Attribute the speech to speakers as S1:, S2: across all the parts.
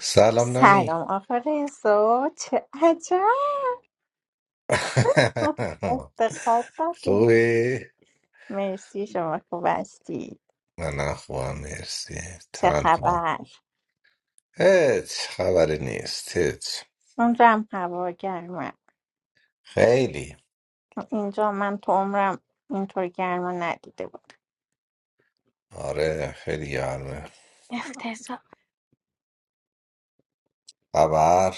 S1: سلام نانی
S2: سلام آقا رزا چه عجب افتخار دادیم
S1: خوبی؟
S2: مرسی شما خوب هستی
S1: من هم خوبم مرسی
S2: چه
S1: تنها
S2: خبر
S1: هیچ خبری نیست هیچ
S2: اونجا هوا گرمه
S1: خیلی
S2: اینجا من تو عمرم اینطور گرما ندیده بود
S1: آره خیلی گرمه
S2: افتضاح
S1: خبر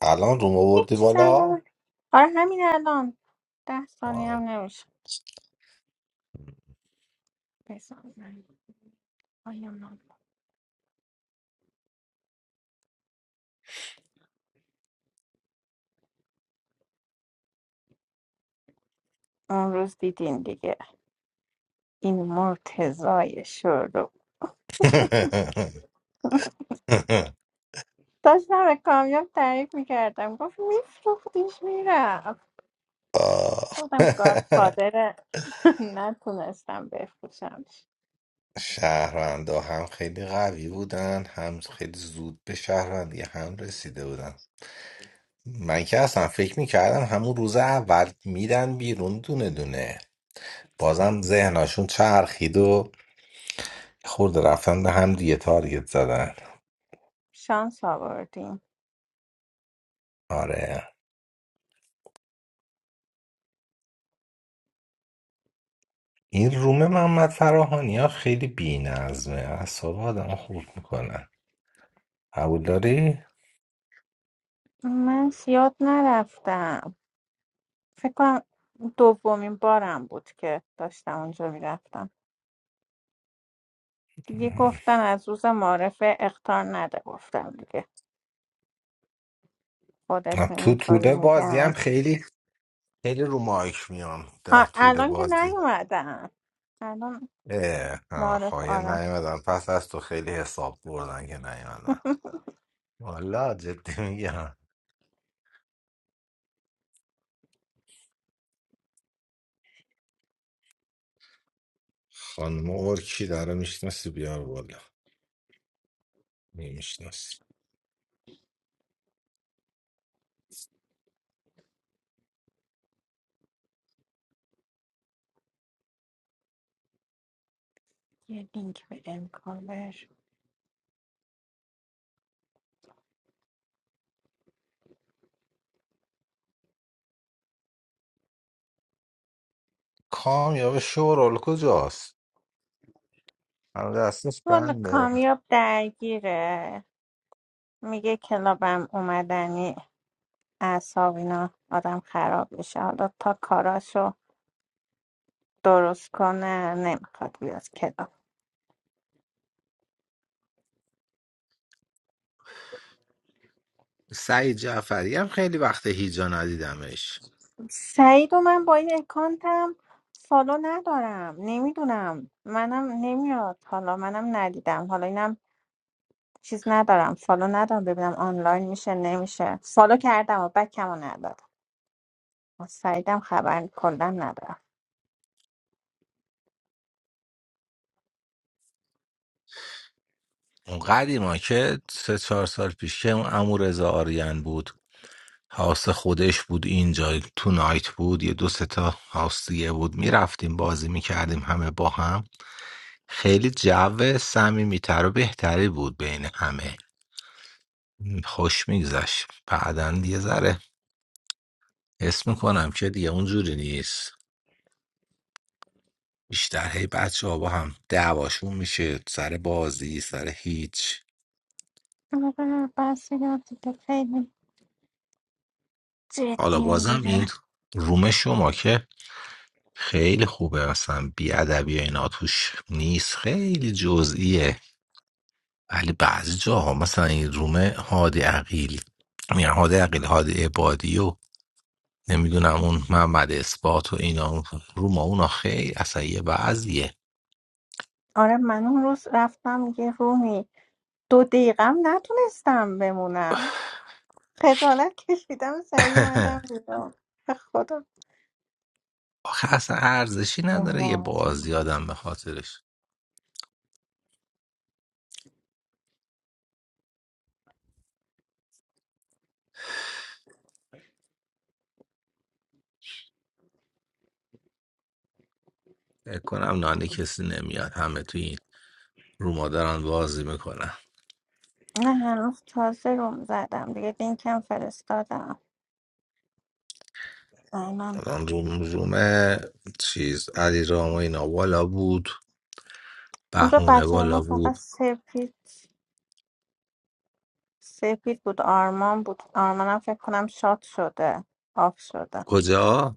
S1: الان روم
S2: هیچ
S1: آوردی بالا
S2: سلام آره همین الان ده ثانیه
S1: آه.
S2: هم نمیشه بزن من پایم نام. اون روز دیدین دیگه این مرتضای شروع داشتم به کامیاب تعریف میکردم گفت میفروختیش میرم
S1: آه.
S2: گفتم گاد فادر نتونستم بفروشم
S1: شهروندا هم خیلی قوی بودن هم خیلی زود به شهروندی هم رسیده بودن من که اصلا فکر میکردم همون روز اول میدن بیرون دونه دونه بازم ذهناشون چرخید و خورد رفتن به هم دیگه تارگت زدن
S2: شانس آوردیم
S1: آره این روم محمد فراهانی ها خیلی بی نظمه اعصاب آدم خورد میکنن قبول داری؟
S2: من زیاد نرفتم فکر کنم دومین بارم بود که داشتم اونجا میرفتم دیگه گفتن از روز معرفه اختار نده گفتم دیگه
S1: من
S2: خودشون
S1: تو
S2: اینطوری
S1: طول بازی
S2: میگن
S1: هم خیلی خیلی رو مایک میام در
S2: آه،
S1: طول
S2: الان که
S1: بازی
S2: نیومدم الان
S1: اه، آه،
S2: معرف
S1: خواهیه
S2: آره
S1: نیومدن پس از تو خیلی حساب بردن که نیومدن والا جدی میگم خانم ارکی داره میشناسی بیار والا نمیشناسی
S2: یه لینک بده کامل.
S1: کامیاب شورال کجاست هنوز دستش
S2: والا
S1: بنده
S2: کامیاب درگیره میگه کلابم اومدنی اعصاب اینا آدم خراب میشه حالا تا کاراشو درست کنه نمیخواد بیاد کلاب
S1: سعید جعفری هم خیلی وقت هیجا ندیدمش
S2: سعید و من با این اکانتم فالو ندارم نمیدونم منم نمیاد حالا منم ندیدم حالا اینم چیز ندارم فالو ندارم ببینم آنلاین میشه نمیشه فالو کردم و بکمو ندادم از سعیدم خبر کلا ندارم
S1: اون قدیما که سه چهار سال پیش که اون امو رضا آریان بود هاوس خودش بود اینجا تو نایت بود یه دو سه تا هاوس دیگه بود میرفتیم بازی میکردیم همه با هم خیلی جو صمیمیتر و بهتری بود بین همه خوش میگذشت بعدا یه ذره حس میکنم که دیگه اونجوری نیست بیشتر هی بچه ها با هم دعواشون میشه سر بازی سر هیچ
S2: آره، بس دیگه دیگه خیلی
S1: حالا
S2: جدی
S1: بازم این
S2: میگیرم
S1: روم شما که خیلی خوبه مثلا بیادبی و اینا توش نیست خیلی جزئیه ولی بعضی جاها مثلا این روم هادی عقیل میگن هادی عقیل هادی عبادی و نمیدونم اون محمد اثبات و اینا روم اونا خیلی اصلا یه بعضیه
S2: آره من اون روز رفتم یه رومی دو دقیقم نتونستم بمونم خجالت کشیدم سری اومدم بیرون به خدا
S1: آخه اصلا ارزشی نداره یه
S2: راضی.
S1: بازی آدم به خاطرش فکر کنم نانی کسی نمیاد همه توی این روما دارن بازی میکنن
S2: نه هنوز تازه روم زدم دیگه لینکم فرستادم الان
S1: الان روم رومه چیز علی رام و اینا بالا بود
S2: اونجا
S1: بهونه
S2: بچه
S1: بالا
S2: ما فقط
S1: بود
S2: سپید سپید بود آرمان بود آرمانم فکر کنم شاد شده آف شده
S1: کجا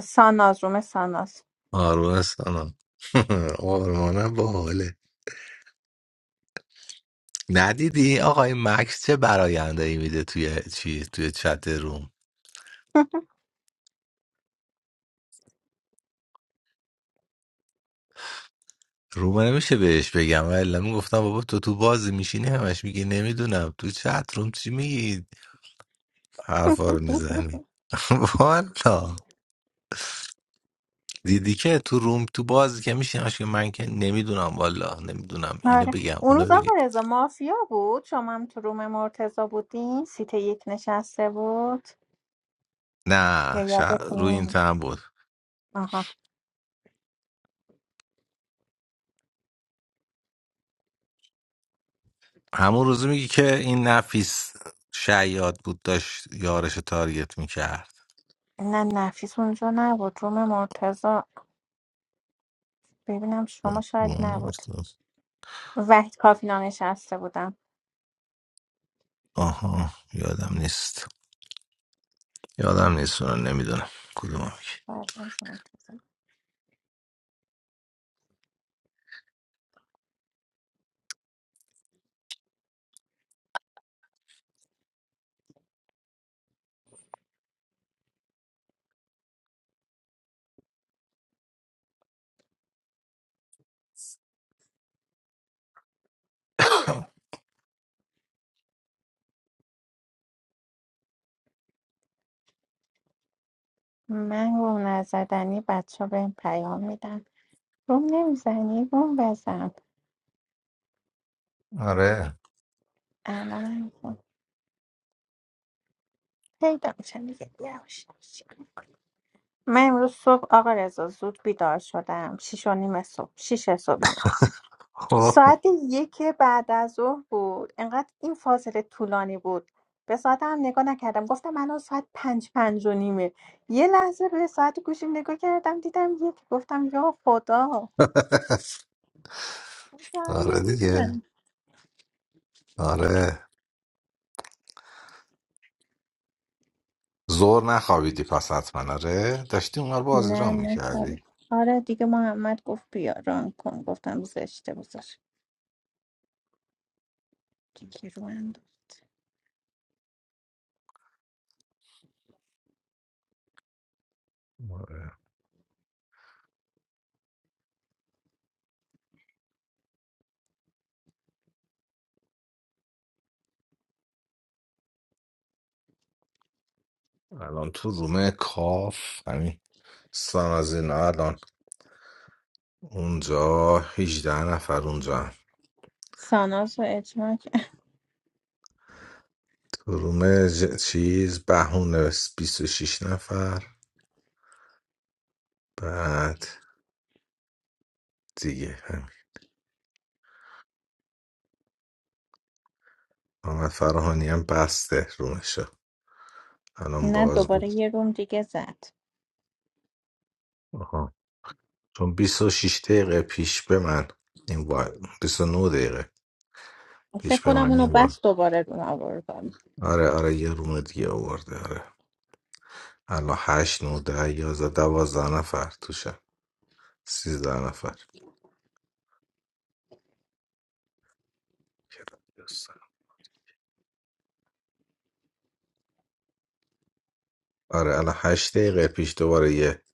S2: ساناز روم ساناز
S1: آرمنستان آرمان باحاله ندیدی آقای مکس چه براینده ای میده توی چیز توی چت روم روم نمیشه بهش بگم ولی میگفتم بابا تو تو بازی میشینی همش میگی نمیدونم تو چت روم چی میگی حرفا رو میزنی والا دیدی که تو روم تو بازی که میشین که من که نمیدونم والا نمیدونم اینو
S2: آره
S1: بگم
S2: اون
S1: اونو
S2: روز آقا
S1: بگم
S2: رضا مافیا بود شما هم تو روم مرتضا بودین سیت یک نشسته بود یا
S1: نه شا... روی این
S2: یادتون
S1: تن بود
S2: آها
S1: همون روزو میگی که این نفیس شیاد بود داشت یارش رو تارگت میکرد
S2: نه نفیس اونجا نبود روم مرتضا ببینم شما شاید نبود وحید کافینا نشسته بودم
S1: آها یادم نیست یادم نیست اونو نمیدونم کدوم میگی
S2: بعد از مرتضی. من روم نزدنی بچه به پیام میدن روم نمیزنی روم بزن
S1: آره
S2: الان هم پیدا میشن دیگه یواش یواش. من امروز صبح آقا رضا زود بیدار شدم شیش و نیم صبح شیش صبح اینا
S1: خب.
S2: ساعت یک بعد از ظهر بود انقدر این فاصله طولانی بود به ساعتم هم نگاه نکردم گفتم الان ساعت پنج پنج و نیمه یه لحظه به ساعت گوشیم نگاه کردم دیدم یک گفتم یا خدا ساعت
S1: آره دیگه
S2: نمی‌زنه.
S1: آره زور نخوابیدی پس حتما آره داشتی اونها رو بازی
S2: نه
S1: رام
S2: نه کاری.
S1: میکردی
S2: آره دیگه محمد گفت بیا ران کن گفتم زشته بذار دیگه رو انداز.
S1: الان تو روم کاف همین سلام از اینا الان اونجا 18 نفر اونجا هم.
S2: ساناز و اجماع کرد.
S1: تو روم ج- چیز بهونه 26 نفر بعد دیگه همین محمد فراهانی هم بسته رومشو الان
S2: نه
S1: باز
S2: دوباره
S1: بود
S2: یه روم دیگه زد
S1: آها. چون 26 دقیقه پیش به من این وای 29 دقیقه پیش
S2: فکر
S1: به
S2: کنم
S1: من
S2: اونو
S1: این وای
S2: بس دوباره دون آوردم
S1: آره آره یه روم دیگه آورده آره الان هشت نوده یازده دوازده نفر توشن سیزده نفر آره الان هشت دقیقه پیش دوباره یه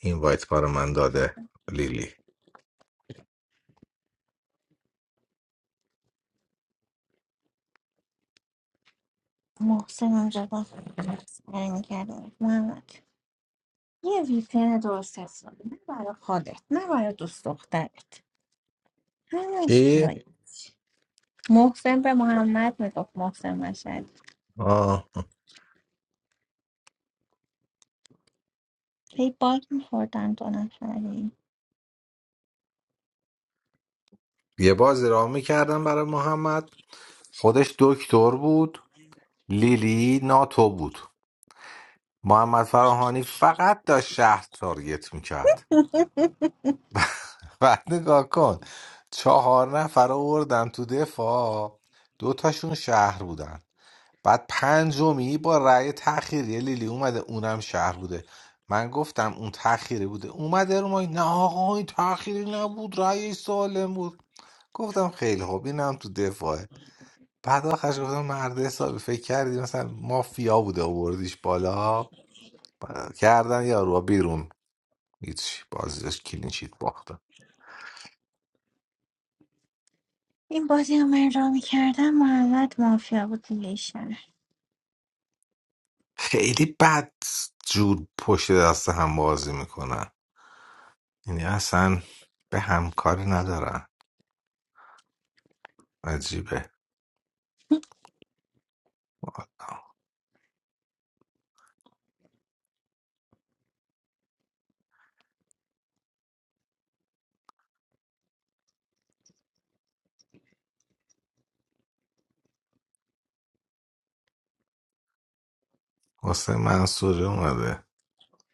S1: اینوایت برای من داده لیلی
S2: محسن آنجا با برمیگردم محمد یه ویپن درست حسابی نه برای خودت نه برای دوست دخترت همش
S1: چی؟
S2: باید محسن به محمد میگفت محسن مشهد
S1: آه.
S2: هی باگ میخوردن دو نفری
S1: یه بازی را میکردم برای محمد خودش دکتر بود لیلی ناتو بود محمد فراهانی فقط داشت شهر تارگت میکرد بعد نگاه کن چهار نفر آوردن تو دفاع دوتاشون شهر بودن بعد پنجمی با رأی تأخیری لیلی اومده اونم شهر بوده من گفتم اون تأخیری بوده اومده رو ما نه آقا این تأخیری نبود رأی سالم بود گفتم خیلی خوب اینم تو دفاعه بعد آخرش گفتم مرد حسابی فکر کردی مثلا مافیا بوده آوردیش بالا کردن یارو بیرون هیچ بازیش کلینشیت باختن
S2: این بازی هم من را میکردم محمد مافیا بود دیگه شهر
S1: خیلی بد جور پشت دست هم بازی میکنن یعنی اصلا به همکاری ندارن عجیبه حسین منصوری اومده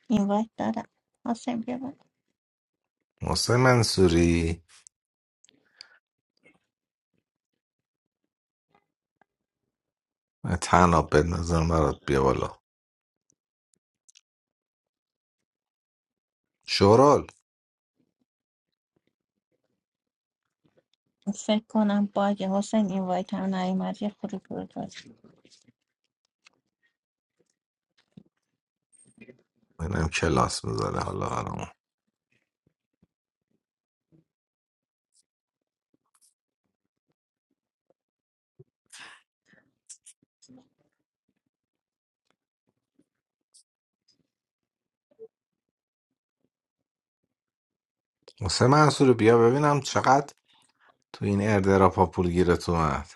S2: این وایت دادم حسین بیا بالا.
S1: حسین منصوری من تناب بندازم برات بیا بالا شورال
S2: فکر کنم باگ حسین این وایت هم نیومد یه خورده بود.
S1: ببینم کلاس بذاره حالا برامون حسین منصوری بیا ببینم چقدر تو این اردراپا پول گیرت اومد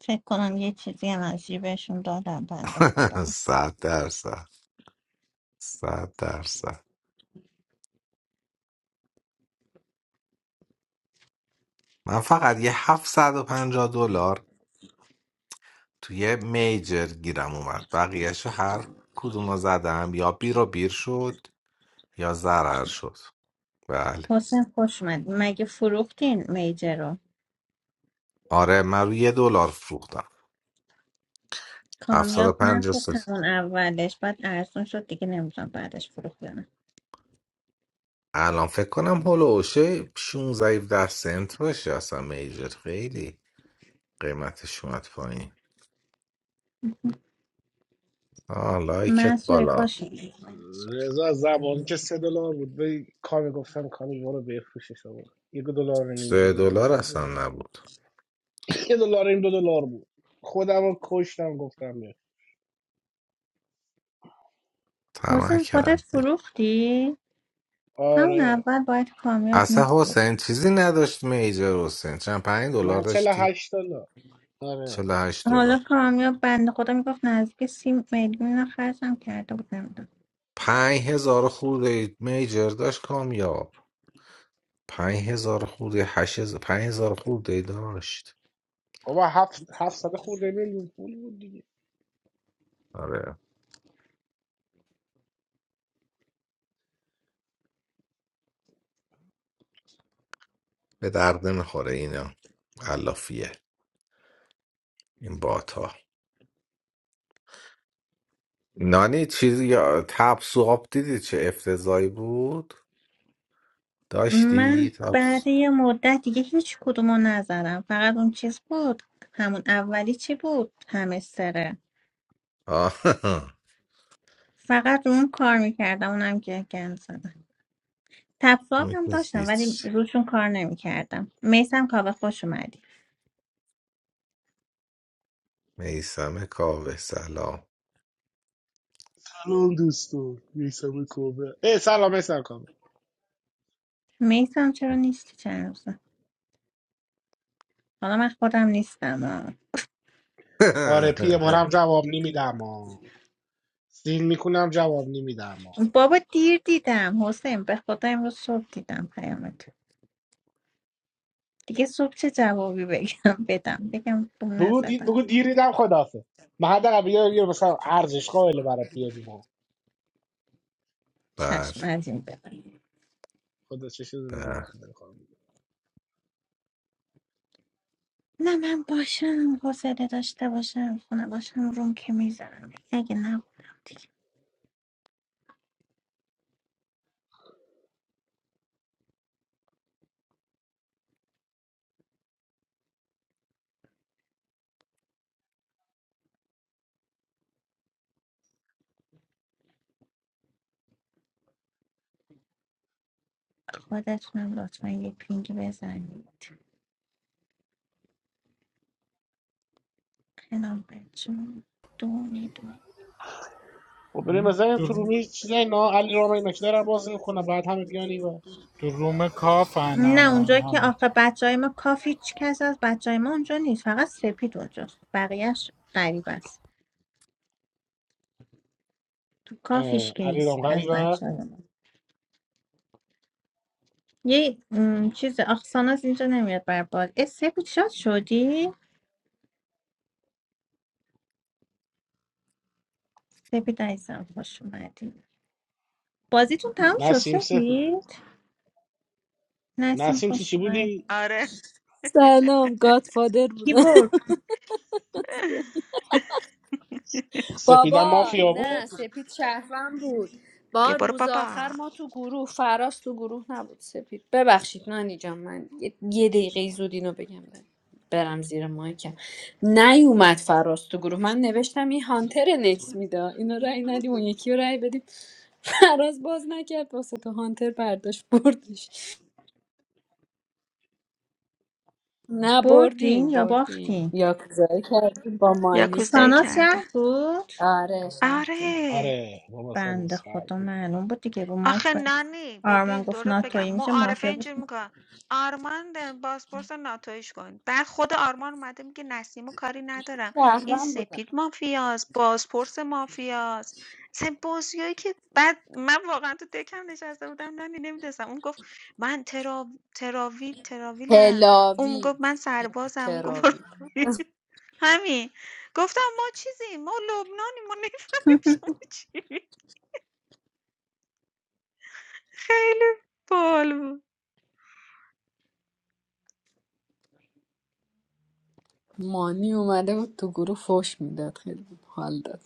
S2: فکر کنم یه چیزی هم از جیبشون دادم بنده خدا
S1: صد درصد صد درصد من فقط یه 750 دلار تو یه میجر گیرم اومد بقیهشو هر کدوم رو زدم یا بیر و بیر شد یا ضرر شد بله
S2: حسین خوش اومد مگه فروختین میجه رو
S1: آره من رو یه دلار فروختم هفتاد و
S2: کامیاب
S3: سلام
S1: پنج
S3: سلام
S2: نخود
S1: سنت
S3: سلام
S2: همون
S3: سلام.
S2: اولش بعد ارزون شد دیگه نمیدونم بعدش فروخت یا نه
S1: الان فکر کنم هلوشه 16 17 سنت باشه اصلا میجر خیلی قیمتش اومد پایین آه لایکت
S2: منصوری
S1: بالا
S2: خوش اومدی.
S3: رضا زبان که سه دلار بود به کامی گفتم کامی برو بفروشش آقا یک دلار و نیم دو
S1: سه
S3: دلار
S1: دلار
S3: بود
S1: اصلا نبود
S3: یک دلار و نیم دو دلار بود خودم رو کشتم گفتم بفروش.
S1: طمع
S2: حسین خودت
S1: کردی
S2: فروختی همون
S3: آره
S2: اول باید کامیاب می
S1: اصلا حسین چیزی نداشت میجر حسین چند پنج دلار
S3: من چل
S1: داشتی
S3: هشت دلار آره
S1: 48
S2: حالا
S1: دلار
S2: کامیاب بنده خدا میگفت نزدیک سی میلیون اینا خرجم کرده بودم
S1: پنج هزار خورده میجر داشت کامیاب پنج هزار خورده هشت هزار پنج هزار خورده داشت
S3: بابا هفت هفت صد خورده میلیون پول بود دیگه
S1: آره به درد نمیخوره اینا علافیه این بات ها نانی چیز یا تبس و آب دیدی چه افتضایی بود داشتی
S2: من بعد
S1: تبس
S2: یه مدت دیگه هیچ کدومو نزدم فقط اون چیز بود همون اولی چی بود همستره
S1: آه
S2: فقط رو اون کار میکردم اونم که گند زدم تپساب
S1: اون
S2: هم
S1: که
S2: داشتم ولی
S1: هیچ
S2: روشون کار نمیکردم میسم کابه خوش اومدی
S1: میسم کاوه سلام
S3: سلام دوستو میسم کوبه ای سلام میسم کامه
S2: میسم چرا نیستی چند روزه حالا من خودم نیستم آه.
S3: آره پی ما هم جواب نمیدم آه. سین میکنم جواب نمیدم
S2: بابا دیر دیدم حسین به خدا امروز صبح دیدم پیامت دیگه صبح چه جوابی بگم بدم بگم بوم
S3: بگو دی...
S2: نزدم
S3: بگو دیریدم خدافه من حداقل بگم یه مثلا ارزش قائل برای پی بی ما
S1: بله
S2: چشم از این به بعد.
S3: خدا چه چه دونه دیگه
S1: بله
S3: هم داره خانم میگه.
S2: نه من باشم حوصله داشته باشم خونه باشم روم که میزنم اگه نبودم دیگه خودتونم لطفا یه پینگ بزنید خیلی بچون دونه دونه
S3: خب بریم مثلا تو
S4: تو
S3: رومی چیزای اینا علی رام اینا که دارن بازی میکنه بعد همه بیان و
S4: تو روم کافن
S2: نه
S4: الان
S2: اونجا که
S4: همه
S2: آخه بچه های ما کافی هیچ کس از بچه های ما اونجا نیست فقط سپید اونجاست بقیهش غریب است تو کافیش که
S3: علی
S2: نیست
S3: رام
S2: از
S3: غریبه
S2: بچه های ما یه م، چیز آخسان از اینجا نمیاد بر باد اه، سپید شاد شدی؟ سپید عزیزم خوش اومدی بازیتون تموم شد
S3: نسیم سفید
S2: سپید؟ نسیم
S3: نسیم چی
S2: خوش
S3: چی
S2: اومد
S3: بودی
S5: آره
S6: سلام گادفادر
S2: کی
S6: بودم
S2: برد
S3: سپیدم
S6: بابا
S3: مافیا بود
S6: نه سپید شهروند بود با
S5: بیا برو
S6: روز آخر
S5: بابا
S6: ما تو گروه فراز تو گروه نبود سپید ببخشید نانی جان من یه یه دقیقه زود اینو بگم برم زیر مایکم نیومد فراز تو گروه من نوشتم این هانتر نکس میده اینو رای ندیم اون یکی رو رای بدیم فراز باز نکرد واسه تو هانتر برداشت بردش نه
S2: بردین
S6: بردیم
S2: یا
S6: بردیم
S2: باختین
S6: یاکوزایی کردیم با مانی
S5: یاکوزایی
S2: ساناس
S5: کردن
S2: شهر بود
S6: آره شهر بود
S5: آره
S3: آره بابا سن از
S2: بنده
S3: سر
S2: خدا
S3: بود
S2: معلوم بود دیگه رو مایک
S5: آخه
S2: بود
S5: نه
S2: آرمان
S5: ببین
S2: گفت
S5: دورت آه. بگم
S2: ناتویی میشه
S5: معارفه
S2: مافیا بود
S5: اینجوری میکنه آرمان بازپرس ناتویش کن بعد خود آرمان اومده میگه نسیمو کاری ندارم این
S6: شهروند بودم
S5: سپید مافیاست بازپرس مافیاست سه بازیایی که بعد من واقعا تو دکم نشسته بودم نه نمیدونستم اون گفت من ترا... تراویل تراویلم اون
S6: هلاوی
S5: گفت من سربازم اون گفت برو
S6: تراوی
S5: همین گفتم ما چیزیم ما لبنانیم ما نمیفهمیم شما چی خیلی بال بود
S6: مانی اومده بود تو گروه فوش میداد خیلی بود حال داد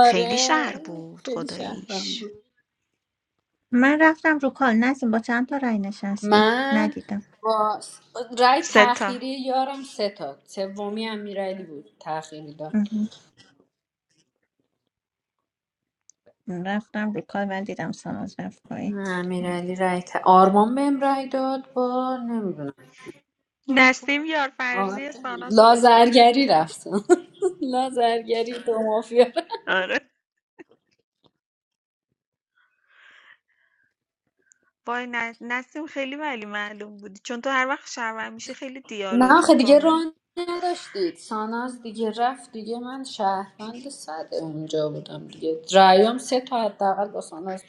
S5: خیلی شهر بود
S6: خیلی شهرم
S5: خداییش.
S6: بود
S2: من رفتم رو کال نسیم با چند تا رای نشستی
S6: من
S2: ندیدم
S6: با رای
S5: سه آه. تا.
S6: تأخیری یارم سه تا سومی امیرعلی بود تأخیری داد
S2: مهم. رفتم رو کال ولی دیدم ساناس رفت پایین
S6: نه، امیرعلی رای ت... آرمان بهم رای داد با نمیدونم
S5: نسیم
S6: آره
S5: یارفرزی ساناس رو داشت بازی
S6: لازرگری
S5: میکرد
S6: رفتم لازرگری دو مافیا
S5: آره. وای ن- نسیم خیلی ولی معلوم بودی چون تو هر وقت شهروند میشه خیلی
S6: نه
S5: دیالوگ
S6: آخه دیگه
S5: میکنی
S6: ران نداشتید ساناز دیگه رفت دیگه من شهروند ساده اونجا بودم دیگه رأیام سه تا حداقل با ساناز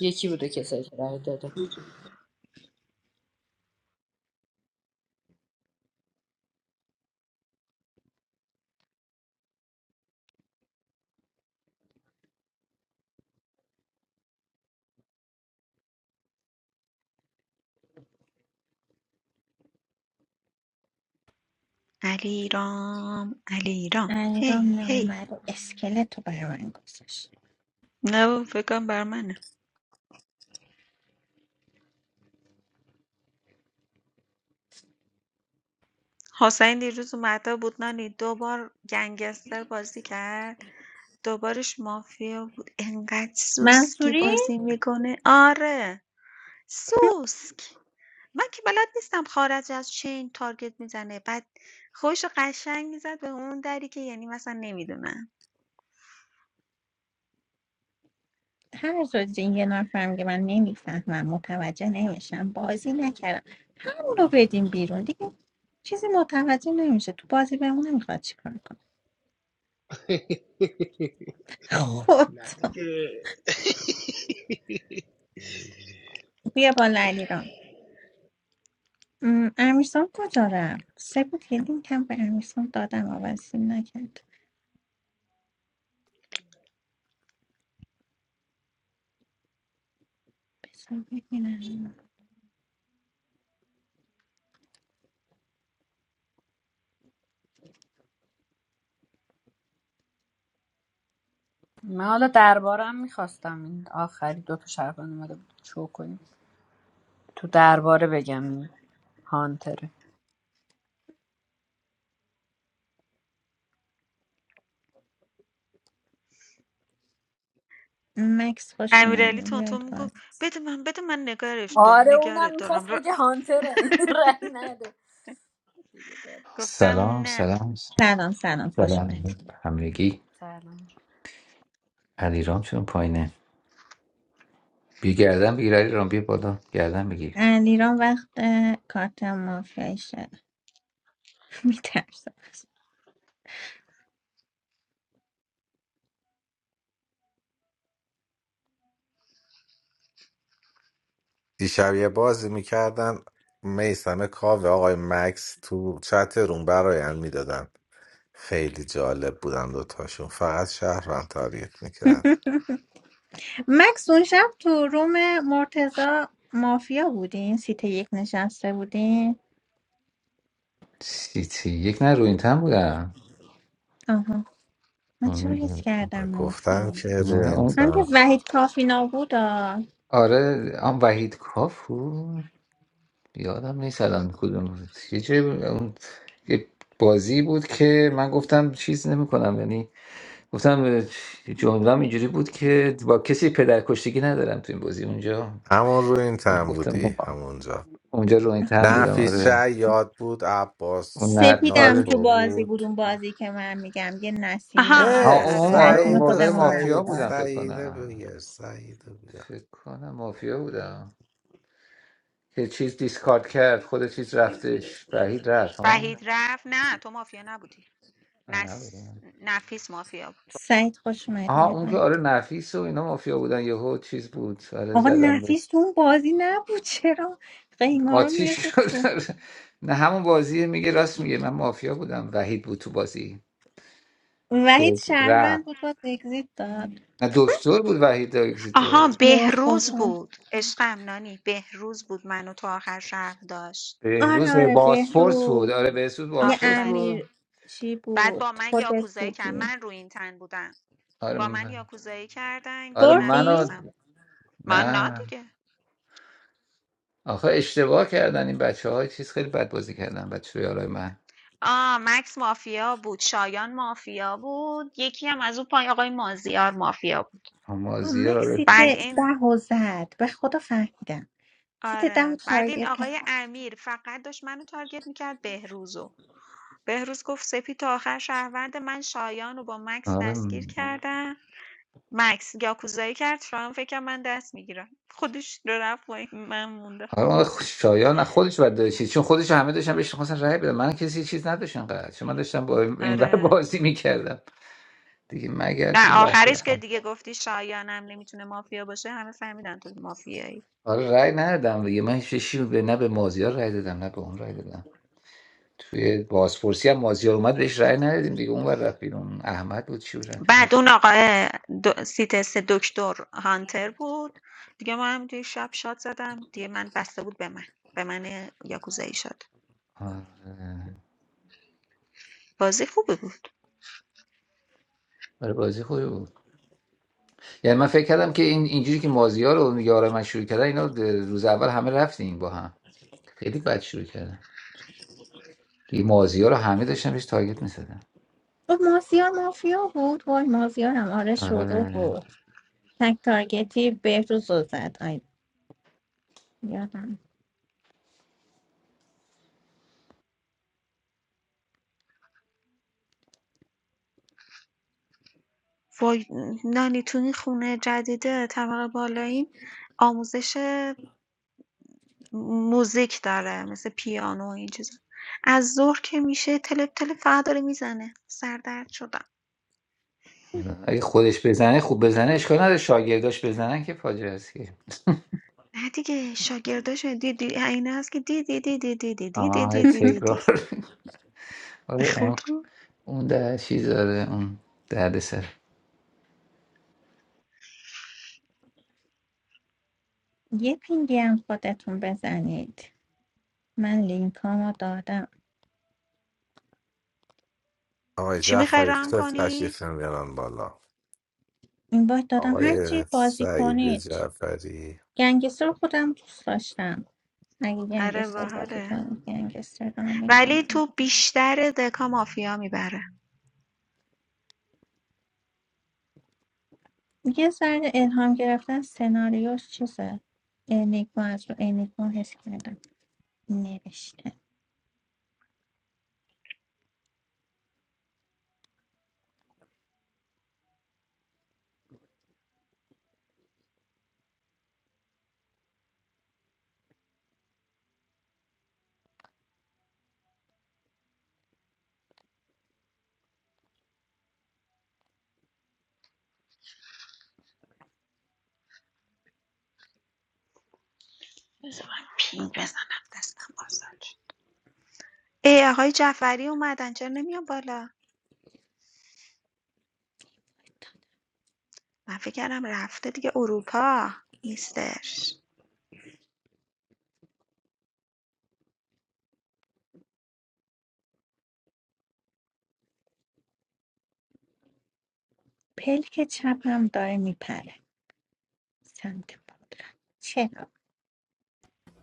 S6: یکی بوده کسایی که رأی داده
S5: علیرام علیرام
S2: انجام
S5: هی هی
S2: نمومد و اسکلت رو برای من گذاشت
S5: نه بابا، فکر کنم بر منه حسین دیروز اومده بود نانی دو بار گنگستر بازی کرد دوبارش مافیا بود انقدر سوسکی
S2: منصوری
S5: بازی میکنه آره سوسک من که بلد نیستم خارج از چین تارگت میزنه بعد خودشو قشنگ میزد به اون دری که یعنی مثلا نمیدونم
S2: هر روز این یه نفر میگه من نمیفهمم متوجه نمیشم بازی نکردم همون رو بدیم بیرون دیگه چیزی متوجه نمیشه تو بازی بمونه میخواد چیکار کنه
S3: نه
S2: خدا
S3: دیگه
S2: بیا بالا علیرام م، امیرسام کجا رفت سه بود یه لینک هم به امیرسام دادم آوازیم نکرد بسا ببینم
S6: من حالا دربارم میخواستم این آخری دو تا شهروند اومده بود شو کنیم تو درباره بگم این هانتره
S2: مکس خوش
S5: امیرعلی
S2: اومدید
S5: تونتون
S2: بیایید بالا
S5: میگفت بده من بده من نگارش دار
S6: آره اونم
S5: نگرت دارم
S6: میخواست
S5: ر-
S6: بگه هانتره این رأی نده
S5: گفتم
S7: سلام
S5: نه
S7: سلام
S2: سلام سلام خوش
S7: سلام
S2: اومدید
S7: همگی
S6: سلام
S7: علیرام چون پایینه بیا گردن بگیر علیرام بیا بالا گردن بگیر
S2: علیرام وقت اه، کارت مافیایی شد میترسم
S1: دیشب یه بازی میکردن میسم کاوه آقای مکس تو چت روم برایند میدادن خیلی جالب بودن دوتاشون فقط شهرم تاریت میکرد
S2: مکس اون شب تو روم مرتزا مافیا بودین سیت یک نشسته بودین
S7: سیتی یک نه رو این تن بودم
S2: آها من چرا حس
S7: اون-
S2: کردم
S1: گفتم
S2: مافیا
S1: که روی
S7: نه
S1: این
S7: اون
S2: هم که
S1: تم
S2: وحید کافی نابود آه.
S7: آره آن وحید کاف بود یادم نیست الان کدوم بود یه جای بود، اون یه بازی بود که من گفتم چیز نمیکنم یعنی گفتم جمله اینجوری بود که با کسی پدرکشتگی ندارم تو این بازی اونجا
S1: همون روی این تم بودی
S7: گفتم
S1: همونجا
S7: اونجا رو این تن بودم
S1: نفیس
S7: آره
S1: شیاد بود عباس
S7: اون نه
S2: سپیدم
S7: آره.
S2: تو
S1: ناتو
S2: بازی
S1: بود
S2: بود اون بازی که من میگم یه نسیم نان
S5: آها
S7: ها
S1: اه
S5: آره
S2: بود
S7: اون آره
S5: آره
S7: اون
S2: نسیم
S1: سعید و
S7: موقع
S2: خودمون
S7: مافیا
S1: سعید
S2: نبود
S7: بودم
S2: آه.
S7: فکر
S1: سعید
S7: کنم
S1: بگیر سعید بگیر
S7: فکر کنم مافیا بودم که چیز دیسکارد کرد خود چیز رفتش بهیل رفت
S5: وحید
S7: ها
S5: رفت نه تو مافیا نبودی
S7: آه،
S5: نس...
S7: نبودم.
S5: نفیس مافیا بود
S2: سعید خوش اومدی
S7: آها اون که
S2: ببن
S7: آره نفیس و اینا مافیا بودن یهو چیز بود آره
S2: آقا
S7: زدم به
S2: نفیس تو اون بازی نبود چرا قیما رو
S7: قاطی
S2: میرسه
S7: شد
S2: تو
S7: نه همون بازی میگه راست میگه من مافیا بودم وحید بود تو بازی که
S2: وحید
S7: رفت
S2: شهروند بود باز اگزیت داد
S7: نه دکتر بود وحید اگزیتور
S5: آها
S2: یا
S5: بهروز
S2: خدا
S5: بود عشقم نانی بهروز بود منو تا آخر شهر داشت
S2: آره
S7: بهروز
S2: آره
S7: باسفورس بود
S2: بهروز
S7: آره بهروز
S2: یه
S7: باسفورس
S5: آفرین
S2: امیر
S7: بود
S2: چی
S5: بعد
S2: بود
S5: با من
S2: خودت
S5: یاکوزایی کرد
S2: بودی
S5: من رو این تن بودم
S7: آره
S5: با من
S7: م-
S5: یاکوزایی کردن
S7: آره
S5: دیگه
S2: بردی؟
S7: منو
S5: نتونستم من نه
S7: نه
S5: دیگه
S7: آخه اشتباه کردن این بچه های چیز خیلی بد بازی کردن بچه یارای من
S5: آه مکس مافیا بود شایان مافیا بود یکی هم از اون پای آقای مازیار مافیا بود
S2: آه،
S7: مازیار
S2: مکسی
S7: آره
S5: بعد
S2: ده
S5: این
S2: ده و زد به خدا فهمیدم سیت ده رو
S5: آره بعد این
S2: تارگت
S5: آقای
S2: کردم
S5: امیر فقط داشت منو تارگت میکرد بهروزو بهروز گفت سپی تا آخر شهروند من شایان رو با مکس
S7: آره
S5: دستگیر ام. کردم مکس یاکوزایی کرد شایان فکر کرد من دست میگیرم خودش رو رفت پایین، من موندم
S7: آره آخه شایان خودش بد داره چیز چون خودش همه داشتن بهش خواستن رای بدن من کسی چیز نداشتم قرار چون من داشتم با این ور
S5: آره
S7: بازی میکردم دیگه مگر
S5: نه
S7: تو لاف
S5: آخرش که
S7: رفتم
S5: دیگه گفتی شایانم نمیتونه مافیا باشه همه فهمیدن تو مافیایی
S7: آره رای ندادم دیگه من هیچ چیزی به نه به مازیار رای دادم نه به اون رای دادم توی بازپرسی هم مازیار اومد بهش رای ندادیم دیگه اون ور رفت بیرون احمد بود چی بود رفت بیرون
S5: بعد اون آقای دو... سیتس دکتر هانتر بود دیگه ما هم توی شب شات زدم دیگه من بسته بود به من به من یاکوزایی شد
S7: آره
S5: بازی خوبه بود
S7: آره، بازی خوبی بود یعنی من فکر کردم که این اینجوری که مازیار رو یارای من شروع کردن اینا روز اول همه رفتیم با هم خیلی بد شروع کردم این مازیار رو همه داشتن بهش تارگت می‌زدن
S2: گفت مازیار مافیا بود وای مازیارم آره شروع
S7: آره
S2: بود تک تارگتی بهروز رو زد آی یادم
S5: وای نانی تو این خونه جدیده طبقه بالاییم آموزش موزیک داره مثل پیانو و این چیزا از ظهر که میشه تلپ تلپ فقط داره میزنه سردرد شدم
S7: اگه خودش بزنه خوب بزنه اشکال نداره شاگرداش بزنن که فاجعه است که
S5: نه دیگه شاگرداشو دیدی عینه هست که دیدی دیدی دیدی دیدی
S7: آه
S5: دیدی
S7: تکرار
S5: دیدی به
S7: آره، اون
S5: خودو
S7: اون در چیز داره اون درد سر
S2: یه پینگی هم خودتون بزنید من لینکامو دادم
S1: آقای
S5: چی میخوای
S1: جعفری
S5: ران آره
S1: چه
S5: کنی؟
S1: تشریف میارن بالا
S2: این باید دادم
S1: آقای
S2: هرچی بازی
S1: سعید
S2: کنید
S1: جعفری
S2: گنگستر رو خودم دوست داشتم اگه
S5: آره
S2: گنگستر بازی
S5: باحاله
S2: کنید گنگستر دارم
S5: ولی
S2: میکنم
S5: تو بیشتر دکا مافیا میبره
S2: یه ذره الهام گرفتن سناریوش چیزه انیگما از رو انیگما حس کردم نوشتن
S5: بذار من پینگ بزنم دستم آزاد شد. ای آقای جعفری اومدن چرا نمیان بالا؟ من فکر کردم رفته دیگه اروپا نیستش
S2: پلک چپم داره میپره سمت بالا چرا؟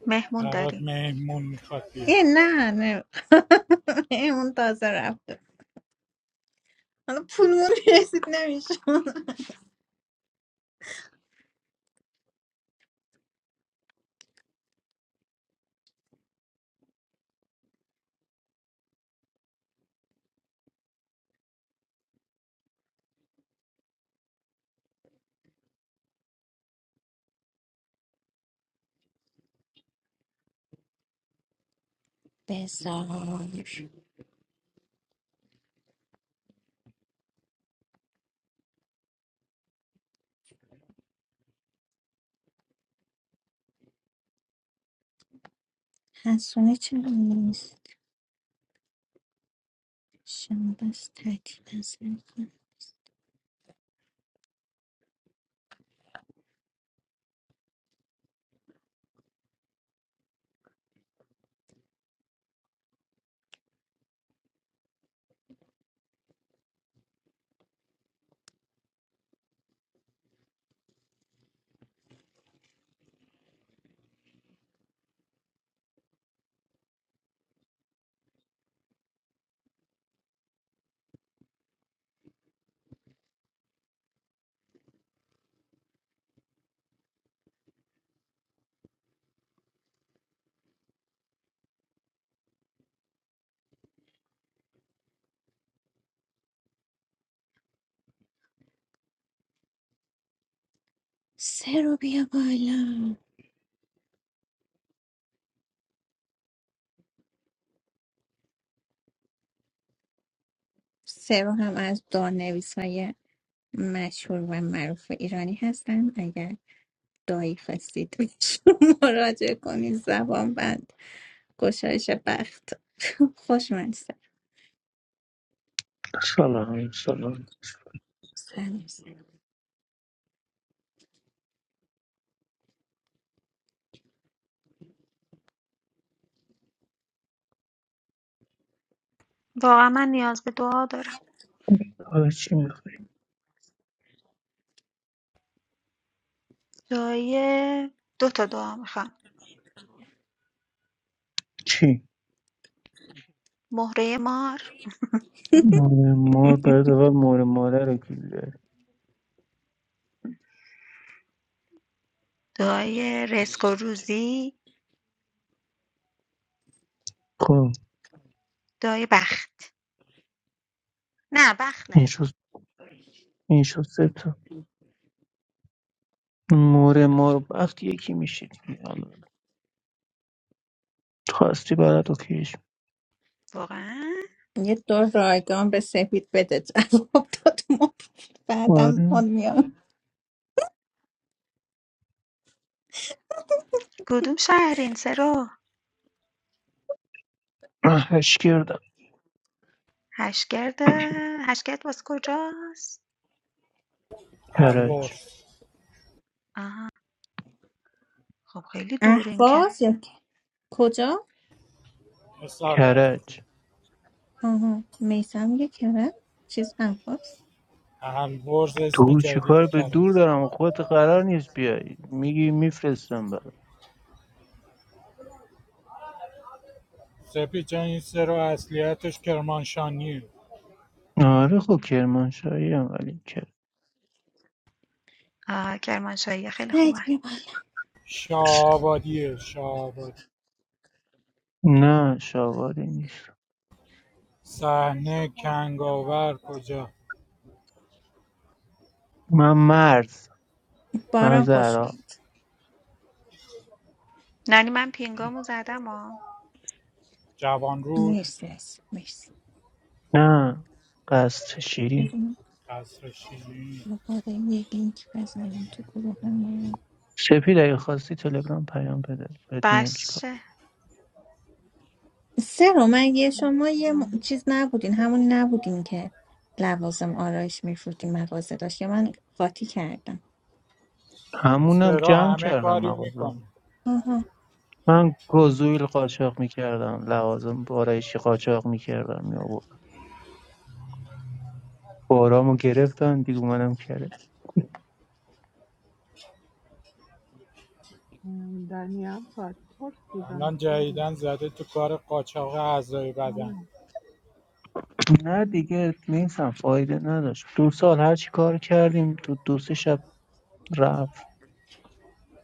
S5: مهمون
S4: برات
S5: داری
S4: مهمون میخواد
S2: یه
S4: بیاد
S2: نه نه اون تازه رفته حالا پولمون رسید نمیشه بزار حسونه چرا نیست شما بس تحتیل نظر کن. سه رو بیا بالا سه رو هم از دو نویس های مشهور و معروف ایرانی هستن اگر دایی خواستید بهشون مراجعه کنید زبان بند گشایش بخت خوشمزه.
S8: سلام سلام
S5: واقعا من نیاز به دعا دارم
S8: حالا چی میخوای
S5: دعای دو تا دعا میخوام
S8: چی
S5: مهره مار
S8: مور مار باید اول مور ماره رو گیر داری.
S5: دعای رزق و روزی
S8: خب
S5: دایه بخت نه بخت
S8: این شد
S5: نمیخوام
S8: این شد سه تا مور مار وقتی یکی میشید خواستی برات کیش
S5: واقعا
S2: یه دور رایگان به سپید بده جواب داد ما بعدم اون
S8: آره
S2: میاد
S5: کدوم شهرین سرو
S8: هش کردم
S5: هشگرد هشگرد باز کجاست
S8: کرج
S4: الورز
S5: آها خب خیلی دورین که
S2: احواز یا ک- کجا
S4: اصالت
S8: کرج
S2: آها میسم یه کره چیز احواز
S4: الورز اسم
S8: دور
S4: جدید
S8: چیکار به
S4: کرد
S8: دور دارم خودت قرار نیست بیای میگی میفرستم برات
S4: سپی جان این سرو اصلیتش کرمانشانیه
S8: آره خب کرمانشاهی هم ولی کرد
S5: آه کرمانشاهی خیلی
S2: سعید
S5: خوبن
S2: بیا بالا.
S4: شاهآبادیه شاهآبادی
S8: نه شاواری نیست
S4: صحنه کنگاور کجا
S8: من مرز
S2: باران
S8: مرز
S2: خوش
S8: عراق
S2: اومد.
S5: نانی من پینگامو زدم آ
S4: جوانرود
S2: مرسی عزیزم. مرسی
S8: نه قصد شیرین
S2: بذار ما
S4: قصر شیرین
S2: دوباره یه لینک بزنیم تو گروه همون.
S8: سپید اگه خواستی تلگرام پیام بده بهت میگم چیکار
S5: بشه
S2: سه رو من یه
S9: I don't
S2: شما یه م- چیز نبودین همون نبودین که لوازم آرایش میفروتین مغازه داشت یا من قاطی کردم
S4: این
S8: همونم
S4: سرو
S8: جمع
S4: همه
S8: کردم
S4: کاری
S8: مغازم
S4: میکنه
S2: آها
S8: من گزویل قاچاق میکردم لوازم بارایشی قاچاق میکردم یا بارامو گرفتن دیگه منم کرد
S9: understand. Dania, what? What do you
S4: الان
S9: understand?
S4: جدیدن زده تو کار قاچاق اعضای
S9: I
S4: بدن
S8: نه دیگه نیستم فایده نداشت دو سال هر چی کار کردیم تو دو سه شب رفت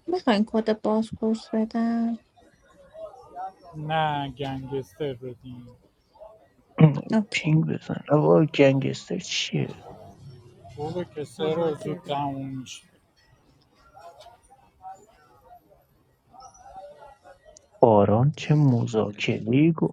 S2: میخواین کد بازپرس بدم
S4: نه گنگستر بدین
S2: اوکی.
S8: پینگ بزن آقا گنگستر چیه
S4: خوبه که سه
S9: don't
S4: روز زود
S9: understand.
S4: تموم میشه
S8: باران چه مذاکره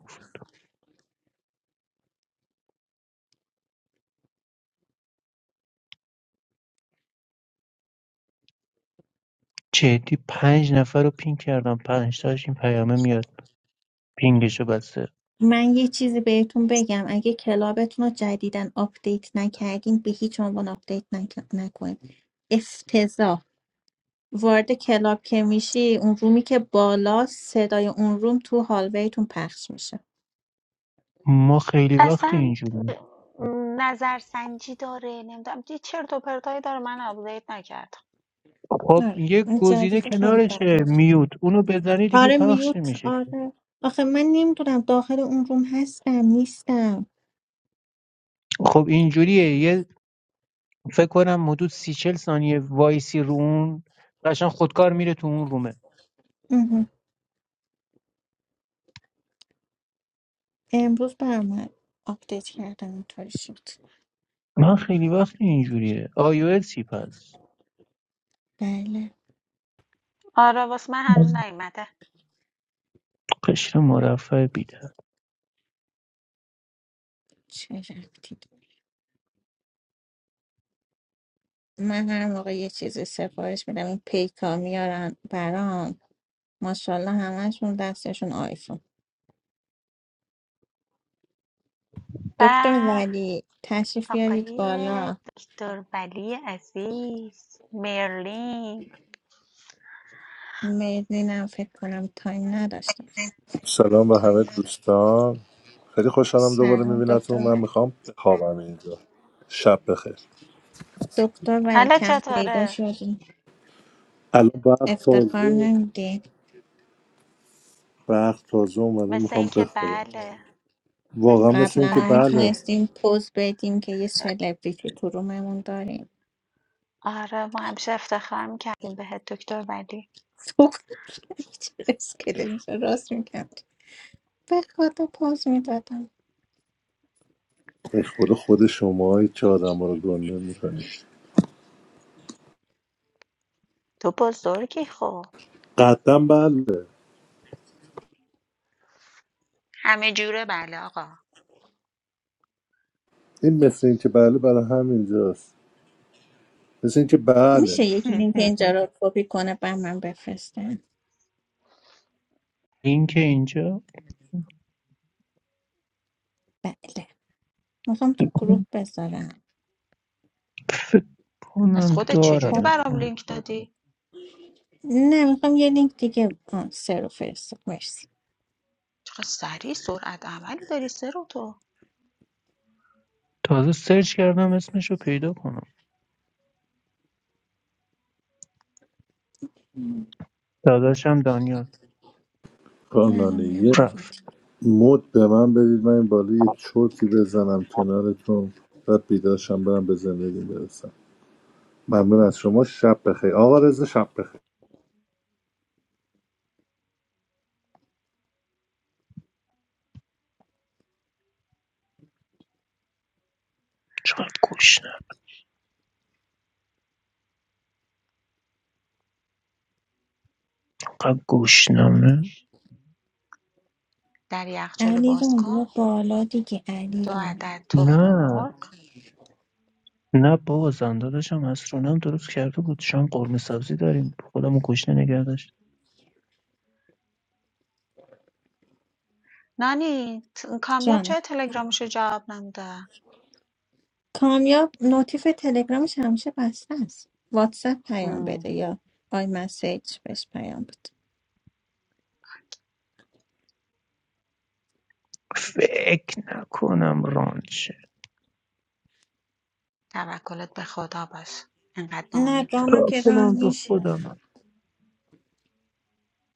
S8: جدی پنج نفر رو پینگ کردم پنج تاش این پیامه میاد پینگشو بسته
S2: من یه چیزی بهتون بگم اگه کلابتون رو جدیدن آپدیت نکردین به هیچ عنوان آپدیت نک- نکنین افتضاح وارد کلاب که میشی اون رومی که بالا صدای اون روم تو هالویتون پخش میشه
S8: ما خیلی وقت
S5: اصلا
S8: اینجوری
S5: نظرسنجی داره نمیدونم یه چرت و پرتایی داره من آپدیت نکردم
S8: خب
S2: آره
S8: یه
S2: این
S8: گزینه
S2: جدید خیلی
S8: کنارشه
S2: بده
S8: میوت اونو بزنی دیگه
S2: آره
S8: پخش
S2: میوت
S8: نمیشه که.
S2: آره آخه من نمیدونم داخل اون روم هستم نیستم
S8: خب اینجوریه یه فکر کنم حدود سی چل ثانیه وایسی رو اون قشنگ خودکار میره تو اون رومه
S2: اوه. امروز برام آپدیت کردم اینطوری شد
S8: من خیلی وقت اینجوریه آی او اسی پس
S2: بله
S5: آره واسه من هنوز نیومده
S8: قشر مرفع بیده
S2: چه ربطی من هر موقع یه چیزی سفارش میدم این پیکا میارن برام ماشاءالله همشون دستشون آیفون دکتر
S5: و
S2: ولی تشریف بیارید
S5: آقای
S2: بالا
S5: دکتر ولی عزیز مرلین
S2: مرلینم فکر کنم تایم نداشتم
S10: سلام به همه دوستان خیلی خوشحالم دوباره
S2: سلام دکتر
S10: میبینتون من
S2: ولی
S10: میخوام بخوابم اینجا شب بخیر
S2: دکتر ولی
S5: حالا
S2: کم
S5: چطوره
S2: پیدا شدیم
S10: الان برق تازه
S2: افتخار
S10: و-
S2: نمیدیم
S10: برق تازه اومده
S5: مثل
S10: میخوام
S5: اینکه
S10: بخوابم
S5: بله، مثل
S10: واقعا مثل
S5: اینکه
S2: قبلا
S10: اینکه
S2: ها
S5: بله.
S10: بله
S2: میتونستیم پوز بدیم که یه سلبریتی تو روممون داریم
S5: آره، ما همیشه افتخار میکردیم بهت دکتر ولی
S2: تو اسکلت راست میکنم به خدا پوز میدادم
S10: به خود خود شما که آدم رو گنده میکنید
S5: تو بزرگی خب
S10: قدم بله
S5: همه جوره بله آقا
S10: این مثل اینکه بله برای همینجاست مثل اینکه بله
S2: میشه یک لینک اینجا رو کپی کنه بر من بفرستن
S8: این که اینجا
S2: بله میخوام تو گروه بذارم
S8: فکر
S5: پس
S8: کنم
S5: خودت چجوری
S2: خب
S5: برام
S8: دارم
S5: لینک دادی؟
S2: نه میخوام یه لینک دیگه آه، سه رو فرست مرسی
S5: چقدر سریع سرعت عملی داری سرو تو
S8: تازه سرچ کردم اسمشو پیدا کنم داداشم دانیال
S2: من الان
S10: کانانه
S2: میام
S10: یه
S2: این ور.
S8: رفت
S10: مد به من بدید من این بالا یه چرتی بزنم کنارتون بعد بیداشم برم به زندگی برسم ممنون از شما شب بخیر آقا رضا شب بخیر
S8: چقدر گشنم قد گشنمه
S5: در یخچال
S2: علی
S5: باز
S2: رو بیا
S5: کن
S2: بالا دیگه علی
S5: دو
S2: رو
S5: عدد تخم
S8: نه
S5: مرغ
S8: نه بابا زن داداشم اسرانم درست کرده بود شام قرمه سبزی داریم خودمو گشنه نگه داشت
S5: نانی ت- کامیاب
S2: جان
S5: چرا تلگرامشو جواب نمیده؟
S2: کامیاب نوتیف تلگرامش همیشه بسته است واتساپ پیام
S5: مم،
S2: بده یا آی مسیج بهش پیام بده
S8: فکر نکنم رانچه
S5: توکلت به خدا باش انقدر
S2: نه
S5: ناامید
S2: جانا که
S5: نباش
S2: ران
S8: پلم رو
S2: میشه
S8: خودم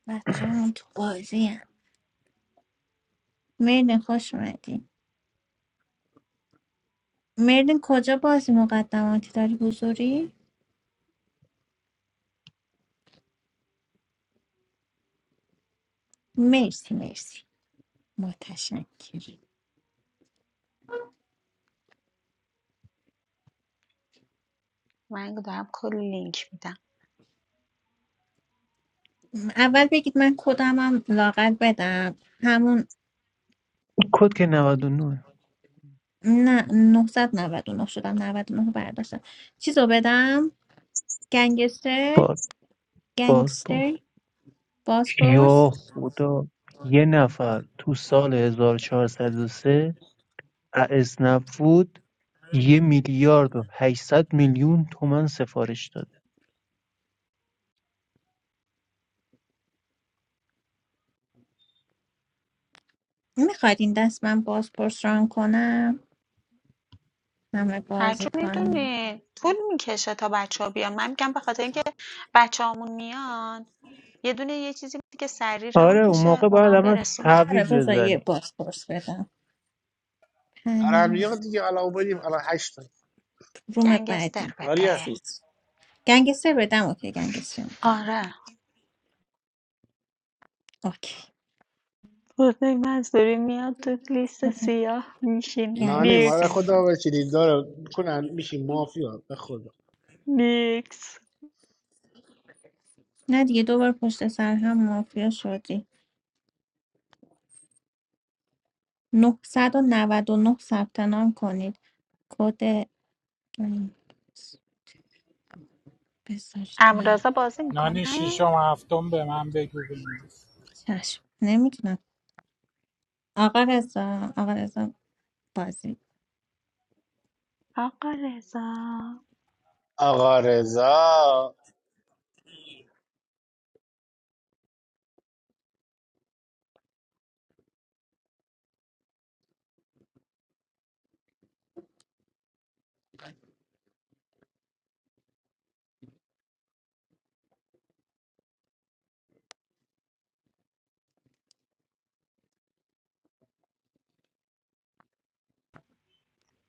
S2: بچه هم تو بازی هم مرد خوش اومدی مردین کجا بازی مقدماتی داری حضوری؟ مرسی مرسی متشکرم
S5: من دارم کلی لینک میدم
S2: اول بگید من کدمم لاغر بدم همون
S8: کد که 99
S2: نه 999 شدم 99 رو برداشتم چیزو بدم گنگستر
S8: باز باز باز
S2: گنگستر بازپرس
S8: یا خدا یه نفر تو سال 1403 از نبود یه میلیارد و 800 میلیون تومن سفارش داده
S2: میخواید این دست من بازپرس ران کنم همه
S5: هرجا
S2: بازی کنم
S5: میدونی طول میکشه تا بچه ها بیان من میگم به خاطر اینکه بچه هامون میان یه دونه یه چیزی بود که سریع
S8: آره
S5: رام
S8: اون
S5: بشه
S8: موقع
S5: اونا
S8: باید
S5: هم
S8: همه
S5: برسونن
S2: آره
S8: تعویض
S2: بذار یه
S8: بزنی
S2: بازپرس بدم
S3: دارم
S2: پنل
S3: دیگه دیگه حالا اومدیم حالا هشت تا
S2: روم بعدی
S5: گنگستر
S3: آریا
S5: بده
S2: چیز گنگستر بدم اوکی گنگستر می‌دم.
S5: آره
S2: اوکی
S5: بزرگ منصوری میاد تو لیست
S2: خود
S5: سیاه میشینه
S3: نانی ما را
S2: گنگستر
S5: نیکس
S3: خدا
S2: دار
S3: بچینید داره کنن میشیم مافیا به
S5: نیکس
S2: نه دیگه دوبار پشت سر هم مافیا شدی 999 ثبت نام کنید کد بذارید من
S5: امرازا بازی میکنه
S4: نانی ششم هفتم به من بگو بنویس
S2: چشم نمیتونم آقا رضا آقا رضا بازی
S5: آقا رضا
S3: آقا رضا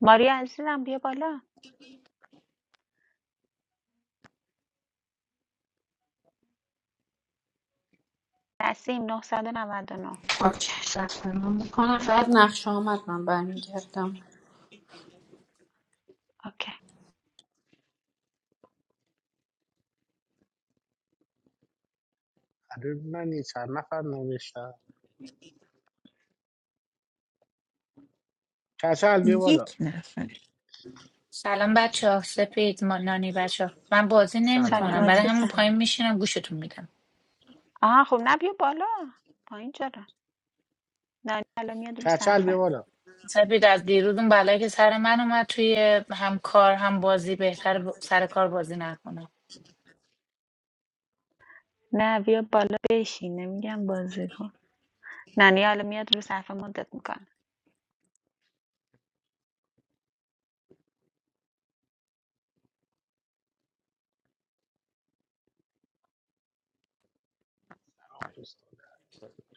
S5: ماریا عزیزم بیا بالا نسیم 999
S6: اوکی ثبت نام میکنم بعد نقشه آمد من برمیگردم
S5: اوکی
S3: آره من یه چند نفر نوشتم کچل بیا بالا
S2: یک نفر
S11: سلام بچه ها سپید ما نانی بچه ها. من بازی نمی
S3: سلام
S5: سلام
S11: کنم برای
S2: سلام،
S11: همون
S5: عزیزم
S11: پایین
S2: سلام.
S11: میشینم گوشتون میدم
S5: آها خب نه بیا بالا پایین چرا نانی الان میاد رو
S3: کچل بیا
S5: صفحه
S3: بالا
S11: سپید از دیروز اون بلایی که سر من اومد توی هم کار هم بازی بهتر ب- سر کار بازی نکنم
S5: نه بیا بالا بشین نمیگم بازی کن نانی الان میاد رو صفحه مدت میکنه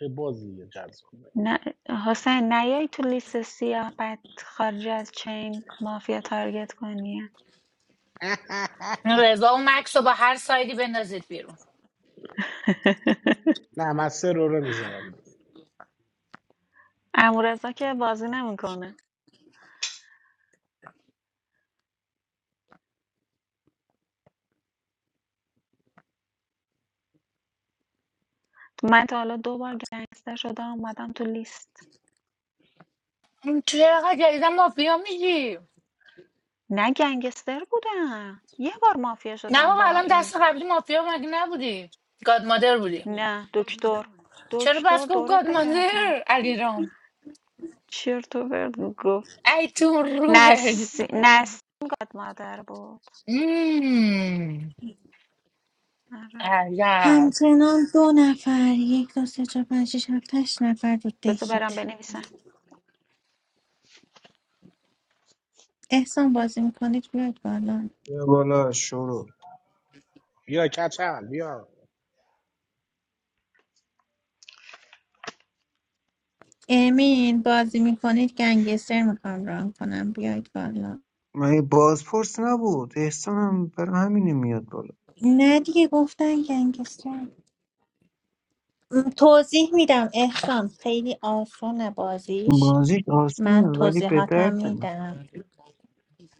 S3: به بازی یه جذب کن.
S5: نه حسین نیای تو لیست سیاه بعد خارج از چین مافیا تارگت کنی
S11: این رضا و مکس رو با هر سایدی بندازید بیرون
S3: نه من سه رو رو میذارم
S5: امورزا که بازی نمیکنه من تا حالا دو بار گنگستر شدم اومدم تو لیست
S11: این چرا جدیدا مافیا میگی
S5: نه گنگستر بودم یه بار مافیا
S11: نه
S5: شدم
S11: بابا
S5: با
S11: الان
S5: این
S11: دست قبلی مافیا مگه نبودی گاد مادر بودی
S5: نه دکتر
S11: چرا
S5: دکتر
S11: بس گفت
S5: دورت
S11: گاد
S5: بگردم
S11: مادر علیرام
S5: چیر تو
S11: ای تو روحت
S5: نس... نسیم گادمادر بود
S11: مم.
S5: آره
S2: همچنان دو نفر یک دو سه چهار پنج شیش هفت هشت نفر رو
S5: بذار
S2: دکید
S5: برم بنویسم
S2: احسان بازی میکنید بیاید بالا
S8: بیا بالا شروع
S3: بیا کچل بیا
S2: امین بازی میکنید گنگستر میخوام ران کنم بیاید بالا
S8: من یه بازپرس نبود احسان هم برای همینه میاد بالا
S2: نه دیگه گفتن گنگستر م، توضیح میدم احسان خیلی آسونه بازیش
S8: بازیش آسونه
S2: من
S8: ولی به
S2: توضیحاتم
S8: درد نمیخوره
S2: میدم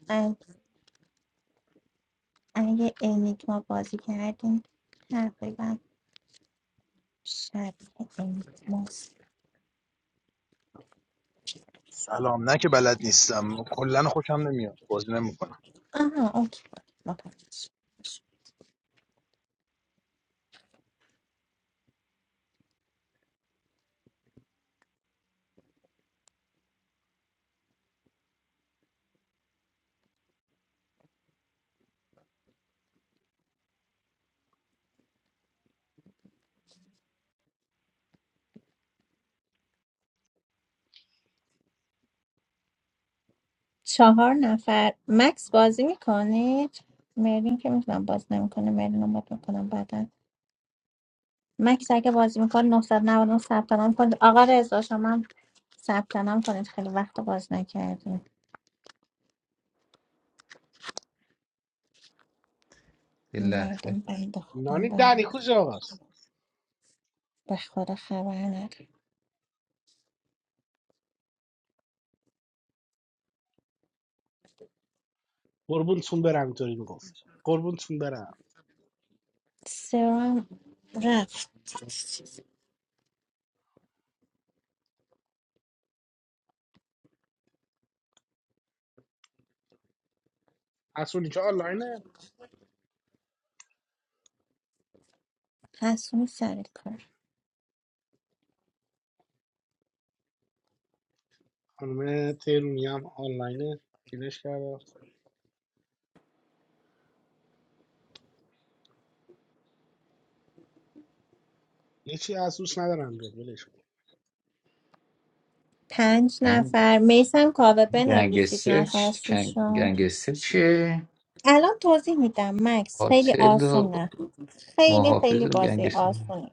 S2: ا- اگه انیگما بازی کردیم تقریبا شبیه انیگماست
S12: سلام نه که بلد نیستم کلا خوشم نمیاد بازی نمیکنم
S2: آها اوکی متوجه شدم. چهار نفر مکس بازی میکنید مرلین که میتونم باز نمیکنه مرلین رو مد میکنم مکس اگه بازی میکنه 999 ثبت نام کنید آقا رضا شما هم ثبت نام کنید خیلی وقت بازی نکردیم
S7: یه لحظه
S2: مردم بند خودم
S3: نانی
S2: به
S3: دنی کجا آقاست
S2: به خدا خبر ندارم
S3: قربونتون برم اینطوری میگفت قربونتون برم
S2: سرم رفت
S3: اصولی که آنلاینه
S2: حسون سر کار
S3: خانم تیرونی هم آنلاینه پیلش کرده یه چی اسوس ندارم بیاد ولش کن
S2: پنج
S7: این
S2: نفر میسم کاوه بنویسید
S7: گنگستر
S2: نفر
S7: چ- کنگ-
S2: ششم
S7: گنگستر چیه
S2: الان توضیح میدم مکس خیلی
S7: قاتل و
S2: آسونه خیلی
S7: محافظ
S2: خیلی
S7: و
S2: بازی
S7: گنگستر
S2: آسونه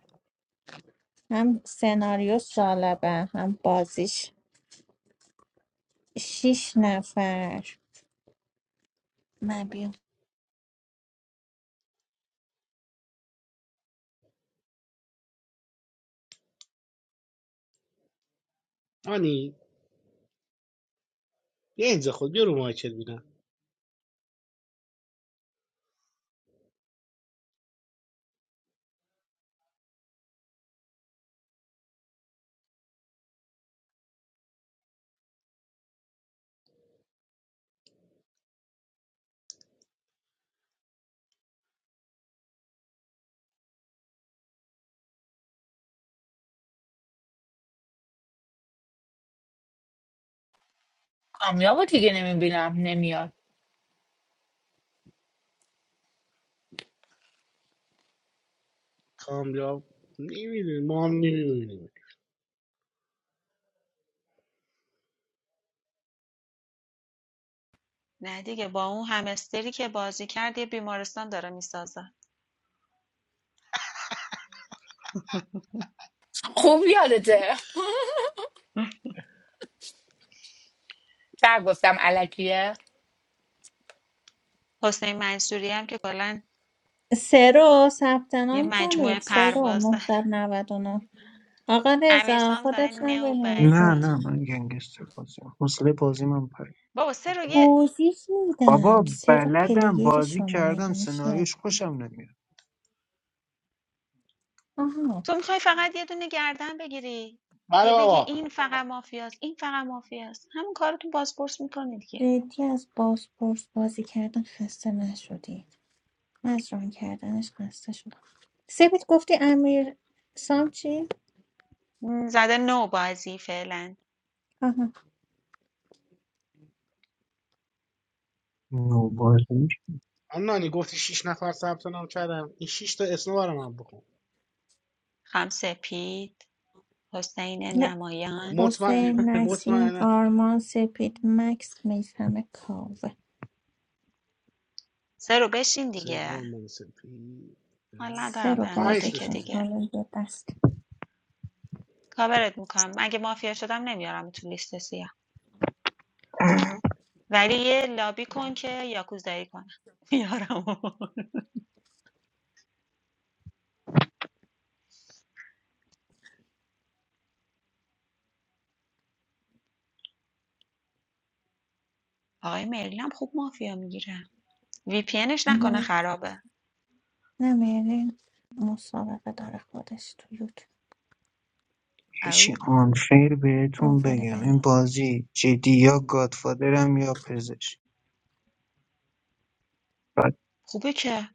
S2: هم سناریو جالبه هم بازیش شیش نفر من بیام
S3: نانی بیا اینجا خود بیا رو مایکت بینم.
S11: کامیابو دیگه نمیبینم نمیاد
S3: کامیاب نمیدونیم ما هم نمیدونیم
S5: نه دیگه با اون همستری که بازی کرد یه بیمارستان داره میسازه
S11: خوب یادته چرا گفتم علکیه
S5: حسین منصوری هم که کلا
S2: سه رو ثبت
S5: یه
S2: نام
S5: مجموعه
S2: کنید سه رو
S5: پرواز داره
S2: 999 آقا رضا
S5: امیرسام زده
S2: خودت هم
S8: نه
S2: بنویسید
S8: نه
S5: نوبزی
S8: من گنگستر بازیم. حوصله بازی من پر
S5: بابا سه رو یه
S2: توضیح میدم
S8: بابا
S2: سه رو
S8: بلدم
S2: پلیر
S8: بازی
S2: شما مگه
S8: کردم
S2: میشه
S8: سناریوش خوشم نمیاد
S2: آها
S5: تو میخوای فقط یه دونه گردن بگیری
S3: بله
S5: هی بگی
S3: بابا
S5: این فقط مافیاست این فقط مافیاست همون کار تو بازپرس میکنی دیگه
S2: جدی از بازپرس بازی کردن خسته نشدی من از ران کردنش خسته شدم سپید گفتی امیر سام چی؟
S5: زده نوبازی فعلا
S2: آها
S8: نو
S3: آنانی گفتی شیش نفر ثبت نام کردم این شیش تا اسم برای من بکن
S5: خمسه پید حسین
S2: یا
S5: نمایان
S3: مطمئن
S2: حسین نسیم
S3: مطمئنه
S2: آرمان سپید مکس میثم کاوه
S5: سرو بشین
S3: سین
S5: دیگه
S3: آلمان سپی
S5: حال
S3: نه،
S2: سه
S5: ندارم
S2: رو
S5: برم یه
S3: پنج
S2: بازی
S3: تا
S5: دکه
S2: کن
S3: شده
S5: دیگه
S2: حالا یه دست
S5: کاورت میکنم اگه مافیا شدم نمیارم تو لیست سیاه ولی یه لابی کن که یاکوزایی کنه. میارم آقای مرلین خوب مافیا میگیره وی پی انش نکنه
S2: م،
S5: خرابه
S2: نه مرلین مسابقه داره خودش تو یوتیوب
S8: یه چی
S5: او
S8: آنفیر
S2: به
S8: بهتون
S2: عنوان
S8: بگم این
S2: بنده
S8: بازی جدی یا گادفادرم یا پزشک بعد
S5: خوبه که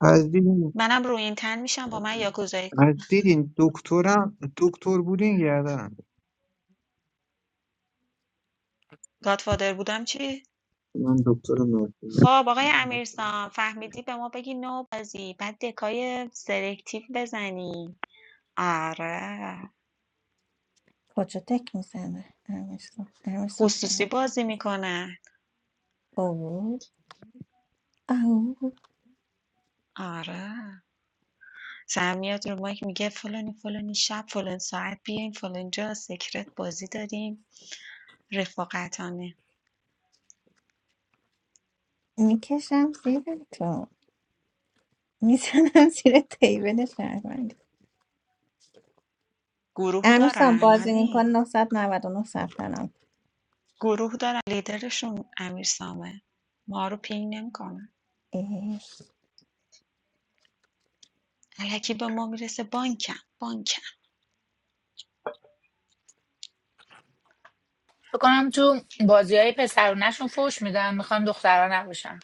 S8: از دیدین
S5: منم روی این تن میشم با من یاکوزایی کن
S8: از دیدین دکترم دکتر بودین گردنم
S5: گادفادر بودم چی
S8: من دکتر
S5: خب آقای امیرسان فهمیدی به ما بگی نو بازی بعد دکای سلکتیو بزنی آره
S2: کجا تک میزنه امیرسان امیرسان
S5: خصوصی بازی میکنه
S2: او او
S5: آره. زن میاد رو مایک میگه فلانی، فلانی شب، فلان ساعت بیاین، فلان جا سکرت بازی داریم رفاقتانه.
S2: میکشم زیر تو میزنم زیر تیبل شهروندی
S5: گروه
S2: امیرسان
S5: دارن
S2: بازی میکن
S5: نانی.
S2: 999 ثبت نام
S5: گروه دارن لیدرشون امیرسامه. ما رو پینگ نمی‌کنه.
S2: اه،
S5: الکی به ما میرسه بانکم، بانکم.
S11: فکر کنم تو بازی های پسرونشون فوش میدن میخوان دخترها نباشن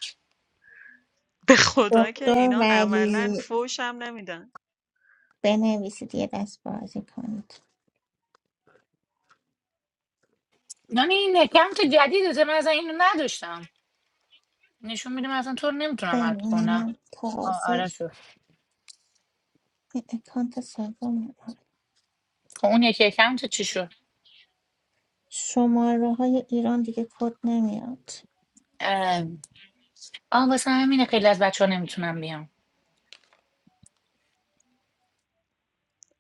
S5: به خدا که
S2: دکتر
S5: اینا عملا
S2: ولی
S5: فوش هم نمیدن.
S2: بنویسید یه دست بازی کنید
S11: یعنی این اکانت جدیده من اصلا اینو نداشتم نشون میدیم اصلا تو رو نمیتونم اد
S2: بله
S11: کنم
S2: من
S11: آ-
S2: تازه
S11: آره شد
S2: این اکانت سوم
S11: خب اون یکی اکانت چی شد
S2: شماره های ایران دیگه کد نمیاد
S11: اه، آه واسه همینه خیلی از بچه ها نمیتونم بیان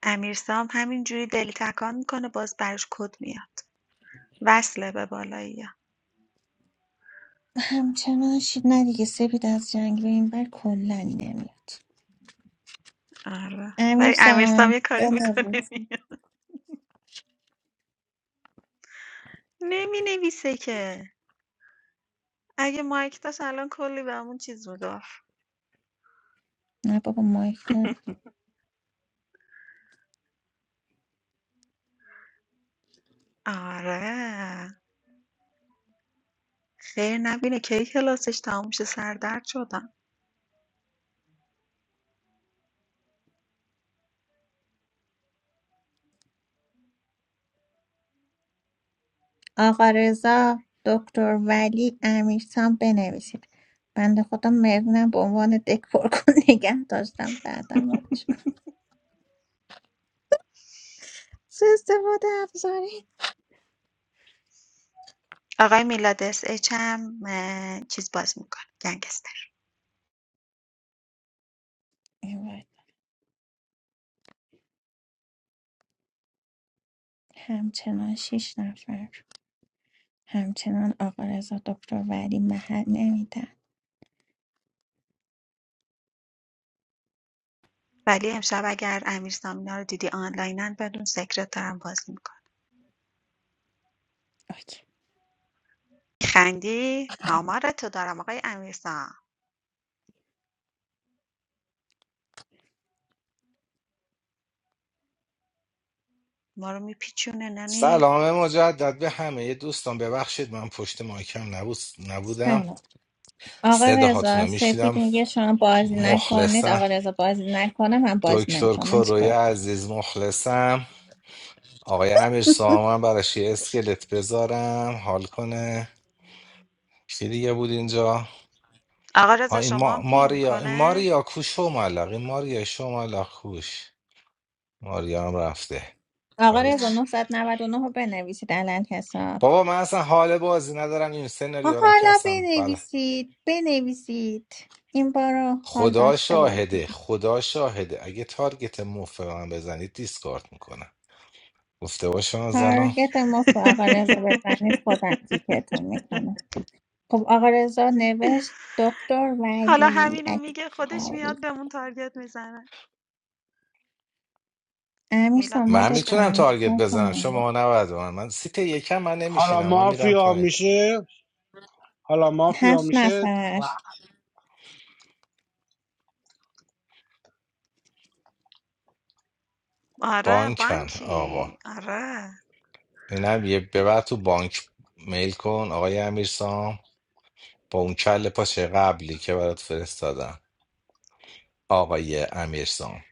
S5: امیرسام همینجوری دلی تکان میکنه باز براش کد میاد. وصله به بالایی.
S2: همچنان شید نه دیگه سپید از جنگل این بر کلنی نمیاد
S5: آره.
S2: امیر
S5: ولی امیرسام یه
S2: سام
S5: کاری میکنه
S2: بنویس
S5: میاد نمی نویسه که اگه مایک داشت الان کلی بهمون چیز میگفت
S2: نه بابا مایک دار
S5: آره خیر نبینه کی کلاسش تموم شه سردرد شدم
S2: آقا رضا دکتر ولی امیر سام بنویسید بنده خدا مرنم به عنوان دکور کن نگه داشتم بعدم مالش کن. سه استفاده افزاری
S5: آقای میلاد اس اچ هم اه، چیز باز میکنه گنگستر
S2: اینور. همچنان شیش نفر همچنان آقا رضا دکتر ولی محل نمیده
S5: ولی امشب اگر امیر سامینا رو دیدی آنلاینن بدون سکرترم باز میکنه
S2: اوکی.
S5: خندی آمار تو دارم آقای امیر سام ما رو میپیچونه نانی
S1: سلام مجدد به همه دوستان ببخشید من پشت مایکم نبود نبودم
S2: سلام آقا
S1: صداهاتون
S2: رضا
S1: رو
S2: سپید
S1: میشیدم
S2: میگه شما بازی نکنید
S1: مخلصم
S2: آقا رضا بازی نکنه من بازی
S1: دکتر
S2: نمیکنم من
S1: کروی
S2: چیکار
S1: عزیز مخلصم آقای امیر سامان براش یه اسکلت بذارم حال کنه کی دیگه بود اینجا
S5: آقا
S1: آ
S5: رضا
S1: این
S5: شما
S1: ما...
S5: هم پینگ
S1: ماریا این
S5: میکنه
S1: ماریا کوشو ملق این ماریا شو ملق کوش ماریا هم رفته
S2: آقا
S1: بابا
S2: رضا
S1: چی؟
S5: رفت
S2: 999 رو بنویسید علل حساب
S1: بابا من اصلا حال بازی ندارم این
S2: آه،
S1: سناریو که
S2: حالا
S1: اصلا بله
S2: بنویسید بنویسید این بار رو حال
S1: خدا
S2: داشته باشید
S1: شاهده خدا شاهده اگه تارگت مفت به من بزنید دیسکارد میکنم گفته باشم از الان
S2: تارگت مفت به آقا رضا بزنید خودم کیکتون میکنم خب آقا رضا نوشت دکتر
S5: حالا
S2: ولی
S5: همینو میگه خودش
S2: اکبری.
S5: میاد بهمون تارگت میزنه
S2: امیر
S5: میلاد
S2: سام
S1: من
S5: بازیش
S2: مدت
S5: خیلی
S1: میتونم
S2: کنم
S5: خوبه
S1: تارگت
S2: چیکار
S1: بزنم
S2: کنم
S1: شما نباید به من من سیت یکم من
S3: حالا
S1: نمیشینم من میرم
S3: مافیا
S1: پایین
S3: میشه حالا مافیا
S2: هفت
S3: میشه
S2: نفر
S3: و-
S5: آره
S1: بانکن آقا
S5: بانکی آره
S1: اینم یه ببر تو بانک میل کن آقای امیرسام با اون کل پاچه قبلی که برات فرستادم آقای امیرسام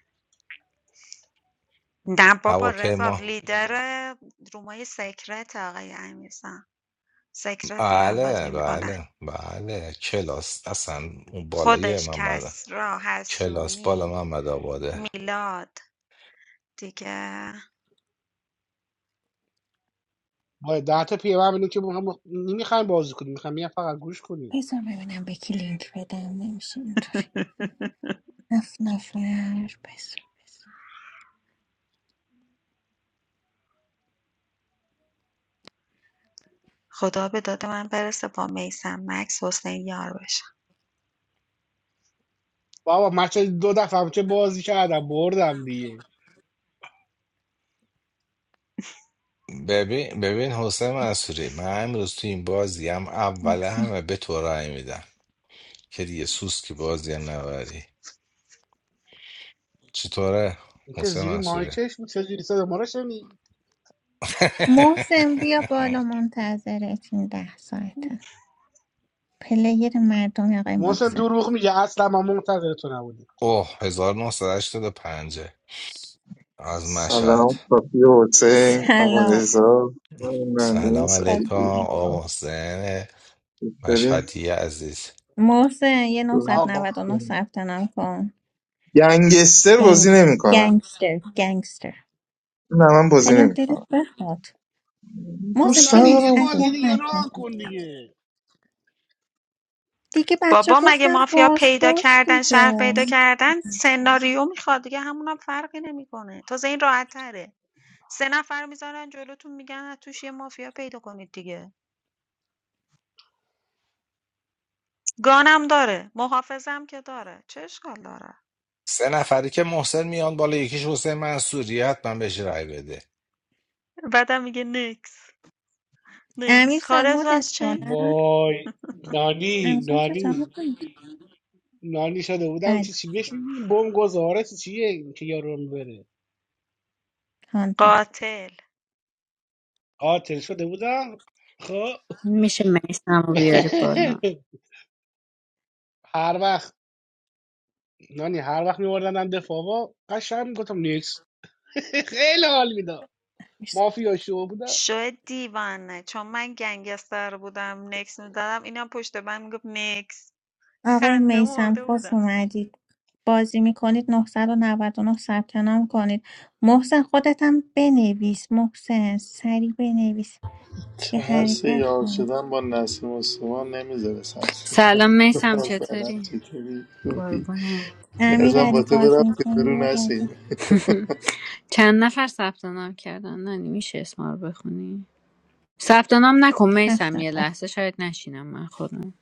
S5: نه بابا رضا
S1: هواپیما
S5: لیدر رومای سیکرت آقای امیرسان سیکرت میرن
S1: بله
S5: بازی میکنن
S1: بله بله کلاس اصلا اون بالای
S5: خودش
S1: محمد
S5: کسرا
S1: کلاس بالا
S5: حسونی
S1: محمد آباده
S5: میلاد دیگه
S3: با ده تا پیه ببینیم که نمیخوایم بازی کنیم میخوایم فقط گوش کنیم
S2: بذار ببینم به کی لینک بدم نمیشه اینطوری هفت نفر بذار بذار
S5: خدا به داد من برسه با میسم مکس حسین یار بشن
S3: بابا من چه دو دفعه هم چه بازی کردم بردم دیگه
S1: ببین ببین حسین منصوری من امروز تو این بازی هم اول
S2: بذار.
S1: همه به تو رأی میدم که دیگه سوسکی بازی هم نبری چطوره
S3: این که
S1: حسین
S3: زیری
S1: منصوری
S3: مایکش بود چجوری صدا ما رو شنید
S2: محسن بیا بالا منتظرت این ده ساعته پلیر مردم آقای
S3: محسن
S2: محسن
S3: دروغ میگه اصلا ما منتظر تو نبودیم
S1: اوه 1985 از مشهد
S13: سلام صافی و حسین آقا
S2: سلام
S13: رضا نانی
S1: سلام
S2: خوش
S13: سعید
S1: علیکم
S2: اومد.
S13: دوستان
S1: آقا محسن
S13: چطوری؟
S1: مشهدی عزیز
S2: محسن یه نهصد و
S3: آقا
S2: نود و نه ثبت نام کن
S13: گنگستر
S2: گنگ
S13: بازی نمیکنم
S2: گنگستر گنگستر
S13: نه من بازی
S2: خیلی هم
S13: نمیکنم
S2: دلت بخواد
S3: خب
S2: موزه
S13: دوست
S3: نانی
S2: بنویس
S3: یه
S13: ندارم
S3: بازی
S2: اذیت
S3: دیگه
S2: نکن
S3: راه کن دیگه
S2: دیگه بچه
S5: بابا مگه
S2: گفتم
S5: مافیا پیدا
S2: بازپرس
S5: کردن شهر
S2: دیگه
S5: پیدا کردن سناریو میخواد دیگه همون هم فرقی نمیکنه تازه این راحت تره 3 نفر رو میذارن جلوتون میگن از توش یه مافیا پیدا کنید دیگه گانم داره محافظم که داره چه اشکال داره
S1: سه نفری که محسن میان بالا یکیش حسین منصوری حتما بهش رای بده
S5: بعدم میگه نکس
S2: امیر
S5: نکس
S2: سام
S5: خارج
S2: مدت
S5: از چی
S2: کنم
S3: وای
S2: امیر
S3: نانی
S2: سام چه جواب
S3: نانی
S2: داد؟
S3: نانی شده بودم
S2: بله
S3: چی چی بهش میگیم بم گذاره چی چیه این که یارو بره
S2: هانتر
S5: قاتل
S3: قاتل شده بودم خب
S6: میشه میسم رو بیاری بالا
S3: هر وقت نانی هر وقت میوردن دفاع قشنگ میگفتم نیکس خیلی حال میداد
S2: امیر سام
S3: مافیا شو بودم
S5: شو دیوانه چون من گنگستر بودم نکس میدادم اینم پشت بند میگفت نکس
S2: آقای
S5: خنده
S2: میسم
S5: مرده
S2: خوش
S5: بودم
S2: اومدید بازی میکنید 999 ثبت نام کنید محسن خودت هم بنویس محسن سریع بنویس یه
S14: ترس
S2: حرکت
S14: یار
S2: کن
S14: شدن با نسیم و سما نمیذاره سمسم
S6: سلام میسم
S14: مثلا
S6: چطوری؟
S14: چطوری خوبی
S6: قربونه
S2: امیر
S14: ترسم با
S2: علی
S6: مرسی
S14: تو
S2: بازی
S14: برم که
S2: میکنی
S14: برو
S2: بیا
S14: نسیم
S2: بازی
S6: چند نفر ثبت نام کردن نانی میشه اسما رو بخونی؟ ثبت نام نکن
S2: هفت
S6: میسم یه
S2: نفر
S6: لحظه شاید نشینم من خودم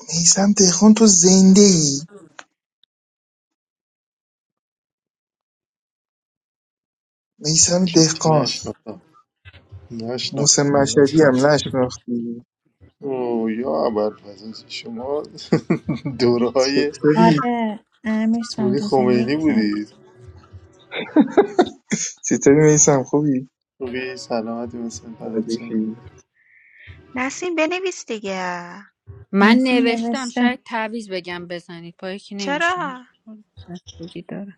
S13: میسم دهقان تو زنده ای میسم
S14: چیچی
S13: دهقان
S14: نشناختم
S13: محسن
S14: نشناختم
S13: مشهدی
S14: حقیقتا
S13: هم نشناختی
S14: او یا اول شما دوره های
S13: چطوری
S2: آره امیر سام
S14: اسمونی
S2: روز
S14: خمینی
S2: یک
S14: بودید
S2: رفت
S13: چطوری میسم خوبی
S14: خوبی سلامتی مثل فردت چم
S13: ردیفی
S5: نسیم بنویس دیگه
S6: من
S2: نسیم
S6: نوشتم
S2: نوشته
S6: شاید تعویز بگم بزنید با یکی نمیشینم
S5: چرا
S6: بگی داره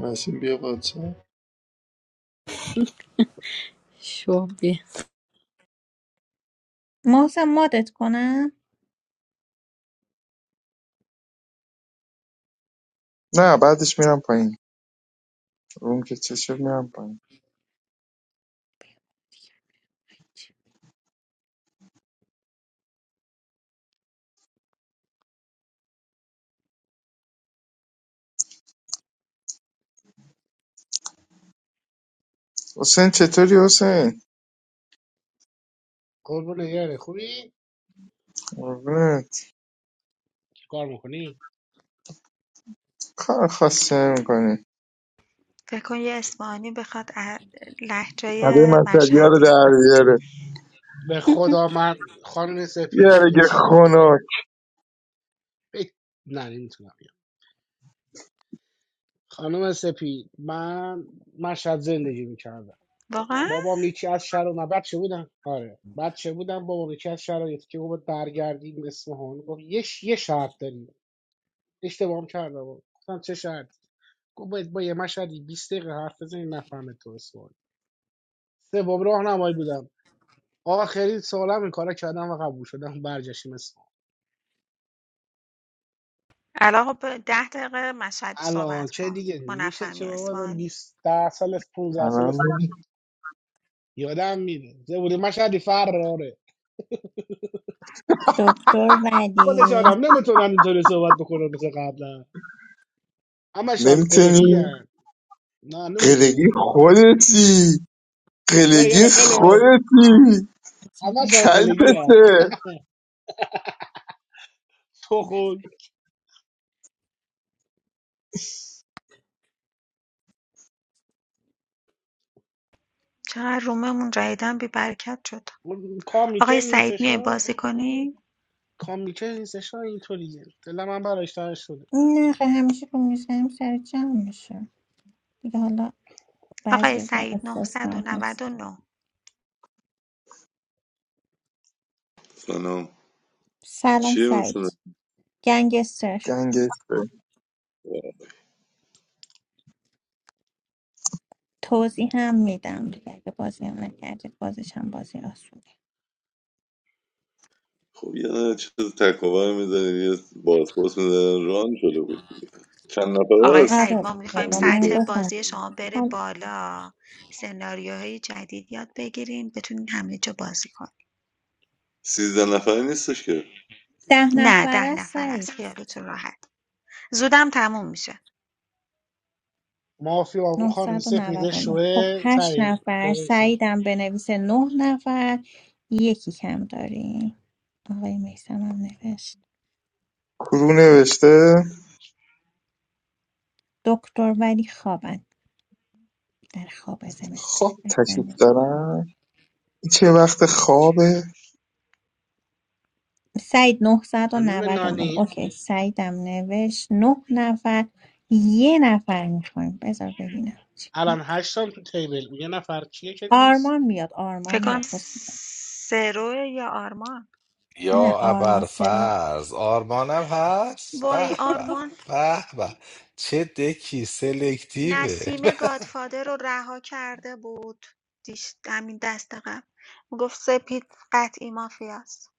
S14: نسیم بیا بچه
S6: شبیه
S2: محسن مدت کنم
S13: نه بعدش میرم پایین روم که چشم میرم پایین حسین چطوری حسین
S3: قربون یاره خوبی
S13: قربونت
S3: چی کار میکنی
S13: کار خاصی نمیکنی
S5: فکر کن یه اسپانی بخواد ا- لهجه
S13: برای مذهبی رو
S5: مشهدی
S13: در بیاره
S3: به خدا من خانم سپید یه
S13: یارگه
S3: چیزی بهت بگم
S13: خنک
S3: نه نمیتونم بگم خانم سپید من مشهد زندگی میکردم
S5: واقعا
S3: بابام یکی از شهر و من بچه بودم آره بچه بودم بابام یکی از شرایط که بود برگردیم اصفهان گفت یه یه شرط داریم اشتباه هم کردم گفتم چه شرط گفت باید با یه مشهدی 20 دقیقه حرف بزنی نفهمه تو سوال سوم راهنمایی بودم آخرین سالم این کارا کردم و قبول شدم برگشتیم اصفهان
S5: الان خب ده دقیقه مشهدی
S3: الان
S5: صحبت
S3: چه
S5: کن
S3: دیگه
S5: ما
S3: نمیشه
S5: نفهمی
S3: چه بابا آدم
S5: اسفانی
S3: 20 ده سال است 15 سال
S13: الان
S3: است نشد یادم میره زبوری مشهدی فراره
S2: دکتر
S3: خودش
S2: ولی
S3: آدم نمیتونن اینطوری صحبت بکنن مثل قبلا همشان قلقی
S13: نمیتونی
S3: هن. نه
S13: قلگی
S3: نمیتونن
S13: خودتی
S3: برو یه
S13: قلگی
S3: قله
S13: خودتی
S3: همشان قلقی هن.
S13: کلپسه
S3: تو خود
S5: چقدر روممون جدیدن بی برکت شد
S3: کامی که
S5: آقای سعید
S3: نیستش
S5: میای بازی کنی
S3: کامیکه نیستش نه، اینطوریه دلم من برایش تنگ شده
S2: نه خیلی همیشه رو میزنیم سر جمع میشه دیگه حالا
S5: آقای
S2: بعضی روزا
S5: سعید نه
S2: استثنا
S5: نه
S2: هست
S5: نه
S15: سلام
S2: سلام
S15: چیه مثلا
S2: سعید گنگستر
S13: گنگسته
S2: توضیح هم میدم دیگه اگه بازی هم نکردید بازش هم بازی آسونه
S15: خب یه دونه چیز تکاور میزنه یه بازپرس میزنه ران شده بود دیگه چند نفره
S5: آقای
S15: است
S2: آره
S5: سعید ما میخوایم
S2: بابا من
S5: سطح
S15: سنگسه.
S2: گفتم
S5: بازی شما بره
S2: خب،
S5: بالا سناریوهای جدید یاد بگیریم بتونین همه جا بازی کنیم
S15: سیزده نفره نیستش که
S2: ده
S5: نه
S2: نفر
S5: ده
S2: است
S5: نفر از خیالتون راحت زودم تموم میشه
S3: مافیا اون خانم سپیده
S2: ۹۹۹ خب
S3: شوه
S2: هشت
S3: سری
S2: نفر
S3: بابیسا
S2: سعیدم بنویسه نه نفر یکی کم داریم آقای میسم هم نوشت
S13: کرو نوشته
S2: دکتر ولی خوابن در خواب زمستان
S13: خواب تشریف دارم چه وقت خوابه
S2: سعید
S3: خانم
S2: 999
S3: نانی
S2: اوکی سعیدم نوشت نه نفر یه نفر میخوایم بذار ببینم چیکار
S3: الان
S2: کنم.
S3: هشتم تو تیبل اون یه نفر کیه که نیست
S2: آرمان میاد آرمان
S5: فکر کنم
S2: میاد حسین
S5: سرو یا آرمان
S2: نه
S1: یا
S2: آرمان سرا
S1: ابرفرز آرمانم هست
S5: وای
S1: به به
S5: آرمان
S1: به به چه دکی سلکتیوه
S5: نسیم گادفادر رو رها کرده بود دیش همین دست قبل گفت سپید قطعی مافیاست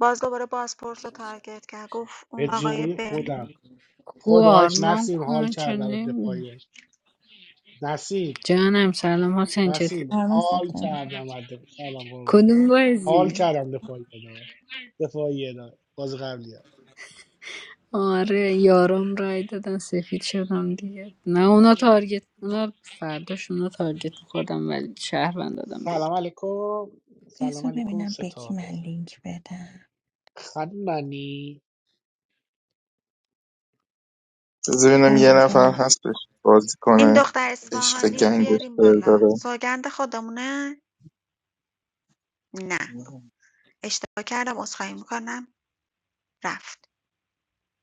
S5: باز دوباره بازپرس رو تارگت کرد گفت
S3: به
S5: اون آقای
S3: جون
S5: برلین
S3: خودم
S6: کو
S3: خدایش
S6: آرمان
S3: نسیم حال
S6: کومه چون
S3: کردم به
S6: نمیدونم
S3: دفاعیه نسیم
S6: جانم سلام حسین چطوری؟
S3: نسیم
S2: آرمان
S3: حال
S2: سفتم
S3: کردم از دفاع. سلام قربونه
S6: کدوم
S3: حال
S6: بازی؟
S3: کردم دفاعیه دا دفاعیه دا باز قبلی ها.
S6: آره یارم رای دادن سفید شدم دیگه نه اونا تارگت اونا فرداش اونا تارگت میخوردم ولی شهروند دادم بیرون
S3: سلام علیکم سلام
S2: بذار
S3: علیکم
S2: ببینم به کی من
S3: ستاره
S2: لینک بدم
S3: خانم نانی
S13: بذار ببینم یه
S2: بله
S13: نفر
S2: بله
S13: هستش بازی
S5: این
S13: کنه
S5: دختر
S13: عشق
S5: اسماهانی رو بیاریم
S13: گنگستر
S5: بالا
S13: داره
S5: سوگند خودمونه نه اشتباه کردم عذرخواهی میکنم رفت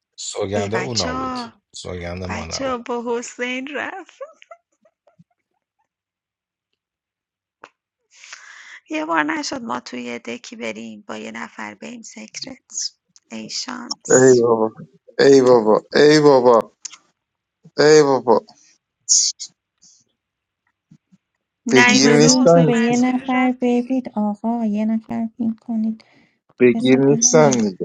S5: ای
S1: سوگنده
S5: بچه
S1: اونا بود
S5: ها
S1: سوگند ما
S5: بچه
S1: نبود
S5: ها با حسین رفت یه بار نشد ما توی دکی بریم با یه نفر بریم سیکرت ای شانس
S13: ای بابا ای بابا ای بابا ای بابا بگیر
S2: یه
S5: نیومده
S2: لینکی
S5: حسین
S13: نیستن
S2: به یه
S5: منصوری
S2: نفر
S5: رفت پی وی
S2: بدید آقا یه نفر پین کنید
S13: بگیر
S2: بذار
S13: نیستن
S2: ببینم
S13: دیگه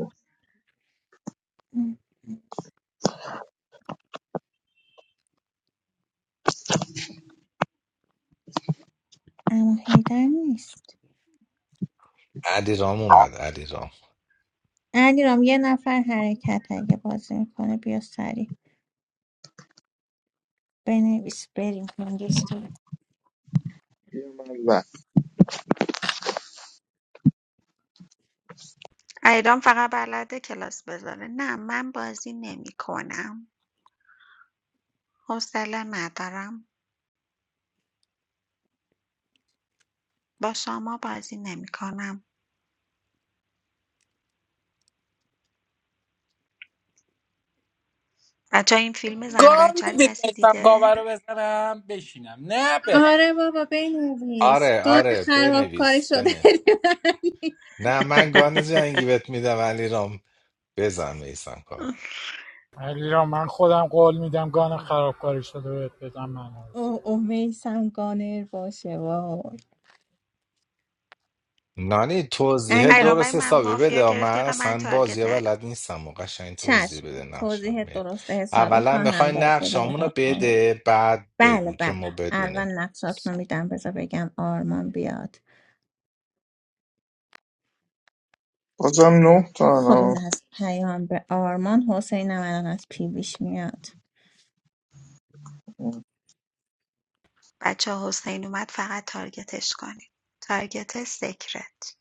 S2: اما هیدر نیست
S1: علی رام اومد علی رام
S2: علیرام یه نفر حرکت اگه بازی میکنه بیا سریع بنویس بریم کنگیش
S13: و
S5: ایران فقط بلده کلاس بذاره نه من بازی نمیکنم حوصله ندارم با شما بازی نمیکنم بچه این فیلم زن و
S16: گام
S5: بچه رو
S16: میدید
S5: کسی
S16: بستم گاوه
S5: دیده؟
S16: رو بزنم بشینم نه برم
S2: آره بابا بنویس
S1: آره
S2: گان
S1: آره
S2: خرابکاری
S1: بنویس
S2: شده
S1: بنویس نه من گان جنگی بهت میدم علی رام بزن میسم کاور
S4: علی را من خودم قول میدم گان خرابکاری شده بهت بدم من عوض.
S2: او او میسم گانر باشه وای
S1: نانی توضیح
S2: علیرام
S5: ایران ولی
S1: درست
S5: من
S1: حسابی
S5: مافیا
S1: بده
S5: گرفتی
S1: من
S5: اینقدر من
S1: اصلا
S5: تارگت
S1: بازی
S5: نکن
S1: بلد نیستم و قشنگ توضیح
S2: چشم
S1: بده نقشه
S2: توضیح درست حسابی
S1: اولا
S2: خواهم
S1: میخوای
S2: داد بذار
S1: نقشامون رو
S2: بگم
S1: بده بعد
S2: بله
S1: بگو که ما
S2: بله
S1: بدونیم
S2: اول نقشاتون رو میدم بذار بگم آرمان بیاد
S13: بازم نه تا
S2: خب
S13: نه
S2: این از پیام به آرمان حسین هم الان از پیویش میاد
S5: بچه حسین اومد فقط تارگتش کنید تارگت سکرت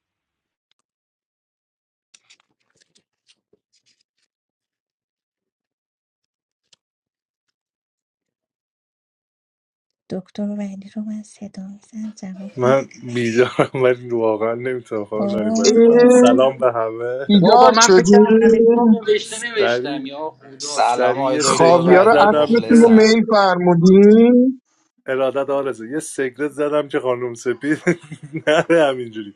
S2: دکتر ولی رو من صدا میزم جواب نده
S10: من بیدارم ولی واقعا نمیتونم خانم نانی بازی کنم
S2: اوه.
S13: اه،
S10: سلام به همه
S16: بابا
S13: بیدار
S16: من فکر
S13: شدی
S16: کردم امیدوارم نوشته نوشتم
S10: سریع
S16: یا خدا چه
S1: سلام
S10: سریع
S1: آقای
S10: یه
S16: دیکی
S1: دکتر
S10: سیگرت
S13: خاویار
S1: ولی
S10: زدم
S13: اصلتون رو
S10: که
S1: مخلصم
S13: میل فرمودین
S10: ارادت آرزه یه سیگرت زدم که خانم سپید نره همینجوری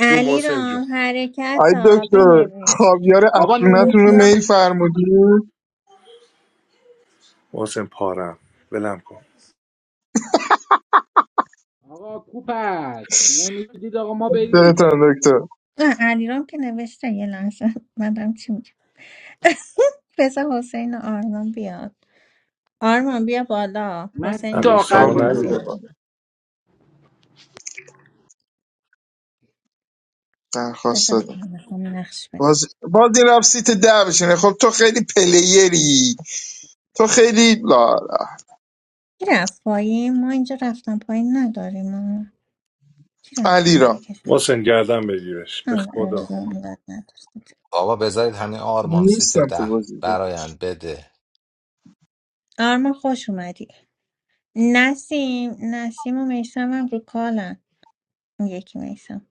S10: جون محسن جون
S2: رام حرکت
S13: آی
S2: ها
S13: دکتر
S2: بنویس
S13: خاویار
S16: بابا
S13: اصلونتون رو
S16: نوشتم
S13: میل فرمودین
S10: محسن پارم ولم کن
S16: آقا کوپک نمیدید آقا ما بریم
S13: دمتون دکتر
S2: نه، علی رام که نوشته یه لحظه من دارم چی میگم بذار حسین و آرمان بیاد آرمان بیا بالا
S16: من
S2: حسین
S16: سیت
S10: امیر
S2: گفت
S16: آخر
S2: من
S10: سامو
S13: آمد
S16: میام
S10: ندیدم
S16: بابا.
S2: توضیحات
S13: درخواست
S2: بذار
S13: دادم
S2: بگم میخوام نقش بدم
S13: باز, باز این رفت سیت ده بشینه خب تو خیلی پلیری تو خیلی لا لا.
S2: کی رفت پایین ما اینجا رفتم پایین نداریم آه. کی رفت
S13: علی
S2: پایین
S13: را
S2: بکشم
S10: محسن گردن بگیرش به خدا
S2: الان نداشتید
S1: بابا بذارید همین آرمان سیت
S13: نیستم تو
S1: ده
S13: بازی
S1: برایند بده
S2: آرما خوش اومدی نسیم نسیم و میسم هم رو کالن اون یکی میسم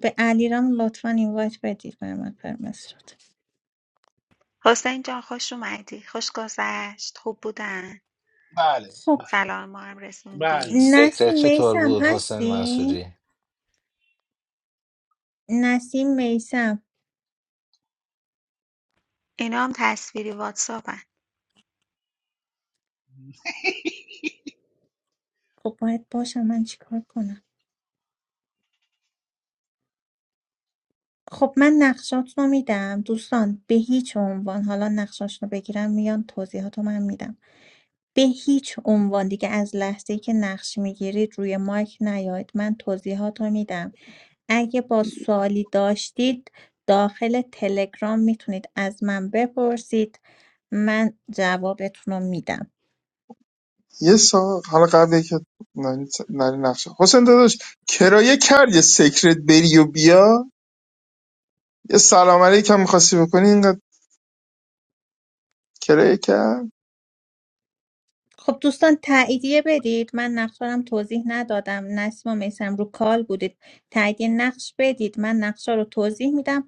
S2: به علیرام لطفا اینوایت بدید برای من پرمس رو
S5: حسین جان خوش اومدی خوش گذشت خوب بودن
S3: بله
S2: خب
S5: سلام ما هم
S3: بله
S5: رسوندی
S1: سکرت
S2: نسیم
S1: چطور
S2: میسم
S1: بود حسین
S2: هستی
S1: منصوری
S2: نسیم میسم
S5: اینا هم تصویری واتساپن
S2: خب باید باشم من چیکار کنم خب من نقشات رو میدم دوستان به هیچ عنوان حالا نقشاش رو بگیرم میان توضیحات رو من میدم به هیچ به‌هیچ‌عنوان دیگه از لحظه‌ای که نقش میگیرید روی مایک نیاید من توضیحات رو می‌دم اگه با سوالی داشتید داخل تلگرام میتونید از من بپرسید من جوابتون رو می‌دم
S13: یه سال حالا قبل که نری نری نقشه حسین داداش کرایه کرد یه سیکرت بری و بیا یه سلام علیکم میخواستی بکنی اینقدر کرایه کرد
S2: خب دوستان تاییدیه بدید من نقشارم توضیح ندادم نسیم و میسم رو کال بودید تاییدیه نقش بدید من نقشا رو توضیح میدم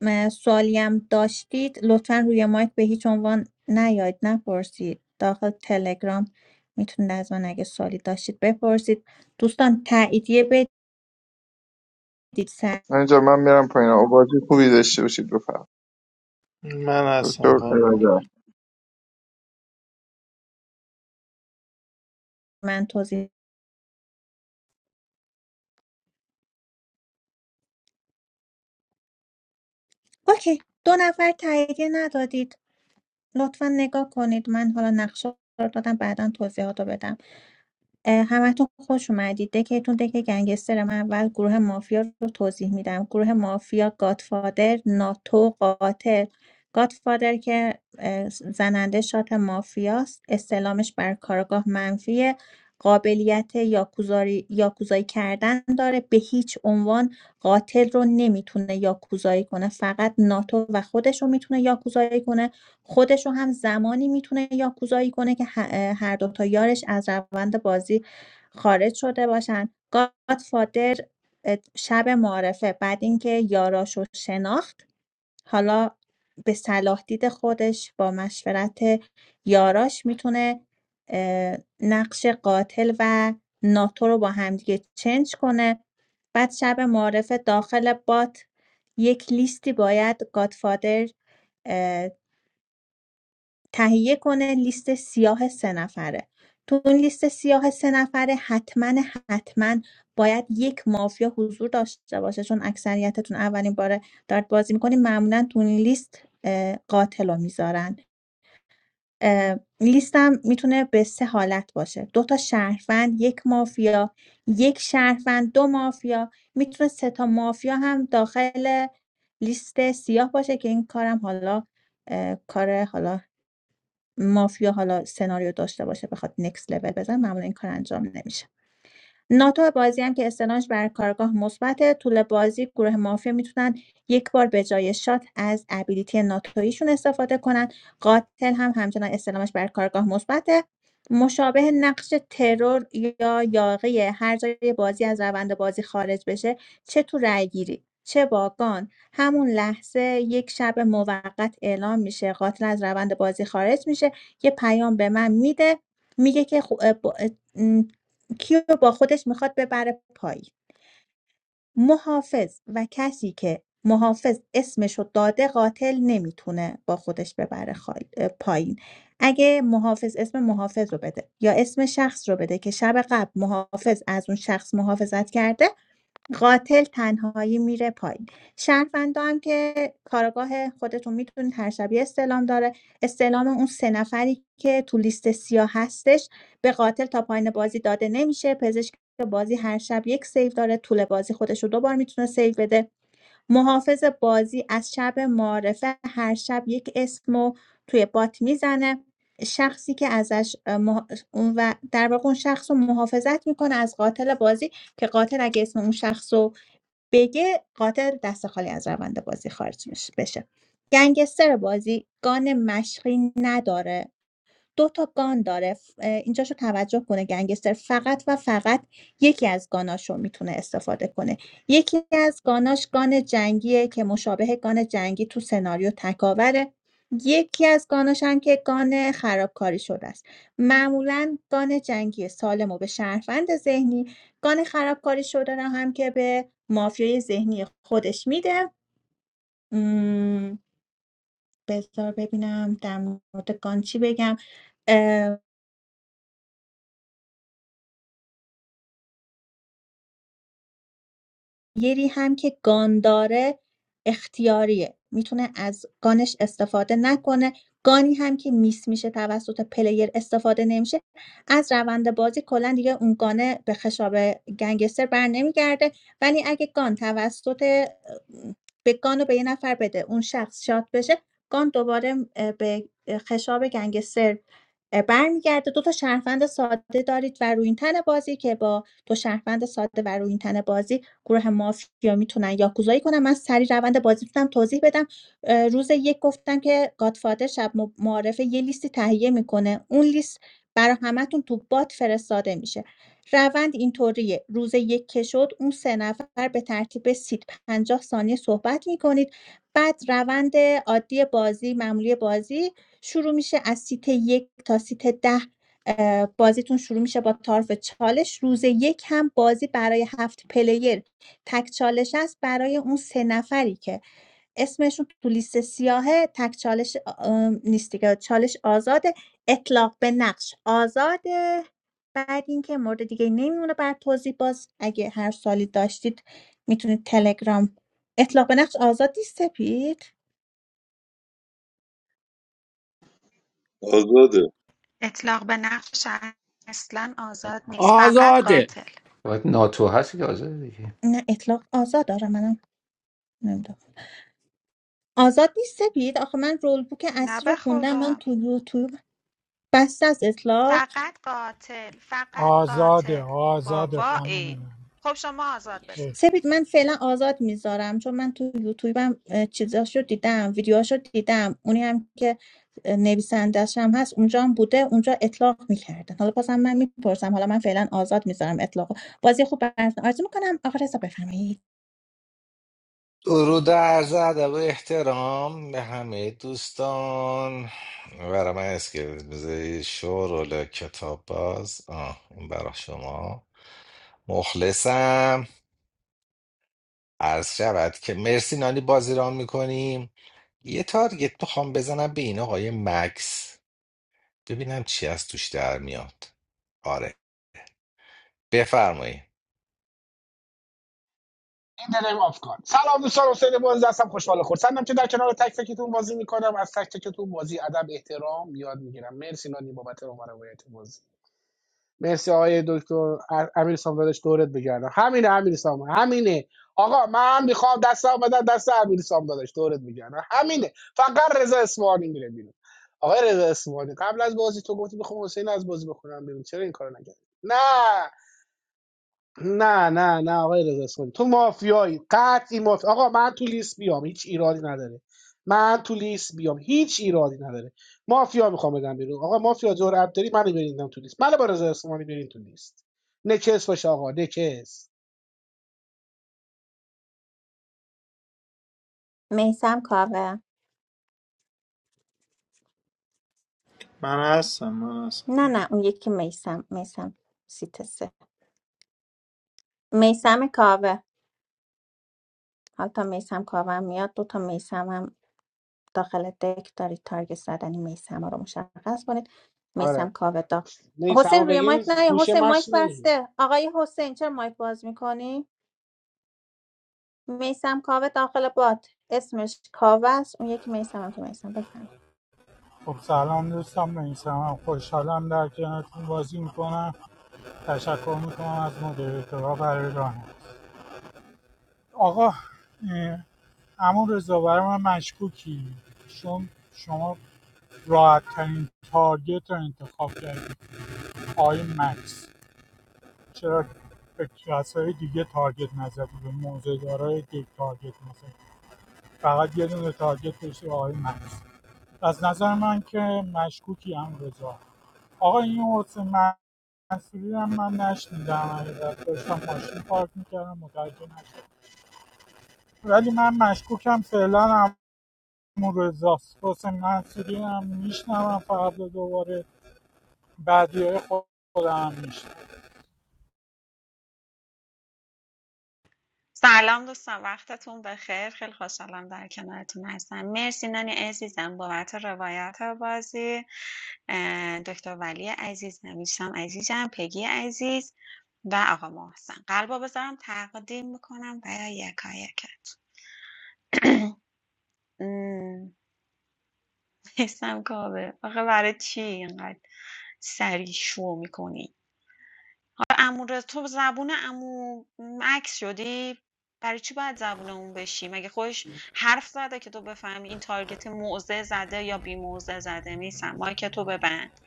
S2: م، سوالی هم داشتید لطفا روی مایک به هیچ عنوان نیاید نپرسید داخل تلگرام میتونید از من اگه سوالی داشتید بپرسید دوستان تاییدیه بدید سر
S13: من اینجا من میرم پایین آبادی خوبی داشته باشید بفرم
S14: من
S13: دکتر
S14: هستم خانم من
S2: من توضیح اوکی دو نفر تاییدیه ندادید لطفا نگاه کنید من حالا نقشه رو دادم بعدا توضیحات رو بدم اه، همتون خوش اومدید دکتون دک گنگستر من اول گروه مافیا رو توضیح میدم گروه مافیا گادفادر ناتو قاتل گادفادر که اه، زننده شات مافیاست استلامش بر کارگاه منفیه قابلیت یاکوزاری یاکوزایی کردن داره به هیچ عنوان قاتل رو نمیتونه یاکوزایی کنه فقط ناتو و خودش رو میتونه یاکوزایی کنه خودش رو هم زمانی میتونه یاکوزایی کنه که هر دو تا یارش از روند بازی خارج شده باشن گادفادر اه، شب معارفه بعد اینکه یاراش رو شناخت حالا به صلاح دید خودش با مشورت یاراش میتونه اه، نقش قاتل و ناتو رو با همدیگه چنج کنه بعد شب معارفه داخل بات یک لیستی باید گادفادر تهیه کنه لیست سیاه سه نفره تو اون لیست سیاه سه نفره حتما حتما باید یک مافیا حضور داشته باشه چون اکثریتتون اولین باره دارت بازی میکنین معمولا تو اون لیست اه، قاتل رو میذارن اه، لیست هم میتونه به سه حالت باشه دو تا شهروند یک مافیا یک شهروند دو مافیا میتونه سه تا مافیا هم داخل لیست سیاه باشه که این کارم حالا اه، کار حالا مافیا حالا سناریو داشته باشه بخواد نکست لول بزنه معمولا این کار انجام نمیشه ناتو بازی هم که استعلامش بر کارگاه مثبته طول بازی گروه مافیا میتونن یک بار به جای شات از ابیلیتی ناتویشون استفاده کنن قاتل هم همچنان استلامش بر کارگاه مثبته مشابه نقش ترور یا یاقی هر جای بازی از روند بازی خارج بشه چه تو رأیگیری چه باگان همون لحظه یک شب موقت اعلام میشه قاتل از روند بازی خارج میشه یه پیام به من میده میگه که خو- اه، با- اه، کیو با خودش میخواد ببره پایین محافظ و کسی که محافظ اسمشو داده قاتل نمیتونه با خودش ببره خال- پایین اگه محافظ اسم محافظ رو بده یا اسم شخص رو بده که شب قبل محافظ از اون شخص محافظت کرده قاتل تنهایی میره پایین شهروندا هم که کارگاه خودتون میتونید هر شبیه استعلام داره استعلام اون سه نفری که تو لیست سیاه هستش به قاتل تا پایین بازی داده نمیشه پزشک بازی هر شب یک سیو داره طول بازی خودش رو دوبار میتونه سیو بده محافظ بازی از شب معارفه هر شب یک اسم رو توی بات میزنه شخصی که ازش اه، مح- اون و در واقع اون شخص رو محافظت میکنه از قاتل بازی که قاتل اگه اسم اون شخص رو بگه قاتل دست خالی از روند بازی خارج میشه- بشه گنگستر بازی گان مشقی نداره 2 تا گان داره ف آآ اینجاشو توجه کنه گنگستر فقط و فقط یکی از گاناشو میتونه استفاده کنه. یکی از گاناش گان جنگیه که مشابه گان جنگی تو سناریو تکاوره. یکی از گاناش هم که گان خرابکاری شده است. معمولا گان جنگی سالم و به شهروند ذهنی، گان خرابکاری شده رو هم که به مافیای ذهنی خودش میده. ام، بذار ببینم در مورد گان چی بگم؟ گیری هم که گان داره اختیاریه میتونه از گانش استفاده نکنه گانی هم که میس میشه توسط پلیر استفاده نمیشه از روند بازی کلا دیگه اون گانه به خشاب گنگستر بر نمیگرده ولی اگه گان توسط اه، به گان رو به یه نفر بده اون شخص شات بشه گان دوباره اه، به خشاب گنگستر اه، برمیگرده دو تا شهروند ساده دارید و روی بازی که با دو شهروند ساده و روی بازی گروه مافیا میتونن یاکوزایی کنن من سری روند بازی میتونم توضیح بدم اه، روز یک گفتم که گادفادر شب م- معارفه یه لیستی تهیه میکنه اون لیست برای همتون تو بات فرستاده میشه روند اینطوریه روز یک که شد اون سه نفر به ترتیب سید پنجاه ثانیه صحبت میکنید بعد روند عادی بازی معمولی بازی شروع میشه از سیت یک تا سیت ده اه، بازیتون شروع میشه با طرف چالش روز یک هم بازی برای هفت پلیر تک چالش است برای اون سه نفری که اسمشون تو لیست سیاهه تک چالش آ- نیست دیگه چالش آزاده اطلاق به نقش آزاده بعد اینکه مورد دیگه نمیمونه بعد توضیح باز اگه هر سالی داشتید میتونید تلگرام اطلاق به نقش آزاد نیست سپید
S15: آزاده
S5: اطلاق به نقشش اصلا آزاد نیست فقط
S16: آزاده
S5: قاتل
S7: باید ناتو هست که آزاده دیگه
S2: نه اطلاق آزاد داره منم نمیدونم آزاد نیست سپید آخه من رول بوک
S5: نه
S2: اصلی رو
S5: به
S2: خوندم من
S5: خدا
S2: تو یوتیوب بسته از اطلاق
S5: فقط قاتل فقط
S4: آزاده
S5: قاتل
S4: آزاده خانم
S5: بابایی
S4: نانی
S5: خب شما آزاد بذار
S4: اه.
S2: سپید من فعلا آزاد میذارم چون من تو یوتیوبم اه، چیزاشو دیدم ویدیوهاشو دیدم اونی هم که اه، نویسنده‌ش هم هست اونجا هم بوده اونجا اطلاق میکردن حالا بازم من میپرسم حالا من فعلا آزاد میذارم اطلاق بازی خوب براتون آرزو میکنم آقا رضا بفرمایید
S1: درود و عرض ادب و احترام به همه دوستان برای من اسکلت بذاری شور کتاب باز آه این برای شما مخلصم عرض شود که مرسی نانی بازی ران میکنیم یه تارگت میخوام بزنم به این آقای مکس ببینم چی از توش در میاد آره بفرمایید
S3: این the name of God. سلام دوستان حسین بازی هستم خوشحال خورسندم که در کنار تک تکتون بازی میکنم از تک تکتون بازی ادب احترام یاد میگیرم مرسی نانی بابت رو روایت بازی مرسی آقای دکتر ا- امیر سامدادش دورت بگردم همینه امیر سام همینه آقا من میخوام دست بدم دست امیر سامدادش دورت بگردم همینه فقط رضا اسمانی میره بیرون آقای رضا اسمانی قبل از بازی تو گفتی میخوام حسین از بازی بکنم ببین چرا این کارو نکردی نه نه نه نه آقای رضا اسلامی تو مافیایی قطعی مافیا آقا من تو لیست بیام هیچ ایرادی نداره من تو لیست بیام هیچ ایرادی نداره مافیا میخوام بدم بیرون آقا مافیا جرأت داری منو بریندم تو لیست منو با رضا اسلامی برین تو لیست نکس باشه آقا نکس
S2: میسم کاوه
S14: من هستم من هستم
S2: نه نه اون یکی میسم میسم سیت سه میسم کاوه حالا تا میسم کاوه هم میاد دو تا میسم داخل دک دارید تارگت زدن میسم رو مشخص کنید
S3: آره
S2: میسم کاوه داغ
S3: نه سما
S2: حسین روی
S3: بگین
S2: مایک نه
S3: هوش
S2: حسین مایک
S3: مصنوعی
S2: بسته آقای حسین چرا مایک باز میکنی میسم کاوه داخل باد اسمش کاوه است اون یکی میسم هم که میسم بفهم
S4: خب سلام دوستان من خوشحالم در کنارتون بازی میکنم تشکر میکنم از مدیریتورا برای رانه آقا اه، عمو رضا برای من مشکوکی چون شما راحت ترین تارگت رو انتخاب کردید آقای مکس چرا به کسای دیگه تارگت نزدی به موضع‌دارای دیگه تارگت نزدی فقط یه دونه تارگت داشتی آقای مکس از نظر من که مشکوکی هم رضا آقا این حسین منصوری هم من نشنیدم حقیقت داشتم ماشین پارک میکردم متوجه نشدم ولی من مشکوکم فعلا هم رضاست حسین منصوری هم میشنوم فردا دوباره بعدی های خودم میشنم
S5: سلام دوستان وقتتون بخیر خیلی خوشحالم در کنارتون هستم مرسی نانی عزیزم بابت روایت بازی اه، دکتر ولی عزیز نویسم عزیزم پگی عزیز و آقا محسن قلبا بذارم تقدیم میکنم برای یکایکت حسم کاوه آخه برای چی اینقدر سریع شو میکنی آخه عمو رضا- تو زبون عمو مکس شدی برای چی باید زبون اون بشی مگه خودش حرف زده که تو بفهمی این تارگت موزه زده یا بی موزه زده میسم مایک تو ببند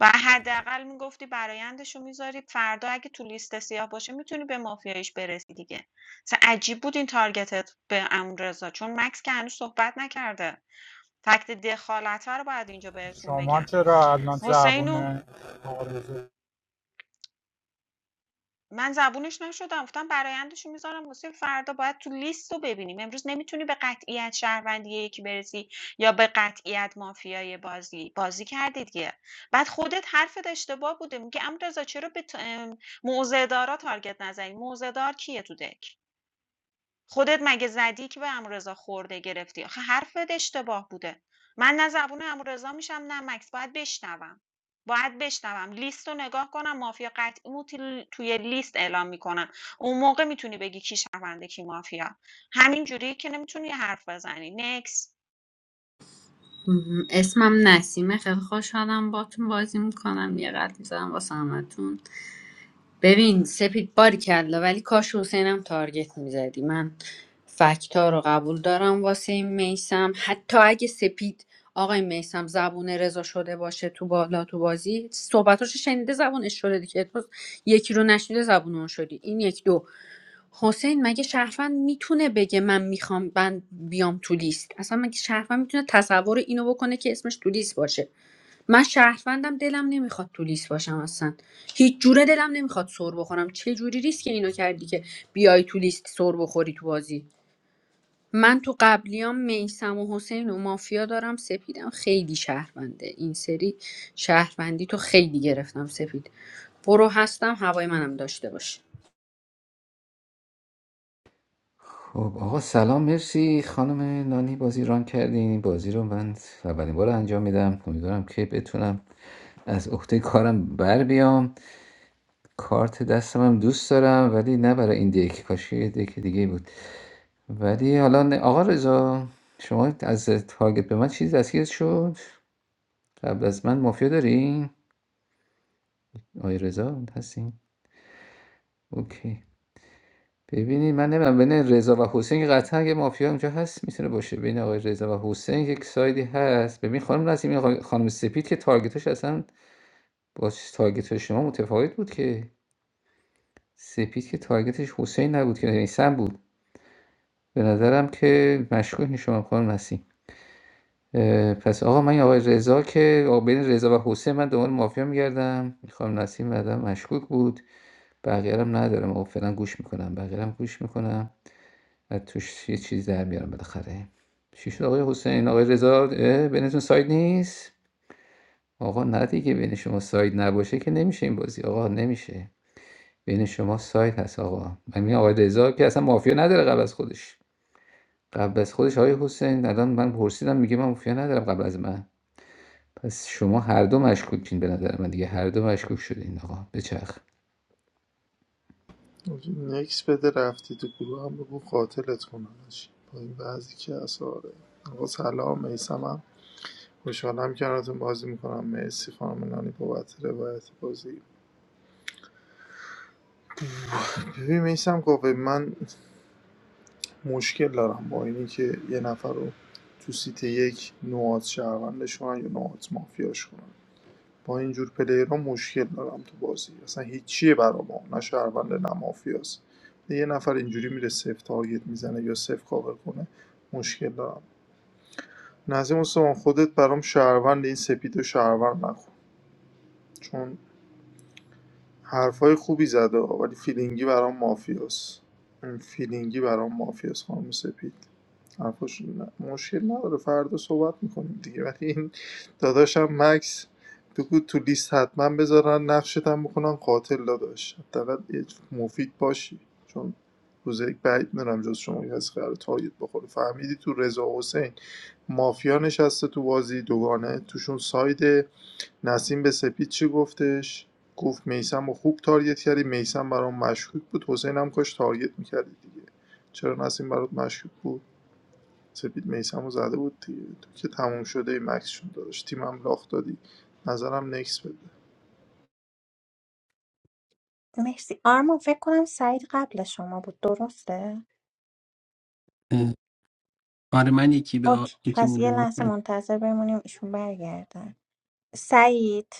S5: و حداقل میگفتی برایندش رو میذاری فردا اگه تو لیست سیاه باشه میتونی به مافیایش برسی دیگه اصلا عجیب بود این تارگتت به امون رضا، چون مکس که هنوز صحبت نکرده فکت دخالت رو باید اینجا بهتون
S4: شما
S5: بگم
S4: چرا الان
S5: حسینو
S4: زبون آرزو
S5: من زبونش نشدم گفتم برآیندشو میذارم واسه فردا باید تو لیست رو ببینیم امروز نمیتونی به قطعیت شهروندی یکی برسی یا به قطعیت مافیای بازی بازی کردی دیگه بعد خودت حرفت اشتباه بوده میگه امروز رضا چرا به ت- ام، موضع دارا تارگت نزنی موضع دار کیه تو دک خودت مگه زدی که به عمورضا خورده گرفتی؟ آخه حرفت اشتباه بوده. من نه زبون عمورضا میشم نه مکس باید بشنوم. باید بشنوم لیست رو نگاه کنم مافیا قطعی مو توی لیست اعلام میکنم اون موقع میتونی بگی کی شونده کی مافیا همین جوری که نمیتونی حرف بزنی نکس
S6: مهم. اسمم نسیمه خیلی خوشحالم باتون بازی میکنم یه قلب میزنم واسه همتون ببین سپید باری کلا ولی کاش حسینم تارگت میزدی من فکتا رو قبول دارم واسه این میسم حتی اگه سپید آقای میسم زبون رضا شده باشه تو بالا تو بازی صحبتاشو شنیده زبونش شده دیگه تو یکی رو نشنیده زبون اون شدی این یک دو حسین مگه شهروند میتونه بگه من میخوام من بیام تو لیست اصلا مگه شهروند میتونه تصور اینو بکنه که اسمش تو لیست باشه من شهروندم دلم نمیخواد تو لیست باشم اصلا هیچ جوره دلم نمیخواد سر بخورم چه جوری ریسک اینو کردی که بیای تو لیست سر بخوری تو بازی من تو قبلیام میسم و حسین و مافیا دارم سپیدم خیلی شهرونده این سری شهروندی تو خیلی گرفتم سپید برو هستم هوای منم داشته باش
S7: خب آقا سلام مرسی خانم نانی بازی ران کردین بازی رو من اولین بار انجام میدم امیدوارم که بتونم از عهده کارم بر بیام کارت دستم هم دوست دارم ولی نه برای این دیک کاشی یه دیک دیگه بود ولی حالا نه- آقا رضا شما از تارگت به من چیزی دستگیر شد قبل از من مافیا داری آقای رضا هستین اوکی ببینید من نمیدونم بین رضا و حسین قطعا یه مافیا اونجا هست میتونه باشه بین آقای رضا و حسین یک سایدی هست ببین خانم نسیم این آقای- خانم سپید که تارگتش اصلا با تارگت شما متفاوت بود که سپید که تارگتش حسین نبود که نیسان بود به نظرم که مشکوک شما خانم نسیم اه، پس آقا من این آقای رضا که آقا بین رضا و حسین من دنبال مافیا میگردم خانم نسیم بعدا مشکوک بود بقیه رو هم ندارم آقا فعلا گوش میکنم بقیه رو هم گوش میکنم و توش یه چیز در بیارم بالاخره چی شد آقای حسین آقای رضا اه، بینتون ساید نیست آقا نه دیگه بین شما ساید نباشه که نمیشه این بازی آقا نمیشه بین شما ساید هست آقا من میگم آقای رضا که اصلا مافیا نداره قبل از خودش قبل از خودش آقای حسین الان من پرسیدم میگه من مافیا ندارم قبل از من پس شما هر دو مشکوکین به نظر من دیگه هر دو مشکوک شدین آقا بچرخ
S14: نکس بده رفتی تو گروه هم بگو قاتلت کننش با این بعضی که اصاره آقا سلام میسمم خوشحالم کنارتون بازی میکنم مرسی خانم نانی بابت روایت بازی ببین میسم قوه من مشکل دارم با اینی که یه نفر رو تو سیت یک نوعات شهروندش کنن یا نوعات مافیاش کنن با اینجور پلیرها مشکل دارم تو بازی اصلا هیچیه برا ما نه شهرونده نه مافیاست یه نفر اینجوری میره صفر تارگت میزنه یا صفر کاور کنه مشکل دارم نظیم مستمان خودت برام شهروند این سپید و شهروند نکن چون حرفای خوبی زده ها، ولی فیلینگی برام مافیاس این فیلینگی برام مافیاس خانم سپید حرفاش ن- مشکل نداره فردا صحبت میکنیم دیگه ولی این داداشم مکس تو تو لیست حتما بذارن نقشت هم بکنن قاتل داداش حداقل یه مفید باشی چون روز یک بعید میرم جز شما کسی قرار تارگت بخوره فهمیدی تو رضا حسین مافیا نشسته تو بازی دوگانه توشون ساید نسیم به سپید چی گفتش گفت میسم رو خوب تارگت کردی میسم برام مشکوک بود حسین هم کاش تارگت میکردی دیگه چرا نسیم برات مشکوک بود سپید میسم رو زده بود دیگه تو که تموم شده ای مکسشون داشت تیمم لاخت دادی نظرم نکس بده
S2: مرسی آرمان فکر کنم سعید قبل شما بود درسته
S17: اه، آره من یکی به آ...
S2: اوکی
S17: یکی
S2: پس یه
S17: مونده
S2: لحظه
S17: گفتم.
S2: منتظر بمونیم ایشون برگردن سعید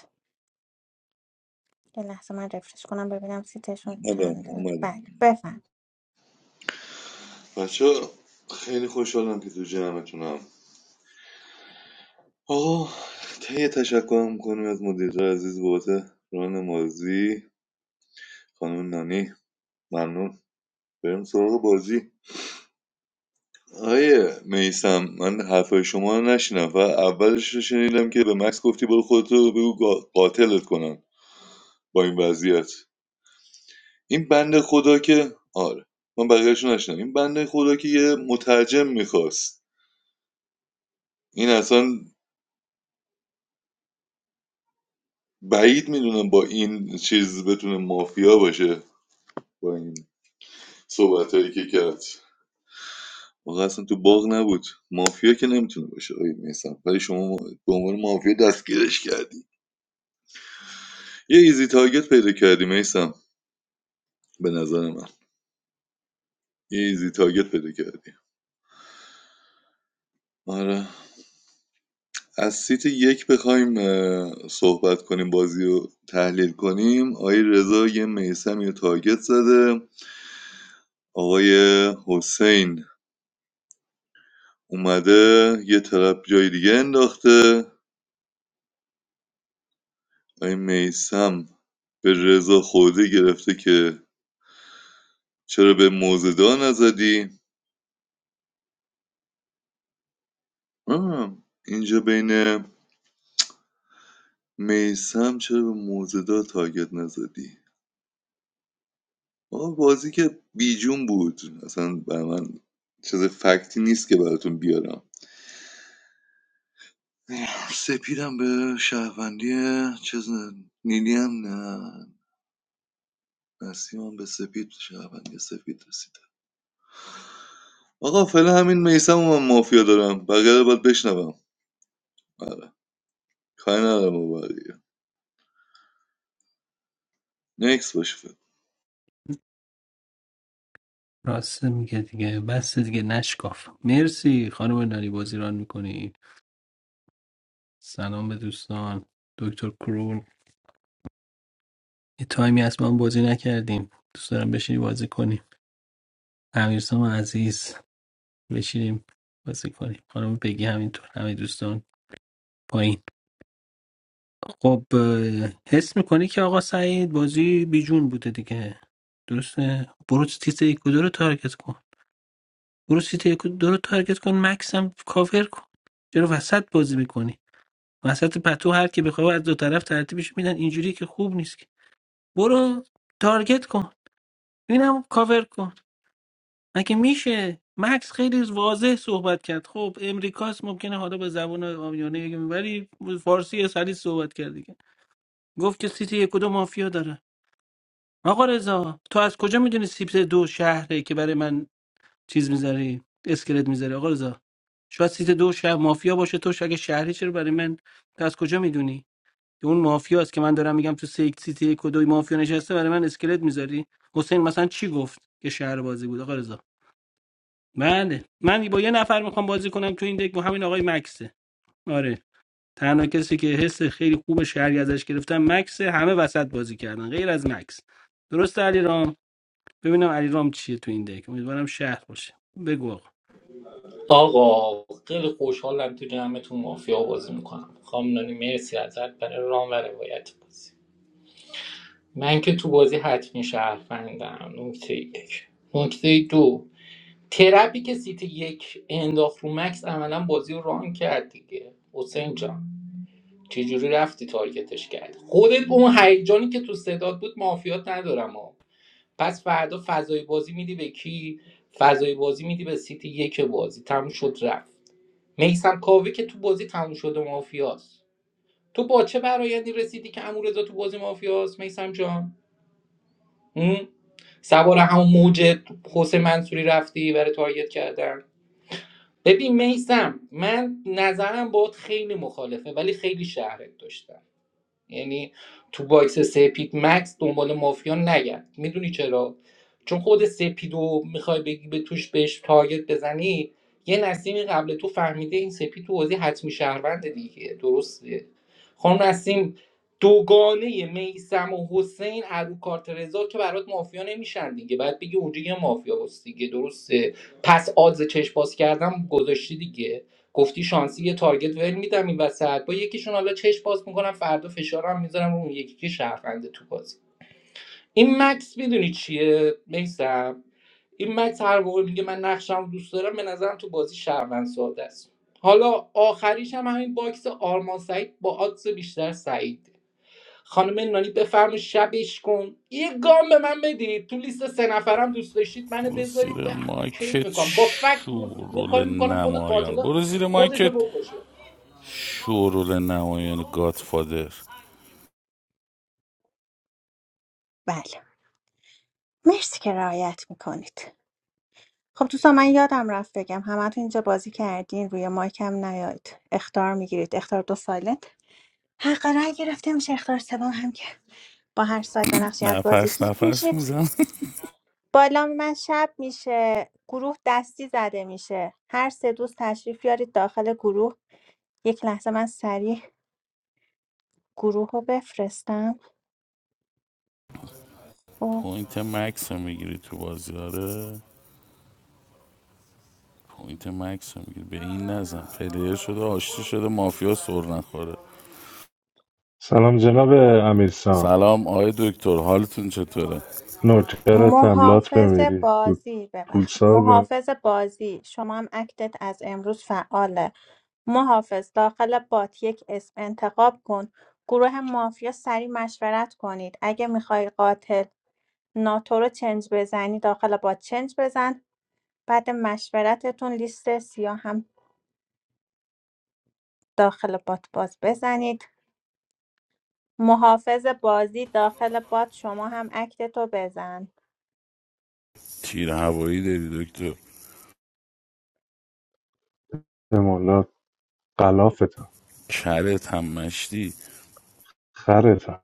S2: یه لحظه من رفرش کنم ببینم سیتشون
S15: اومدم
S2: چنده
S15: اومدم
S2: بله بفهم
S15: بچه خیلی خوشحالم که تو جمعتونم آقا تهیه تشکر میکنیم از مدیر عزیز بابت ران مازی خانم نانی ممنون بریم سراغ بازی آیه میسم من حرفای شما رو نشنیدم فقط اولش رو شنیدم که به مکس گفتی برو خودتو بگو قا- قاتلت کنن با این وضعیت این بنده خدا که آره من بقیهش رو نشنیدم این بنده خدا که یه مترجم میخواست این اصلا بعید میدونم با این چیز بتونه مافیا باشه با این صحبت هایی که کرد واقعا اصلا تو باغ نبود مافیا که نمیتونه باشه آقای میسم ولی شما به عنوان مافیا دستگیرش کردی یه ایزی تارگت پیدا کردی میسم به نظر من یه ایزی تارگت پیدا کردی آره از سیت یک بخوایم صحبت کنیم بازی رو تحلیل کنیم آقای رضا یه میسم یه تارگت زده آقای حسین اومده یه طرف جای دیگه انداخته آقای میسم به رضا خورده گرفته که چرا به موزدا نزدی آه، اینجا بین میسم چرا به موزدا تارگت نزدی آه، بازی که بیجون بود اصلا بر من چیز فکتی نیست که براتون بیارم سپیدم به شهروندی چیز نیلی هم نه نسیمم به سپید شهروندی سپید رسید آقا فعلا همین میسم و من مافیا دارم بقیه رو باید بشنوم آره کاری ندارم با بقیه نکس باشه فعلا.
S17: راسته میگه دیگه بس دیگه نشکاف مرسی خانم نانی بازی ران میکنی سلام به دوستان دکتر کرون یه تایمی هست ما هم بازی نکردیم دوست دارم بشینی بازی کنیم امیرسام عزیز بشینیم بازی کنیم خانم پگی همینطور همه دوستان پایین خب اه، حس میکنی که آقا سعید بازی بیجون بوده دیگه درسته برو تیتر یک و دو رو تارگت کن. برو سیت یک و دو رو تارگت کن مکس هم کاور کن چرا وسط بازی میکنی وسط پتو هر کی بخواد از دو طرف ترتیبش میدن اینجوری که خوب نیست که برو تارگت کن اینم کاور کن مگه میشه مکس خیلی واضح صحبت کرد خب امریکاست ممکنه حالا به زبان آمیانه بگیم ولی فارسی سلیس صحبت کرد دیگه گفت که سیتی یک و دو مافیا داره آقا رضا تو از کجا میدونی سیت دو شهره که برای من چیز میذاری اسکلت میذاری آقا رضا شاید سیت دو شهر مافیا باشه تو اگه شهری چرا برای من تو از کجا میدونی که اون مافیا است که من دارم میگم تو سیک سیت یک و دوی مافیا نشسته برای من اسکلت میذاری حسین مثلا چی گفت که شهر بازی بود آقا رضا بله من با یه نفر میخوام بازی کنم تو این دک با همین آقای مکسه آره تنها کسی که حس خیلی خوب شهری ازش گرفتم مکسه همه وسط بازی کردن غیر از مکس درست علی رام ببینم علی رام چیه تو این دک امیدوارم شهر باشه بگو آقا
S16: آقا خیلی خوشحالم تو جمعتون مافیا بازی میکنم خامنانی مرسی ازت برای رام و روایت بازی من که تو بازی حتمی شهروندم نکته یک نکته دو ترپی که سیت یک انداخت رو مکس عملا بازی رو ران کرد دیگه حسین جان چجوری رفتی تارگتش کرد خودت به اون هیجانی که تو صدات بود مافیات ندارم ها پس فردا فضای بازی میدی به کی فضای بازی میدی به سیتی یک بازی تموم شد رفت میسم کاوه که تو بازی تموم شده مافیاست تو با چه برایندی رسیدی که امورزا تو بازی مافیاست میسم جان هم؟ سوار همون موج حسین منصوری رفتی برای تارگت کردن ببین میسم من نظرم باید خیلی مخالفه ولی خیلی شهرت داشتم یعنی تو باکس سپید مکس دنبال مافیا نگرد میدونی چرا چون خود سپیدو میخوای بگی به توش بهش تارگت بزنی یه نسیمی قبل تو فهمیده این سپید تو بازی حتمی شهروند دیگه درسته خانم نسیم دوگانه میسم و حسین ابو کارت رضا که برات مافیا نمیشن دیگه بعد بگی اونجا یه مافیا هست دیگه درسته پس آدز چشم باز کردم گذاشتی دیگه گفتی شانسی یه تارگت ول میدم این وسط با یکیشون حالا چش باز میکنم فردا فشارم میذارم اون یکی که شهرونده تو بازی این مکس میدونی چیه میسم این مکس هر موقع میگه من نقشم رو دوست دارم به نظرم تو بازی شهروند ساده است حالا آخریش هم همین باکس آرمان سعید با آدز بیشتر سعید خانم نانی بفرم شبش کن یه گام به من بدید تو لیست سه نفرم دوست داشتید منو
S18: برو
S16: بذارید به
S18: زیر
S16: به کیف
S18: مایکت
S16: میکنم با فکت یه یه
S18: شورول
S16: کاری میکنم خود
S18: نمایان
S16: قاتل
S18: برو زیر
S16: خودشو
S18: مایکت
S16: بکشه
S18: شورول نمایان گادفادر
S2: بله مرسی که رعایت میکنید خب دوستان من یادم رفت بگم همتون اینجا بازی کردین روی مایکم نیاید اختار میگیرید اختار دو سایلنت حق رای گرفته میشه اختار سوم هم که با هر سایت و نقشی از بازی
S18: نفس
S2: کیک
S18: نفس
S2: میشید
S18: میزن
S2: بالا من شب میشه گروه دستی زده میشه هر سه دوست تشریف یارید داخل گروه یک لحظه من سریع گروه رو بفرستم خب.
S18: پوینت مکس رو میگیری تو بازیاره. پوینت مکس رو میگیری به این نزن پلیر شده آشتی شده مافیا سر نخوره
S10: سلام جناب امیرسان
S18: سلام آقای دکتر حالتون چطوره
S10: نوکرتم لات
S2: محافظ
S10: بمیری
S2: بازی ببخشید
S10: پولسار
S2: محافظ بازی شما هم اکتت از امروز فعاله محافظ داخل بات یک اسم انتخاب کن گروه مافیا سریع مشورت کنید اگه میخوای قاتل ناتو رو چنج بزنی داخل بات چنج بزن بعد مشورتتون لیست سیاه هم داخل بات باز بزنید محافظ بازی داخل بات شما هم اکتتو بزن
S18: تیر هوایی داری دکتر
S10: به غلافتم
S18: کرت هم مشتی
S10: خرتم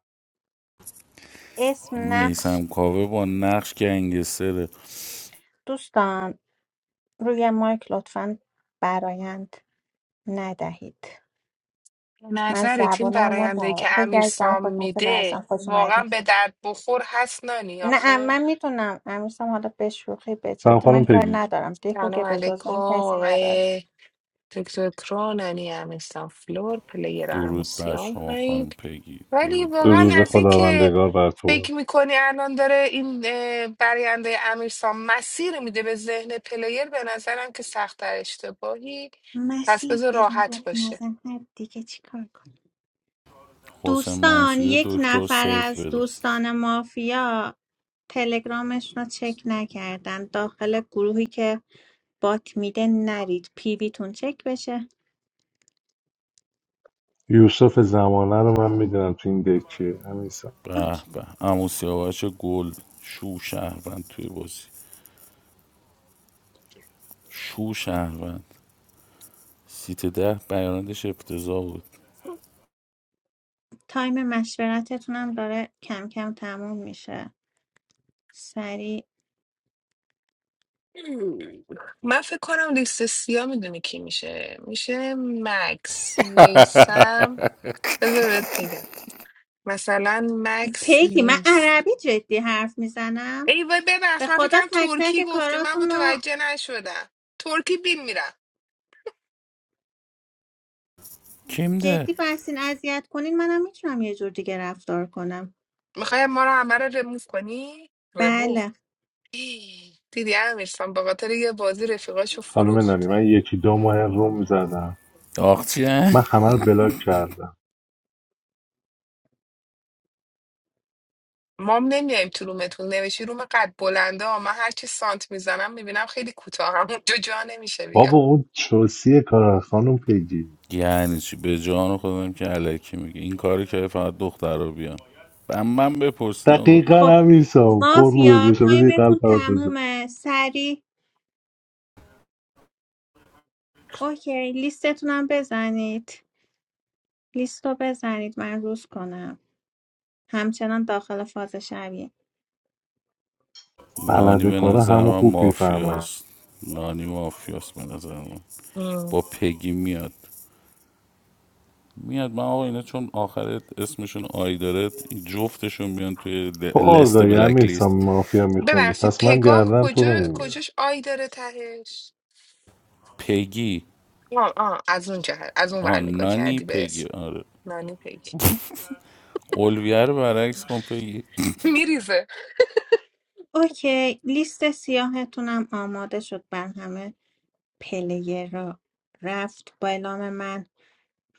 S2: اسم نقش
S18: میسم کاوه با نقش گنگستره
S2: دوستان روی مایک لطفا برایند ندهید
S19: به
S2: من
S19: نظرت این
S2: زبانم رو
S19: برایندهی که
S2: در
S19: امیر
S2: بگردم
S19: سام
S2: خود مثل
S19: میده
S2: ازم خوش
S19: واقعا
S2: اومدی
S19: به درد بخور هست نانی
S2: نه
S19: آخه
S2: من میتونم امیرسام حالا به شوخی به
S10: سلام
S2: جدی
S10: خانم
S2: من کار
S10: پیگی
S2: ندارم دیکو
S19: سلام
S2: که به جز
S19: علیکم
S2: من کسی نداره
S19: آقای دکتر کرو نانی امیر سام فلور پلیر
S18: درود بر
S19: اموسیام
S18: شما
S19: پایین
S18: خانم پگی
S19: ولی
S18: درود بر
S19: واقعا
S10: درود
S19: از
S18: شما
S19: این که
S10: خداوندگار بر تو باد
S19: فکر میکنی الان داره این اه، براینده امیرسام مسیر میده به ذهن پلیر به نظرم که سخت اشتباهی پس
S2: مسیر
S19: بذار
S2: بدون رد
S19: راحت باشه
S2: نزن هر دیگه چیکار کنم
S18: حسین
S2: دوستان
S18: منصوری
S2: یک
S18: دکتر
S2: نفر
S18: سیف
S2: از
S18: بده
S2: دوستان مافیا تلگرامش رو چک نکردن داخل گروهی که بات میده نرید پیویتون چک بشه
S10: یوسف زمانه رو من میدونم تو این دک چیه امیسا
S18: به به عمو سیاوش گل شو شهروند توی بازی شو شهروند سیت ده بیاناتش افتضاح بود
S2: تایم مشورتتونم داره کم کم تموم میشه سریع
S19: من فکر کنم لیست سیاه میدونی کی میشه میشه مکس میسم بذار بهت بگم مثلا مکس
S2: پیگی من
S19: میسم
S2: عربی جدی حرف میزنم
S19: ای وای
S2: به
S19: ببخش من فکر
S2: خدا
S19: کردم
S2: تک
S19: ترکی
S2: تک
S19: گفتی من
S2: کاراتون رو
S19: متوجه نشدم ترکی بین میرم
S18: کیم ده
S2: جدی بستین اذیت کنین منم میتونم یه جور دیگه رفتار کنم
S19: میخوای ما رو همه رو رموف کنی رموف
S2: بله
S19: ای، دیدی امیرسان به خاطر یه بازی رفیقاشو
S10: خانم نانی
S19: فروخت
S10: من یکی دو ماه روم زدم
S18: آخ چی
S10: من همه رو بلاک کردم
S19: ما هم نمیایم تو رومتون نوشی روم قد بلنده ها. من هرچی سانت میزنم میبینم خیلی کوتاه هم اونجا جا نمیشه
S10: بابا
S19: بیا
S10: اون چوسی کار خانم پیگی
S18: یعنی چی به جان خودم که الکی میگه این کاری که فقط دختر رو بیان من من بپرسین آقا
S10: دقیقا
S2: خب
S10: همیسا قربونه
S2: مافیا
S10: بشه بذاری قلب
S2: تایمتون
S10: برات بزن
S2: تمومه سریع اوکی لیستتونم بزنید لیست رو بزنید من روز کنم همچنان داخل فاز شبیه
S18: نانی
S10: بلده
S18: به
S10: کارا
S18: نظر
S10: همو
S18: من
S10: خوب میفهمن
S18: مافیاست نانی مافیاست به نظر من با پگی میاد میاد من آقا اینا چون آخر اسمشون آی داره جفتشون میان توی
S10: تو
S18: لست
S10: آگاهی
S18: بلک
S10: همیسا
S18: لیست
S10: مافیا میخونی
S19: ببخشید
S10: پس من
S19: پگاه
S10: گردن تو
S19: کجا
S10: رو میگیرم
S19: کجاش آی داره تهش
S18: پگی
S19: آه آه از اون جهت از اون
S18: آه
S19: ور نگاه
S18: نانی
S19: کردی به
S18: پگی
S19: اسم
S18: آره
S19: نانی پیک
S18: اولویه رو برعکس کن پگی
S19: میریزه
S2: اوکی لیست سیاهتونم آماده شد بر همه پلیر را رفت با اعلام من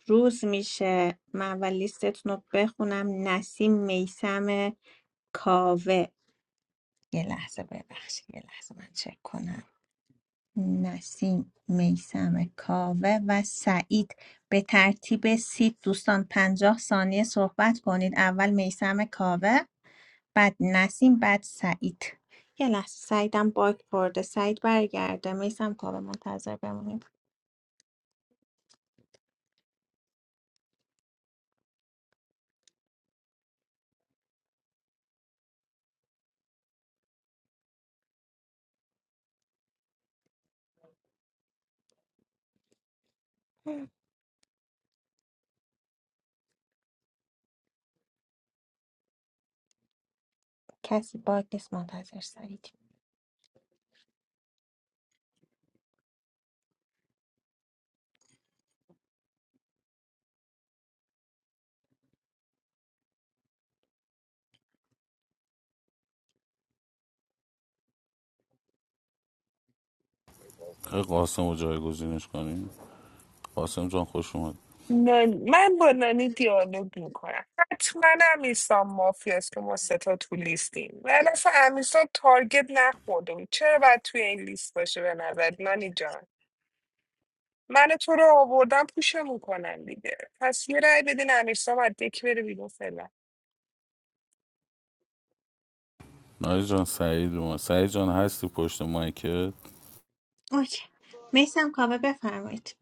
S2: روز میشه من و لیستتون رو بخونم نسیم میسم کاوه یه لحظه ببخشید یه لحظه من چک کنم نسیم میسم کاوه و سعید به ترتیب سید دوستان پنجاه ثانیه صحبت کنید اول میسم کاوه بعد نسیم بعد سعید یه لحظه سعیدم باگ خورده سعید برگرده میسم کاوه منتظر بمونید کسی باگ نیست منتظر سعید
S18: آقا قاسم رو جایگزینش کنیم قاسم جان خوش اومد
S19: نان... من با نانی دیالوگ میکنم حتما امیرسان مافیاست که ما ستا تو لیستیم ولی اصلا امیرسان تارگت نخورده بود چرا باید توی این لیست باشه به نظر نانی جان من و تو رو آوردم پوشمون کنن دیگه پس یه رأی بدین امیرسام از دک بره بیرون فعلا.
S18: نایی جان سعید اومد سعید جان هستی پشت مایکت
S2: اوکی میسم کاوه بفرمایید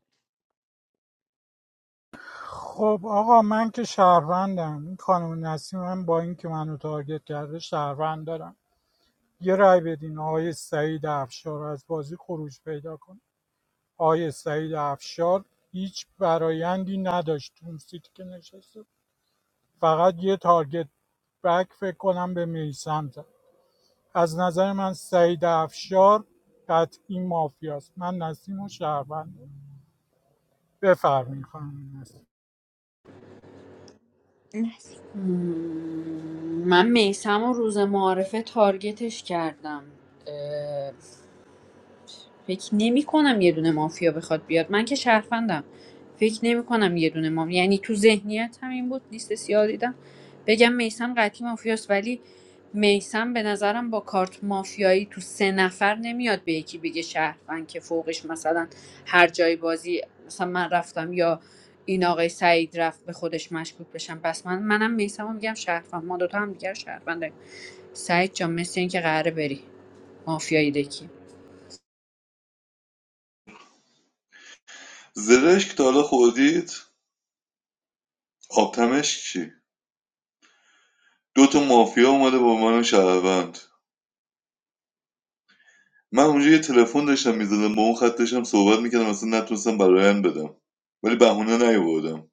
S4: خب آقا من که شهروندم این خانم نسیم من با اینکه منو تارگت کرده شهروند دارم یه رای بدین آقای سعید افشار از بازی خروج پیدا کن آقای سعید افشار هیچ برایندی نداشت اون سیتی که نشسته فقط یه تارگت بک فکر کنم به میسم زد از نظر من سعید افشار قطعی مافیاست من نسیم و شهروند بفرمین خانم نسیم
S2: نسیم.
S6: مم، من میسم و روز معارفه تارگتش کردم فکر نمی‌کنم یه دونه مافیا بخواد بیاد من که شهروندم فکر نمی‌کنم یه دونه مافیا یعنی تو ذهنیت هم این بود لیست سیاه دیدم بگم میسم قطعی مافیاست ولی میسم به نظرم با کارت مافیایی تو سه نفر نمیاد به یکی بگه شهروند که فوقش مثلا هر جای بازی مثلا من رفتم یا این آقای سعید رفت به خودش مشکوک بشم پس من منم میسم رو میگم شهروند ما دوتا هم دیگر رو شهروند داریم. سعید جان مثل این که قراره بری مافیایی دکی
S15: زرشک تا حالا خوردید آبتمش چی دو تا مافیا اومده با من شهروند من اونجا یه تلفن داشتم میزدم با اون خط داشتم صحبت میکردم اصلا نتونستم برایند بدم ولی بهونه نیاوردم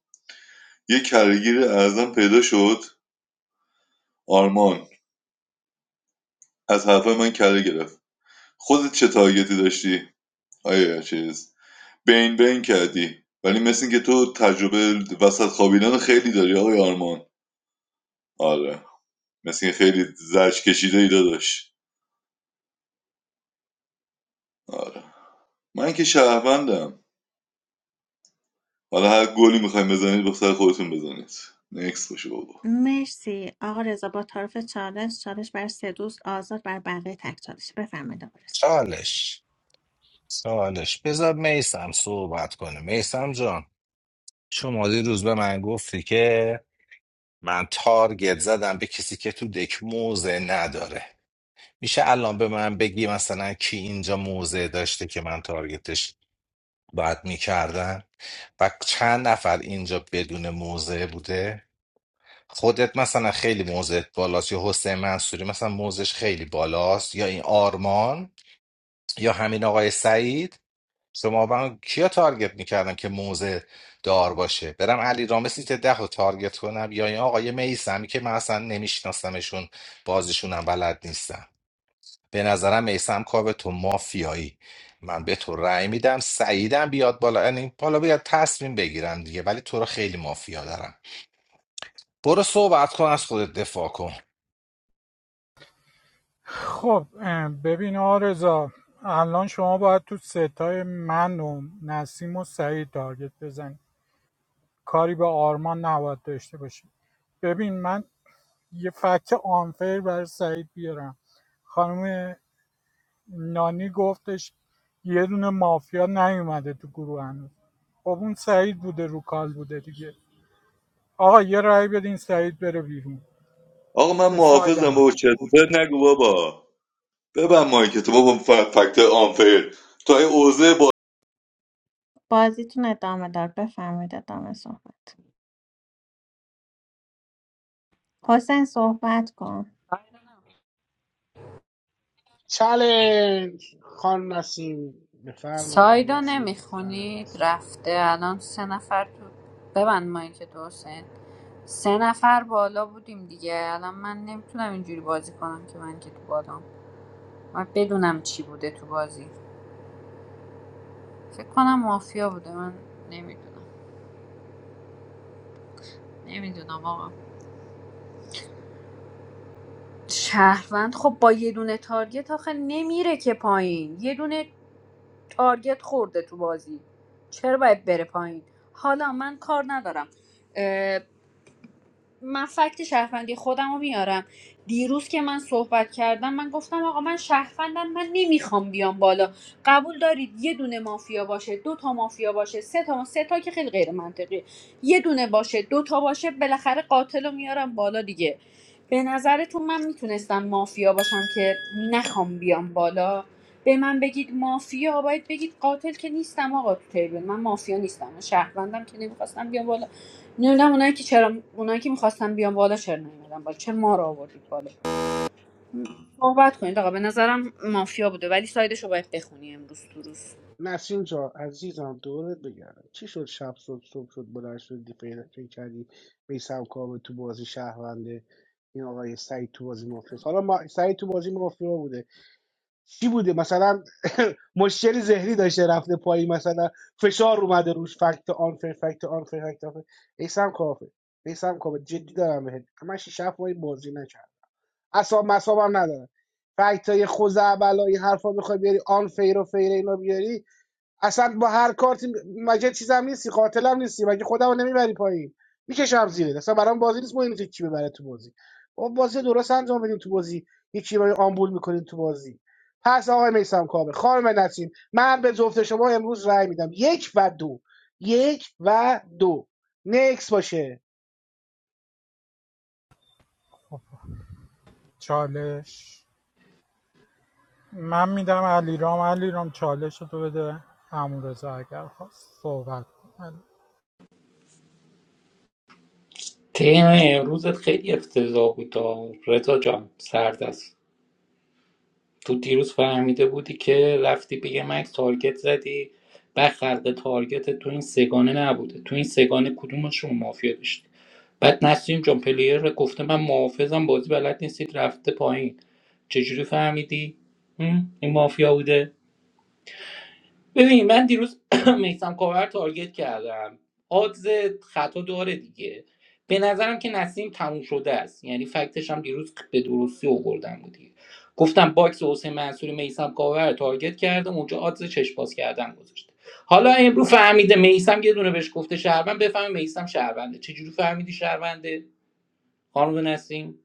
S15: یه کرهگیر اعظم پیدا شد آرمان از حرفای من کره گرفت خودت چه تارگتی داشتی آیا چیز بین بین کردی ولی مثل اینکه تو تجربه وسط خوابیدن خیلی داری آقای آرمان آره مثل اینکه خیلی زرج کشیده ای داداش آره من که شهروندم حالا هر گلی میخوایم بزنید به سر خودتون بزنید نکس باشه بابا
S2: مرسی آقا رضا با طرف چالش چالش بر سه دوست آزاد بر بقیه تک چالش بفرمایید آقا رضا
S1: چالش چالش بذار میسم صحبت کنه میسم جان شما دیروز به من گفتی که من تارگت زدم به کسی که تو دک موزه نداره میشه الان به من بگی مثلا کی اینجا موزه داشته که من تارگتش باید میکردم و چند نفر اینجا بدون موزه بوده خودت مثلا خیلی موزه بالاست یا حسین منصوری مثلا موزش خیلی بالاست یا این آرمان یا همین آقای سعید سماوران کیا تارگت میکردم که موزه دار باشه برم علی رامه سیت ده رو تارگت کنم یا این آقای میسمی که من اصلا نمیشناسمشون بازیشونم بلد نیستم به نظرم میسم کاوه تو مافیایی من به تو رأی میدم سعیدم بیاد بالا یعنی بالا بیاد تصمیم بگیرم دیگه ولی تو رو خیلی مافیا دارم برو صحبت کن از خودت دفاع کن
S4: خب ببین آرزا الان شما باید تو ستای من و نسیم و سعید تارگت بزنی کاری به آرمان نباید داشته باشی ببین من یه فکت آنفیر برای سعید بیارم خانم نانی گفتش یه دونه مافیا نیومده تو گروه هنوز خب اون سعید بوده رو کال بوده دیگه آقا یه رأی بدین سعید بره بیرون
S15: آقا من
S4: به ساید
S15: محافظم
S4: من
S15: بابا چرت و پرت نگو بابا ببن مایک تو بابا فکت آنفیر تو ای اوزه
S2: بازیتون ادامه دار بفرمایید ادامه صحبت حسین صحبت کن
S3: چالش خان نسیم بفرمایید خان
S6: سایدو
S3: نسیم بعد از من
S6: نمیخونید
S3: صحبت
S6: رفته الان سه نفر تو ببند ما که تو حسین سه نفر بالا بودیم دیگه الان من نمیتونم اینجوری بازی کنم که من که تو بالام من بدونم چی بوده تو بازی فکر کنم مافیا بوده من نمیدونم نمیدونم آقا شهروند خب با یه دونه تارگت آخه نمیره که پایین یه دونه تارگت خورده تو بازی چرا باید بره پایین حالا من کار ندارم من فکت شهروندی خودم رو میارم دیروز که من صحبت کردم من گفتم آقا من شهروندم من نمیخوام بیام بالا قبول دارید یه دونه مافیا باشه دو تا مافیا باشه سه تا سه تا که خیلی غیر منطقیه یه دونه باشه دو تا باشه بالاخره قاتل رو میارم بالا دیگه به نظرتون من میتونستم مافیا باشم که نخوام بیام بالا به من بگید مافیا باید بگید قاتل که نیستم آقا تو تیبل من مافیا نیستم من شهروندم که نمیخواستم بیام بالا نمیدونم اونایی که چرا اونایی که میخواستن بیان بالا چرا نیومدن بالا چرا ما رو آوردید بالا صحبت کنید آقا به نظرم مافیا بوده ولی سایدش رو باید بخونی امروز تو روز
S3: نسرین جا عزیزم دورت بگردم چی شد شب شد صبح شد بلند شدی پیدا کردی میسم کاوه تو بازی شهرونده این آقای سعید تو بازی مافیا حالا ما سعید تو بازی مافیا بوده چی بوده مثلا مشکلی ذهنی داشته رفته پایی مثلا فشار اومده روش فکت آن فر فکت آن فر فکت آن میسم کاوه میسم کاوه جدی دارم بهت من شیش هفت ماهی بازی نکردم اصلا مصابم ندارم فکت های خوزعبل این حرفا بخوای بیاری آن فیر و فیر اینا بیاری اصلا با هر کارت مگه چیزم نیستی قاتلم نیستی مگه خودمو نمیبری پایین میکشم زیره اصلا برام بازی نیست مهم اینکه کی ببره تو بازی با بازی درست انجام بدین تو بازی یکی رو آمبول میکنیم تو بازی پس آقای میسم کابه خانم نسیم من به جفت شما امروز رأی میدم یک و دو یک و دو نکس باشه
S4: چالش من میدم علیرام علیرام چالش تو بده امورزا اگر خواست صحبت کن.
S16: ترم امروزت خیلی افتضاح بود آه. رضا جان سرد تو دیروز فهمیده بودی که رفتی به یه مکس تارگت زدی بعد خلق تارگت تو این سگانه نبوده تو این سگانه کدومشون مافیا داشتی بعد نسیم جان پلیر گفته من محافظم بازی بلد نیستید رفته پایین چجوری فهمیدی؟ هم؟ این مافیا بوده ببین من دیروز میسم کاور تارگت کردم آدز خطا داره دیگه به نظرم که نسیم تموم شده است یعنی فکتش هم دیروز به درستی آوردم بود دیگه گفتم باکس حسین منصوری میسم کاور رو تارگت کردم اونجا آدز چشم باز کردن گذاشته حالا امروز فهمیده میسم یه دونه بهش گفته شهروند بفهمه میسم شهرونده چجوری فهمیدی شهرونده خانم نسیم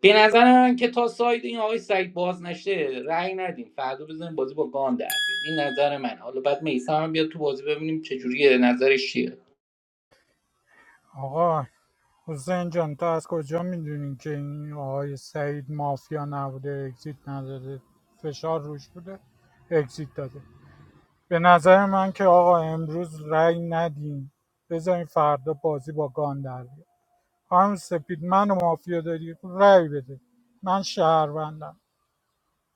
S16: به نظر من که تا ساید این آقای سعید باز نشه رأی ندیم فردا بزنیم بازی با گان در بیاد این نظر من حالا بعد میسم هم بیاد تو بازی ببینیم چه جوریه نظرش چیه
S4: آقا حسین جان تو از کجا میدونین که این آقای سعید مافیا نبوده اگزیت نداده فشار روش بوده اگزیت داده به نظر من که آقا امروز رأی ندین بذارین فردا بازی با گان در بیاد. خانم سپید من و مافیا داری رأی بده من شهروندم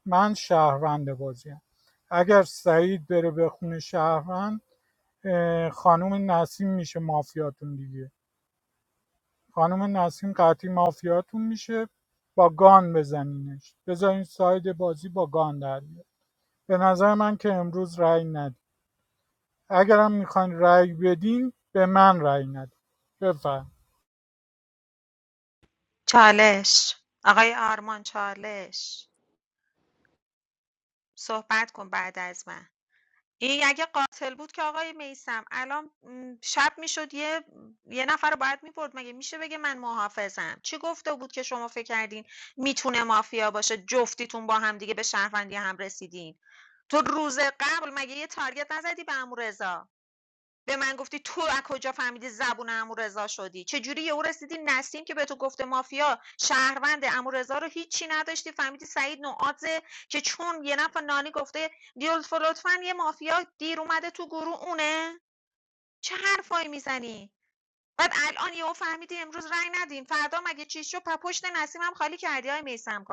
S4: من شهروند بازیم اگر سعید بره به خونه شهروند اه، خانم نسیم میشه مافیاتون دیگه خانم نسیم قطعی مافیاتون میشه با گان بزنینش بذارین ساید بازی با گان در بیاد. به نظر من که امروز رأی ندید اگرم میخواین رأی بدین به من رأی ندید بفهم
S5: چالش آقای آرمان چالش صحبت کن بعد از من این اگه قاتل بود که آقای میثم الان م، شب میشد یه یه نفر رو باید میبرد مگه میشه بگه من محافظم چی گفته بود که شما فکر کردین میتونه مافیا باشه جفتیتون با هم دیگه به شهروندی هم رسیدین تو روز قبل مگه یه تارگت نزدی به امو به من گفتی تو از کجا فهمیدی زبون عمورضا شدی چجوری یهو رسیدی نسیم که به تو گفته مافیا شهروند عمورضا رو هیچی نداشتی فهمیدی سعید نوعاته که چون یه نفر نانی گفته دیولف لطفا یه مافیا دیر اومده تو گروه اونه چه حرفایی میزنی بعد الان یهو فهمیدی امروز رنگ ندین فردا مگه چی شد پ- پشت نسیمم خالی کردی های میسم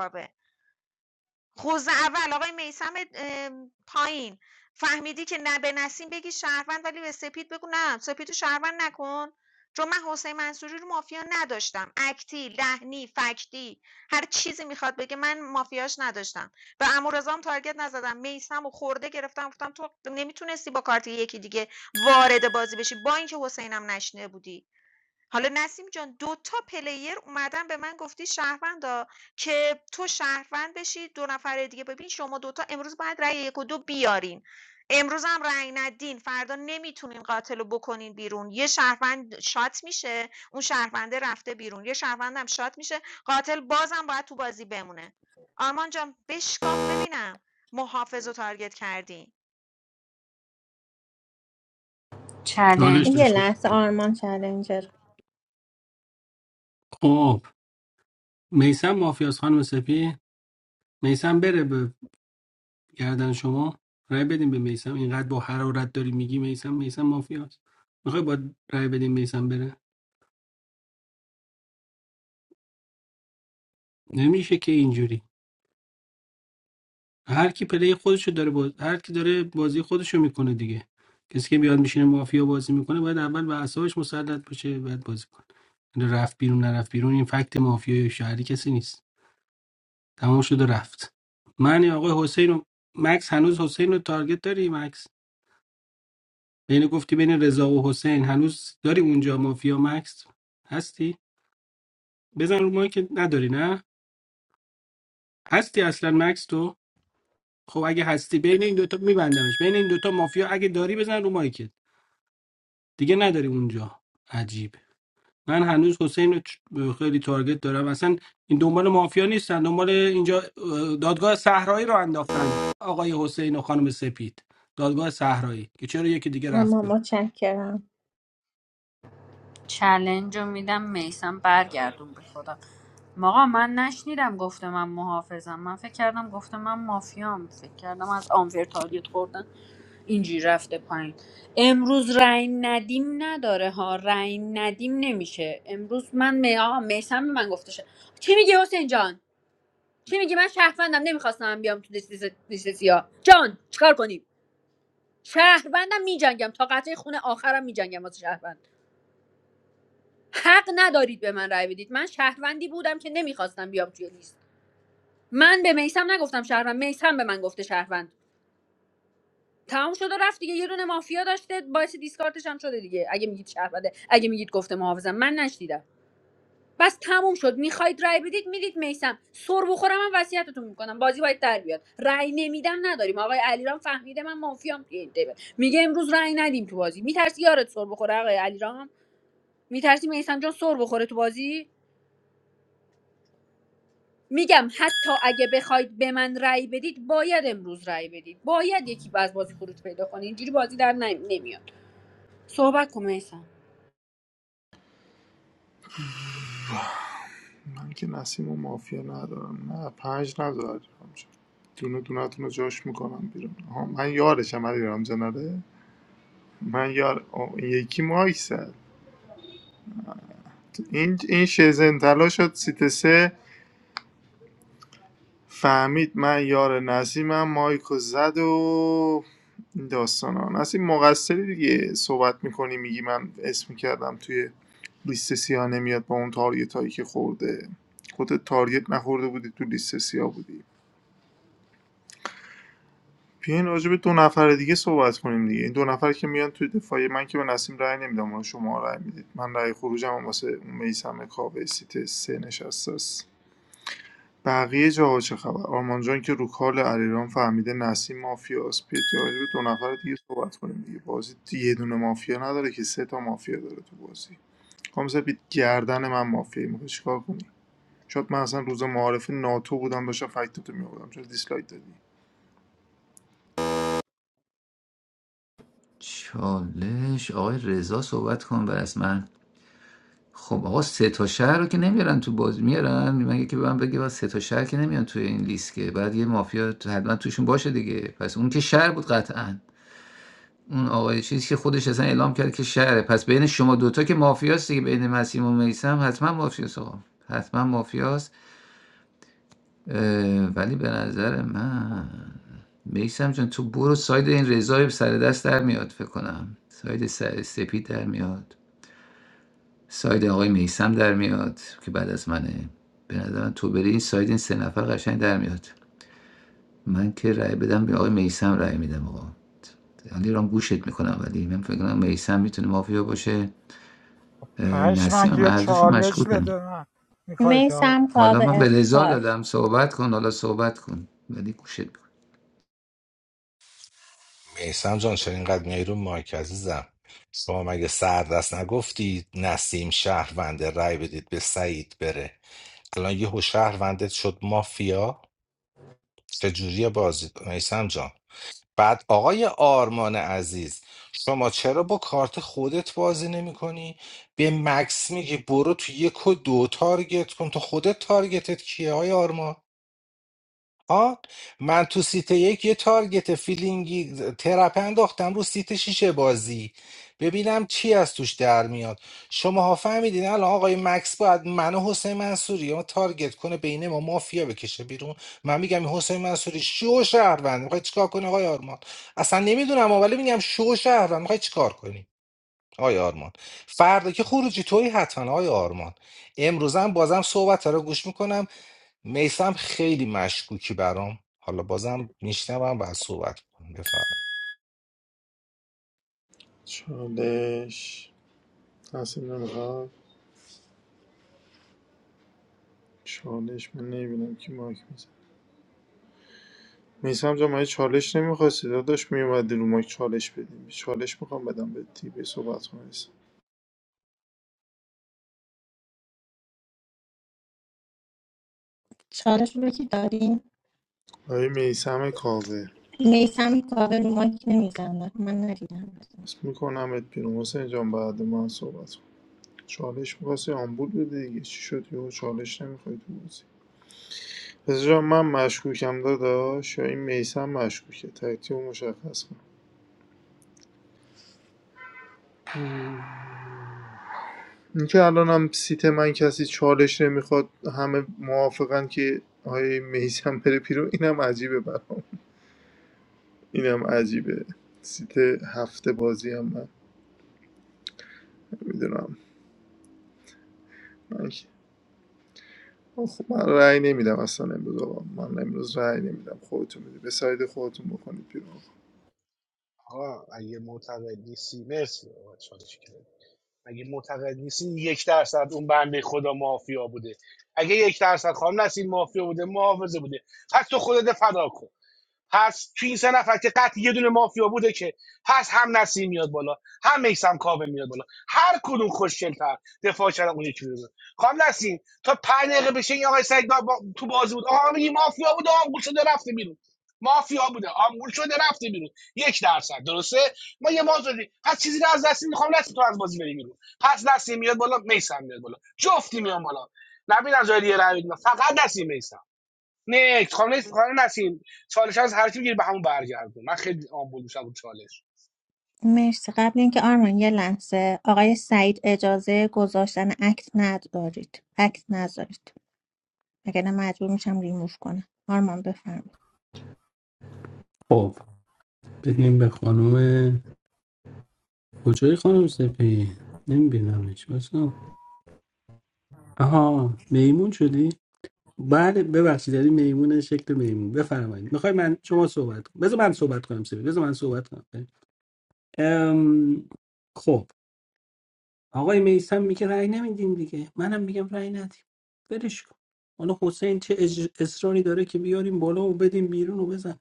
S5: خوض اول آقای میثم ام، پایین فهمیدی که نه به نسیم بگی شهروند ولی به سپید بگو نه سپیدو رو شهروند نکن چون من حسین منصوری رو مافیا نداشتم اکتی لحنی فکتی هر چیزی میخواد بگه من مافیاش نداشتم به امورزام تارگت نزدم میسم و خورده گرفتم گفتم تو نمیتونستی با کارت یکی دیگه وارد بازی بشی با اینکه حسینم نشنیده بودی حالا نسیم جان دو تا پلیر اومدن به من گفتی شهروندا که تو شهروند بشی دو نفر دیگه ببین شما دوتا امروز باید رأی یک و دو بیارین امروز هم رأی ندین فردا نمیتونین قاتل رو بکنین بیرون یه شهروند شات میشه اون شهرونده رفته بیرون یه شهروند هم شات میشه قاتل بازم باید تو بازی بمونه آرمان جان بشکاف ببینم محافظ رو تارگت کردین
S17: چالش
S6: چلنج
S2: یه
S17: داشت.
S2: لحظه آرمان چلنجر
S17: خب میسم مافیاس خانم سپی میسم بره به گردن شما رای بدیم به میسم اینقدر با حرارت داری میگی میسم میسم مافیاس میخوای با رای بدیم میسم بره نمیشه که اینجوری هر کی پلی خودشو داره باز... هر کی داره بازی خودشو میکنه دیگه کسی که بیاد میشینه مافیا بازی میکنه باید اول به اعصابش مسلط باشه بعد بازی کنه این رفت بیرون نرفت بیرون این فکت مافیای شهری کسی نیست تمام شد و رفت من یا آقای حسین و مکس هنوز حسین رو تارگت داری مکس بین گفتی بین رضا و حسین هنوز داری اونجا مافیا مکس هستی بزن رو مایی که نداری نه هستی اصلا مکس تو خب اگه هستی بین این دوتا میبندمش بین این دوتا مافیا اگه داری بزن رو مایی که دیگه نداری اونجا عجیب من هنوز حسین رو چ- خیلی تارگت دارم اصلا این دنبال مافیا نیستن دنبال اینجا اه، دادگاه صحرایی رو انداختن آقای حسین و خانم سپید دادگاه صحرایی که چرا یکی دیگه
S2: آرمان
S17: رفته
S2: متشکرم
S6: چلنج رو میدم میسم برگردون به خودم آقا من نشنیدم گفته من محافظم من فکر کردم گفته من مافیام فکر کردم از آنفر تارگت خوردن اینجوری رفته پایین امروز رای ندیم نداره ها رای ندیم نمیشه امروز من می... آقا میسم به من گفته شه. چی میگی حسین جان چی میگی من شهروندم نمیخواستم بیام تو لیست سیاه جان چیکار کنیم شهروندم میجنگم تا قطعه خونه آخرم میجنگم واسه شهروند حق ندارید به من رأی بدید من شهروندی بودم که نمیخواستم بیام توی لیست من به میسم نگفتم شهروند میسم به من گفته شهروند تمام شده رفت دیگه یه دونه مافیا داشته باعث دیسکارتش هم شده دیگه اگه میگید شهرونده اگه میگید گفته محافظم من نشدیدم بس تموم شد میخواید رای بدید میدید میسم سر بخورم من وصیتتون میکنم بازی باید در بیاد رای نمیدم نداریم آقای علیرام فهمیده من مافیام توی این تیبل. میگه امروز رای ندیم تو بازی میترسی یارت سر بخوره آقای علیرام میترسی میسم جان سر بخوره تو بازی میگم حتی اگه بخواید به من رأی بدید باید امروز رأی بدید باید یکی از بازی خروج پیدا کنه اینجوری بازی در نمی- نمیاد صحبت کن میسم
S14: من که نسیم و مافیا ندارم نه پنج ندارم دونه دونتون رو جاش میکنم بیرون آها من یارشم علی رامزان آره؟ من یار آه، این یکی مایک زد این این شزن تلا شد سیت سه فهمید من یار نسیمم مایکو زد و این داستان ها نسیم مقصری دیگه صحبت میکنی میگی من اسم کردم توی لیست سیاه نمیاد با اون تارگت هایی که خورده خودت تارگت نخورده بودی تو لیست سیاه بودی بیاین راجع به دو نفر دیگه صحبت کنیم دیگه این دو نفر که میان توی دفاعی من که به نسیم رأی نمیدم اون شما رأی میدید من رأی خروجم هم واسه میسم کاوه سیت سه نشست بقیه جاها چه خبر آرمان جان که رو کال علیرام فهمیده نسیم مافیاست بیاد یا راجع به دو نفر دیگه صحبت کنیم دیگه بازی یه دونه مافیا نداره که سه تا مافیا داره تو بازی خام سپید گردن من مافیا میخوای چیکار کنی شاید من اصلا روز معارف ناتو بودم داشتم فکتتو میآوردم چرا دیسلایک دادی
S7: چالش آقای رضا صحبت کن بر از من خب آقا سه تا شهر رو که نمیارن تو بازی میارن مگه که به من بگه بس سه تا شهر که نمیان توی این لیست که بعد یه مافیا تو- حتما توشون باشه دیگه پس اون که شهر بود قطعا اون آقای چیزی که خودش اصلا اعلام کرد که شهره پس بین شما دوتا که مافیاست دیگه بین مسیم و میسم حتما مافیاست آقا حتما مافیاست اه، ولی به نظر من میسم جان تو برو ساید این رضای سر دست در میاد فکر کنم ساید سر سپید در میاد ساید آقای میسم در میاد که بعد از منه به نظرم تو بری این ساید این سه نفر قشنگ در میاد من که رأی بدم به آقای میسم رأی میدم آقا علی رام گوشت میکنم ولی من فکر کنم میسم میتونه مافیا باشه اه، نسیم
S4: پشمک
S7: هم
S4: یا
S7: هر دوشون
S4: چالش
S7: مشغولن.
S4: بده من میخوای
S2: میسم
S7: حالا
S2: کاوه
S7: من به لذا
S2: اختار
S7: دادم صحبت کن حالا صحبت کن ولی گوشت میکنم
S1: میسم جان چرا اینقدر میای رو مایک عزیزم شما مگه سردست نگفتی نسیم شهرونده رأی بدید به سعید بره الان یهو شهروندت شد مافیا چجوری بازی میسم جان بعد آقای آرمان عزیز شما چرا با کارت خودت بازی نمی کنی؟ به مکس میگی برو تو یک و دو تارگت کن تو خودت تارگتت کیه های آرمان ها من تو سیت یک یه تارگت فیلینگی ترپه انداختم رو سیت شیشه بازی ببینم چی از توش در میاد شماها فهمیدین الان آقای مکس باید من و حسین منصوری رو تارگت کنه بین ما مافیا بکشه بیرون من میگم این حسین منصوری شو شهروند میخوای چیکار کنه آقای آرمان اصلا نمیدونم ولی میگم شو شهروند میخوای چیکار کنی آقای آرمان فردا که خروجی توی حتما آقای آرمان امروزم بازم صحبت رو گوش میکنم میسم خیلی مشکوکی برام حالا بازم میشنوم و صحبت کنم بفرمایید
S14: چالش نسیم نمیخواد چالش من نمیبینم کی مایک میزن میسم جان من چالش نمیخواستی داداش میومدی رو مایک چالش بدیم چالش میخوام بدم به تی به صحبت کنم
S2: چالش رو که داریم
S14: آقای میسم کاوه
S2: میسم کاوه رو مایک نمیزنه من ندیدم
S14: اسم میکنمت بیرون حسین جان بعد من صحبت کن چالش میخواستی آمبول بده دیگه چی شد یهو چالش نمیخوای تو بازی پس جان من مشکوکم داداش یا این میسم مشکوکه تکتیب مشخص کن اینکه الان هم سیت من کسی چالش نمیخواد همه موافقن که آقای میسم بره بیرون اینم عجیبه برام اینم عجیبه سیت هفته بازی هم من نمیدونم من که خب من رأی نمیدم اصلا امروز آقا من امروز رأی نمیدم خودتون میدید به ساید خودتون بکنید بیرون
S3: آقا نیستی اگه معتقد نیستی یک درصد اون بنده خدا مافیا بوده اگه یک درصد خانم نسیم مافیا بوده محافظه بوده پس تو خودت فدا کن سه نفر که قطعی یه دونه مافیا بوده که پس هم نسیم میاد بالا هم میسم کاوه میاد بالا هر کدوم خوشگل‌تر دفاع کردن اون یکی رو زد. خانم نسیم تا پنج دقیقه بشه این آقای سعید با... تو بازی بود آقا میگی مافیا بوده آمبول شده رفته بیرون مافیا بوده آمبول شده رفته بیرون یک درصد درسته ما یه مازوری پس چیزی رو از دست میخوام نسیم تو از بازی بری بیرون پس نسیم میاد بالا میسم میاد بالا جفتی میام بالا نبینم جای دیگه رو فقط نسیم میسم نه خانه خانه نسیم چالش از هر کی میگیری به همون برگردون من خیلی آمبول میشم رو چالش
S2: مرسی قبل اینکه آرمان یه لحظه آقای سعید اجازه گذاشتن عکس ندارید عکس نذارید اگر نه مجبور میشم ریموو کنم آرمان بفرمایید
S17: خب بریم به خانم کجایی خانم سپی نمیبینمش باشم آها میمون شدی بله ببخشید یعنی میمون شکل میمون بفرمایید میخوای من شما صحبت کنم بذار من صحبت کنم سپی بذار من صحبت کنم ام... خب آقای میسم میگه رأی نمیدین دیگه منم میگم رأی ندیم برش کن حالا حسین چه اج... اصراری داره که بیاریم بالا و بدیم بیرون و بزن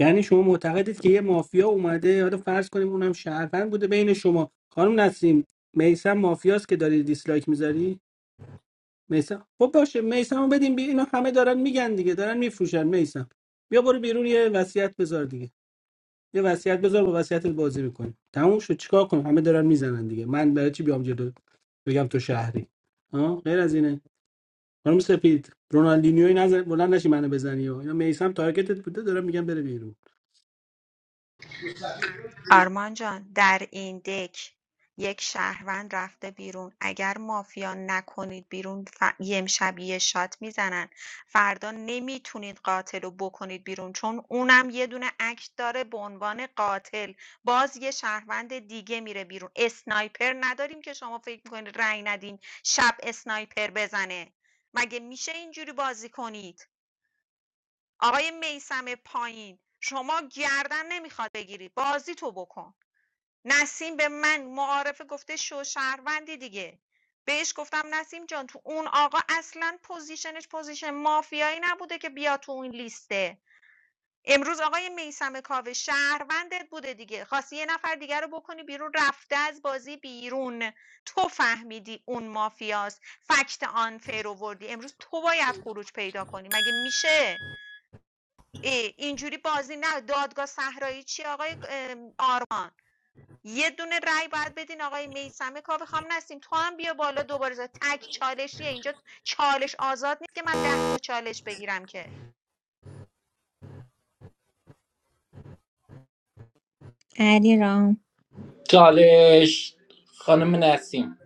S17: یعنی شما معتقدید که یه مافیا اومده حالا فرض کنیم اونم شهروند بوده بین شما خانم نسیم میسم مافیاست که داری دیسلایک میذاری میسم خب باشه میسمو بدیم بی اینا همه دارن میگن دیگه دارن میفروشن میسم بیا برو بیرون یه وصیت بذار دیگه یه وصیت بذار با وصیتت بازی میکنی. تموم شد چیکار کنم همه دارن میزنن دیگه من برای چی بیام جلو بگم تو شهری ها غیر از اینه خانم سپید رونالدینیوی نزن بلند نشی منو بزنی ها. اینا میسم تارگتت بوده دارن میگن بره بیرون
S5: آرمان جان در این دک یک شهروند رفته بیرون اگر مافیا نکنید بیرون ف... یم شبیه شات میزنن فردا نمیتونید قاتل رو بکنید بیرون چون اونم یه دونه اکت داره به عنوان قاتل باز یه شهروند دیگه میره بیرون اسنایپر نداریم که شما فکر میکنید رأی ندین شب اسنایپر بزنه مگه میشه اینجوری بازی کنید آقای میسم پایین شما گردن نمیخواد بگیری بازی تو بکن نسیم به من معارفه گفته شو شهروندی دیگه بهش گفتم نسیم جان تو اون آقا اصلا پوزیشنش پوزیشن مافیایی نبوده که بیا تو اون لیسته امروز آقای میسم کاوه شهروندت بوده دیگه خواستی یه نفر دیگر رو بکنی بیرون رفته از بازی بیرون تو فهمیدی اون مافیاست فکت آنفیر وردی امروز تو باید خروج پیدا کنی مگه میشه ای، اینجوری بازی نه دادگاه صحرایی چی آقای ام، آرمان یه دونه رای باید بدین آقای میسم کاوه خام نستیم تو هم بیا بالا دوباره زد. تک چالشیه اینجا چالش آزاد نیست که من ده تا چالش بگیرم که
S2: علی رام
S16: چالش خانم نسیم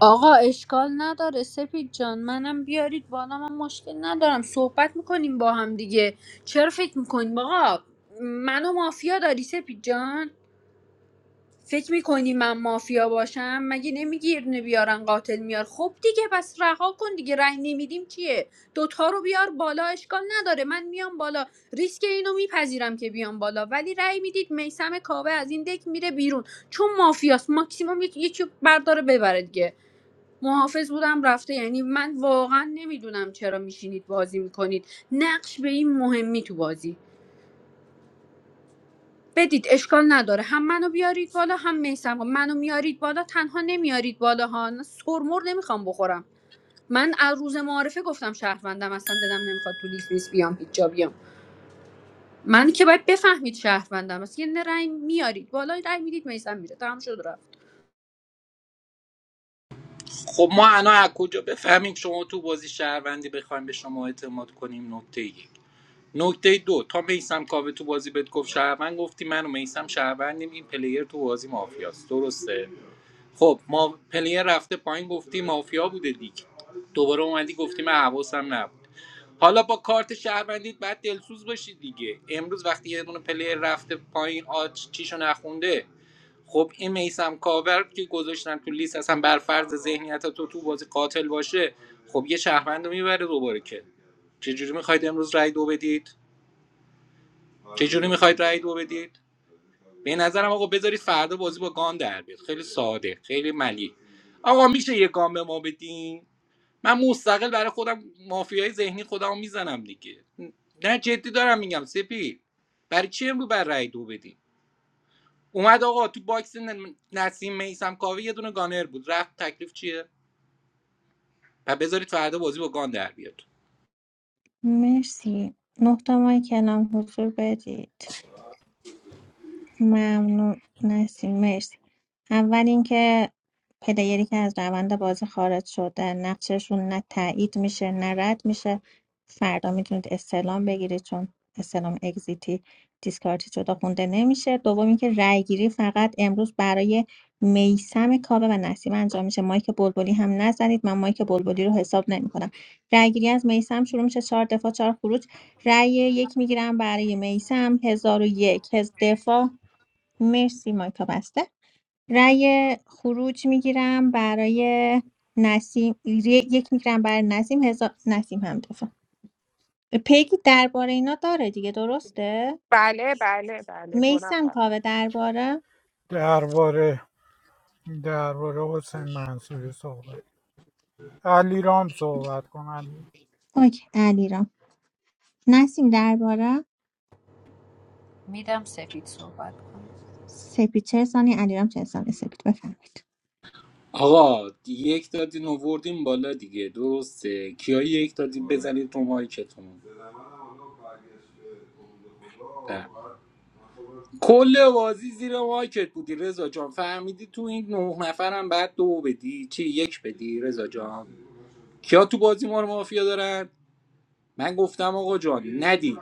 S6: آقا اشکال نداره سپید جان منم بیارید بالا من مشکل ندارم صحبت میکنیم با هم دیگه چرا فکر میکنیم آقا منو مافیا داری سپید جان فکر میکنی من مافیا باشم مگه نمیگی یه دونه بیارن قاتل میار خب دیگه پس رها کن دیگه رای نمیدیم چیه دوتا رو بیار بالا اشکال نداره من میام بالا ریسک اینو میپذیرم که بیام بالا ولی رای میدید میسم کاوه از این دک میره بیرون چون مافیاست ماکسیموم یک- یکی رو برداره ببره دیگه محافظ بودم رفته یعنی من واقعا نمیدونم چرا میشینید بازی میکنید نقش به این مهمی تو بازی بدید اشکال نداره هم منو بیارید بالا هم میسم خب، منو میارید بالا تنها نمیارید بالا ها نه، نمیخوام بخورم من از روز معارفه گفتم شهروندم اصلا دلم نمیخواد تو لیست نیست بیام هیچ جا بیام من که باید بفهمید شهروندم اصلا یه نه رأی میارید بالا رأی میدید میسم میره تمام شد رفت
S16: خب ما الان از کجا بفهمیم شما تو بازی شهروندی بخوایم به شما اعتماد کنیم نکته یک نکته دو تا میسم کاوه تو بازی بهت گفت شهروند گفتی من و میسم شهروندیم این پلیر تو بازی مافیاست درسته خب ما پلیر رفته پایین گفتی مافیا بوده دیگه دوباره اومدی گفتی من حواسم نبود حالا با کارت شهروندیت باید دلسوز باشی دیگه امروز وقتی یه دونه پلیر رفته پایین آج چیشو نخونده خب این میسم کاور که گذاشتن تو لیست اصلا بر فرض ذهنیت تو تو بازی قاتل باشه خب یه شهروند رو میبره دوباره که چجوری میخواید امروز رای دو بدید چجوری میخواید رای دو بدید به نظرم آقا بذارید فردا بازی با گان در بیاد خیلی ساده خیلی ملی آقا میشه یه گام به ما بدین من مستقل برای خودم مافیای ذهنی خودم میزنم دیگه نه جدی دارم میگم سپی برای چی امرو بر رای دو بدین اومد آقا تو باکس ن- نسیم میسم کاوه یه دونه گانر بود رفت تکلیف چیه و بذارید فردا بازی با گان در بیاد
S2: مرسی نه تا ماه کلام حضور بدید ممنون نسیم مرسی. اول اینکه پلیری که از روند بازی خارج شده نقششون نه تایید میشه نه رد میشه فردا میتونید استعلام بگیرید چون استعلام اگزیتی دیسکارتی شده خونده نمیشه دوم اینکه رای گیری فقط امروز برای میسم کاوه و نسیم انجام میشه مایک بلبلی هم نزنید من مایک بلبلی رو حساب نمیکنم رای گیری از میسم شروع میشه چهار دفاع چهار خروج رای یک میگیرم برای میسم هزار و یک هز- دفاع مرسی مایکا بسته رأی خروج میگیرم برای نسیم ی- یک میگیرم برای نسیم هزار نسیم هم دفعه پیگی درباره اینا داره دیگه درسته
S19: بله، بله، بله، 2
S2: میسم
S19: نفر.
S2: کاوه درباره
S4: درباره درباره حسین منصوری صحبت علی رام صحبت کن علی
S2: اوکی علیرام نسیم درباره
S6: میدم سپید صحبت کنم.
S2: سپید چه سانی علیرام چه سانی سپید بفرمایید
S16: آقا یک دادین آوردین بالا دیگه درسته کیا یک دادین بزنید تو مایکتون کل بازی زیر مایکت بودی رضا جان فهمیدی تو این نه نفرم بعد دو بدی چی یک بدی رضا جان کیا تو بازی ما رو مافیا دارن من گفتم آقا جان ندید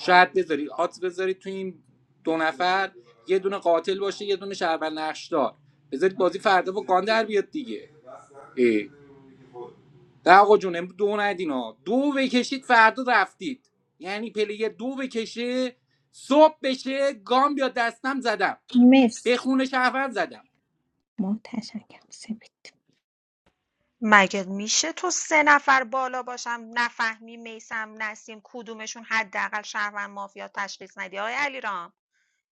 S16: شاید بذاری آت بذارید تو این دو نفر یه دونه قاتل باشه یه دونه شهروند نقشدار بذارید بازی فردا با گان در بیاد دیگه ای نه آقا جون امروز دو ندین ها دو بکشید فردا رفتید یعنی پلیه دو بکشه صبح بشه گام بیاد دستم زدم به
S2: مرسی
S16: خون شهروند زدم
S2: متشکرم سپید
S5: مگه میشه تو سه نفر بالا باشم نفهمی میسم نسیم کدومشون حداقل شهروند مافیا تشخیص ندی آقای علیرام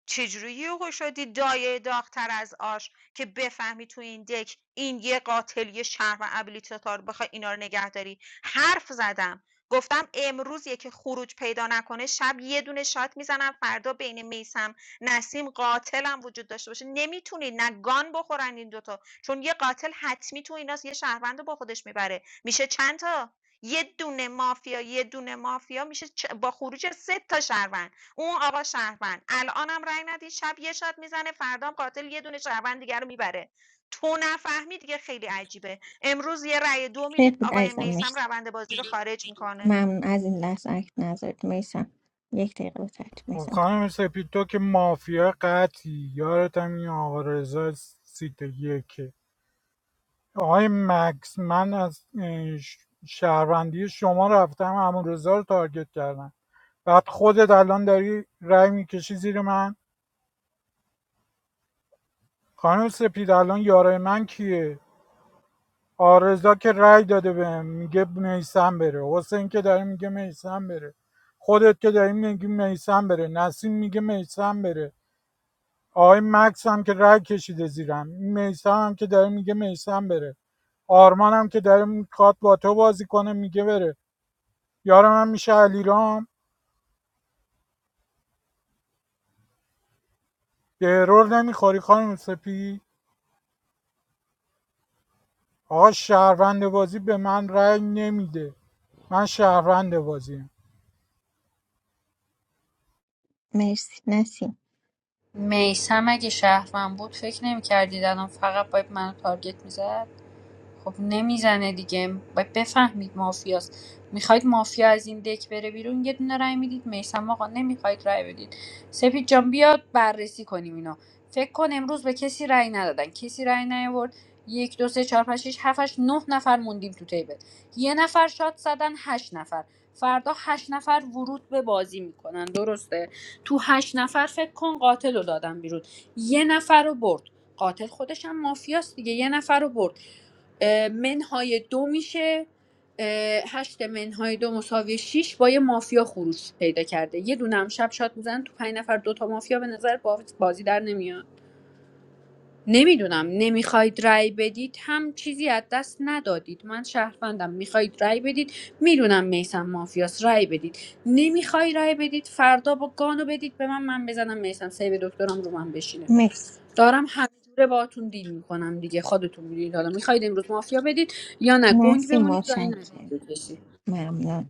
S5: چجوری یهو شدی دایه داغتر از آش که بفهمی تو این دک این یه قاتل یه شهر و ابیلیتاتار بخوای اینا رو نگهداری. حرف زدم گفتم امروز یکی خروج پیدا نکنه شب یه دونه شات میزنم فردا بین میسم نسیم قاتلم وجود داشته باشه نمیتونید نه گان بخورن این دوتا چون یه قاتل حتمی تو ایناست یه شهروند رو با خودش میبره میشه چند تا یه دونه مافیا یه دونه مافیا میشه با خروج سه تا شهروند اون آقا شهروند الانم رأی ندید شب یه شات میزنه فردام قاتل یه دونه شهروند دیگه رو میبره تو نفهمی دیگه خیلی عجیبه امروز یه رأی دو میدید
S2: سپید
S5: آقای
S2: عزیزم
S5: میسم
S2: مرسی
S5: روند بازی رو خارج میکنه
S2: ممنون از این لحظه اکت نذارید میسم یک دقیقه به ترتیب
S4: خب
S2: میسم
S4: خانم سپید تو که مافیا قطعی یارت هم این آقا رضا سیت یکه آقای مکس من از اه، ش- شهروندی شما رفتم همون رضا رو تارگت کردم بعد خودت الان داری رای میکشی زیر من خانم سپید الان یارای من کیه آرزا که رای داده بهم میگه میسم بره حسین که داره میگه میسم بره خودت که داری میگی میسم بره نسیم میگه میسم بره آقای مکس هم که رگ کشیده زیرم میسا هم که داره میگه میسم بره آرمان هم که داره میخواد با تو بازی کنه میگه بره یارم هم میشه علیرام به ارور نمیخوری خانم سپی آقا شهروند بازی به من رأی نمیده من شهروند بازیم
S2: مرسی نسیم
S6: میسم اگه شهرم بود فکر نمیکردید الان فقط باید منو تارگت میزد خب نمیزنه دیگه باید بفهمید مافیاست میخواید مافیا از این دک بره بیرون یه دونه رای میدید میسم آقا نمیخواید رای بدید سپید جان بیاد بررسی کنیم اینا فکر کن امروز به کسی رای ندادن کسی رای نیاورد یک دو سه چهار پنج شش هفت هشت، نه نفر موندیم تو تیبل یه نفر شاد زدن هشت نفر فردا هشت نفر ورود به بازی میکنن درسته تو هشت نفر فکر کن قاتل رو دادن بیرون یه نفر رو برد قاتل خودش هم مافیاست دیگه یه نفر رو برد اه، منهای دو میشه هشت منهای دو مساوی شیش با یه مافیا خروج پیدا کرده یه دونه هم شب شات میزنن تو پنج نفر دوتا مافیا به نظر باز- بازی در نمیاد نمیدونم نمیخواید رأی بدید هم چیزی از دست ندادید من شهروندم میخواید رأی بدید میدونم میسم مافیاس رأی بدید نمیخوای رأی بدید فردا با گانو بدید به من من بزنم میسم سیو دکترم رو من بشینه
S2: مرسی
S6: دارم همینجوره باهاتون دیل میکنم دیگه خودتون میدونید حالا میخواید امروز مافیا بدید یا نه گنگ
S2: نسیم
S6: بمونید رأی ندید
S2: متشکرم
S6: به کسی.
S2: ممنون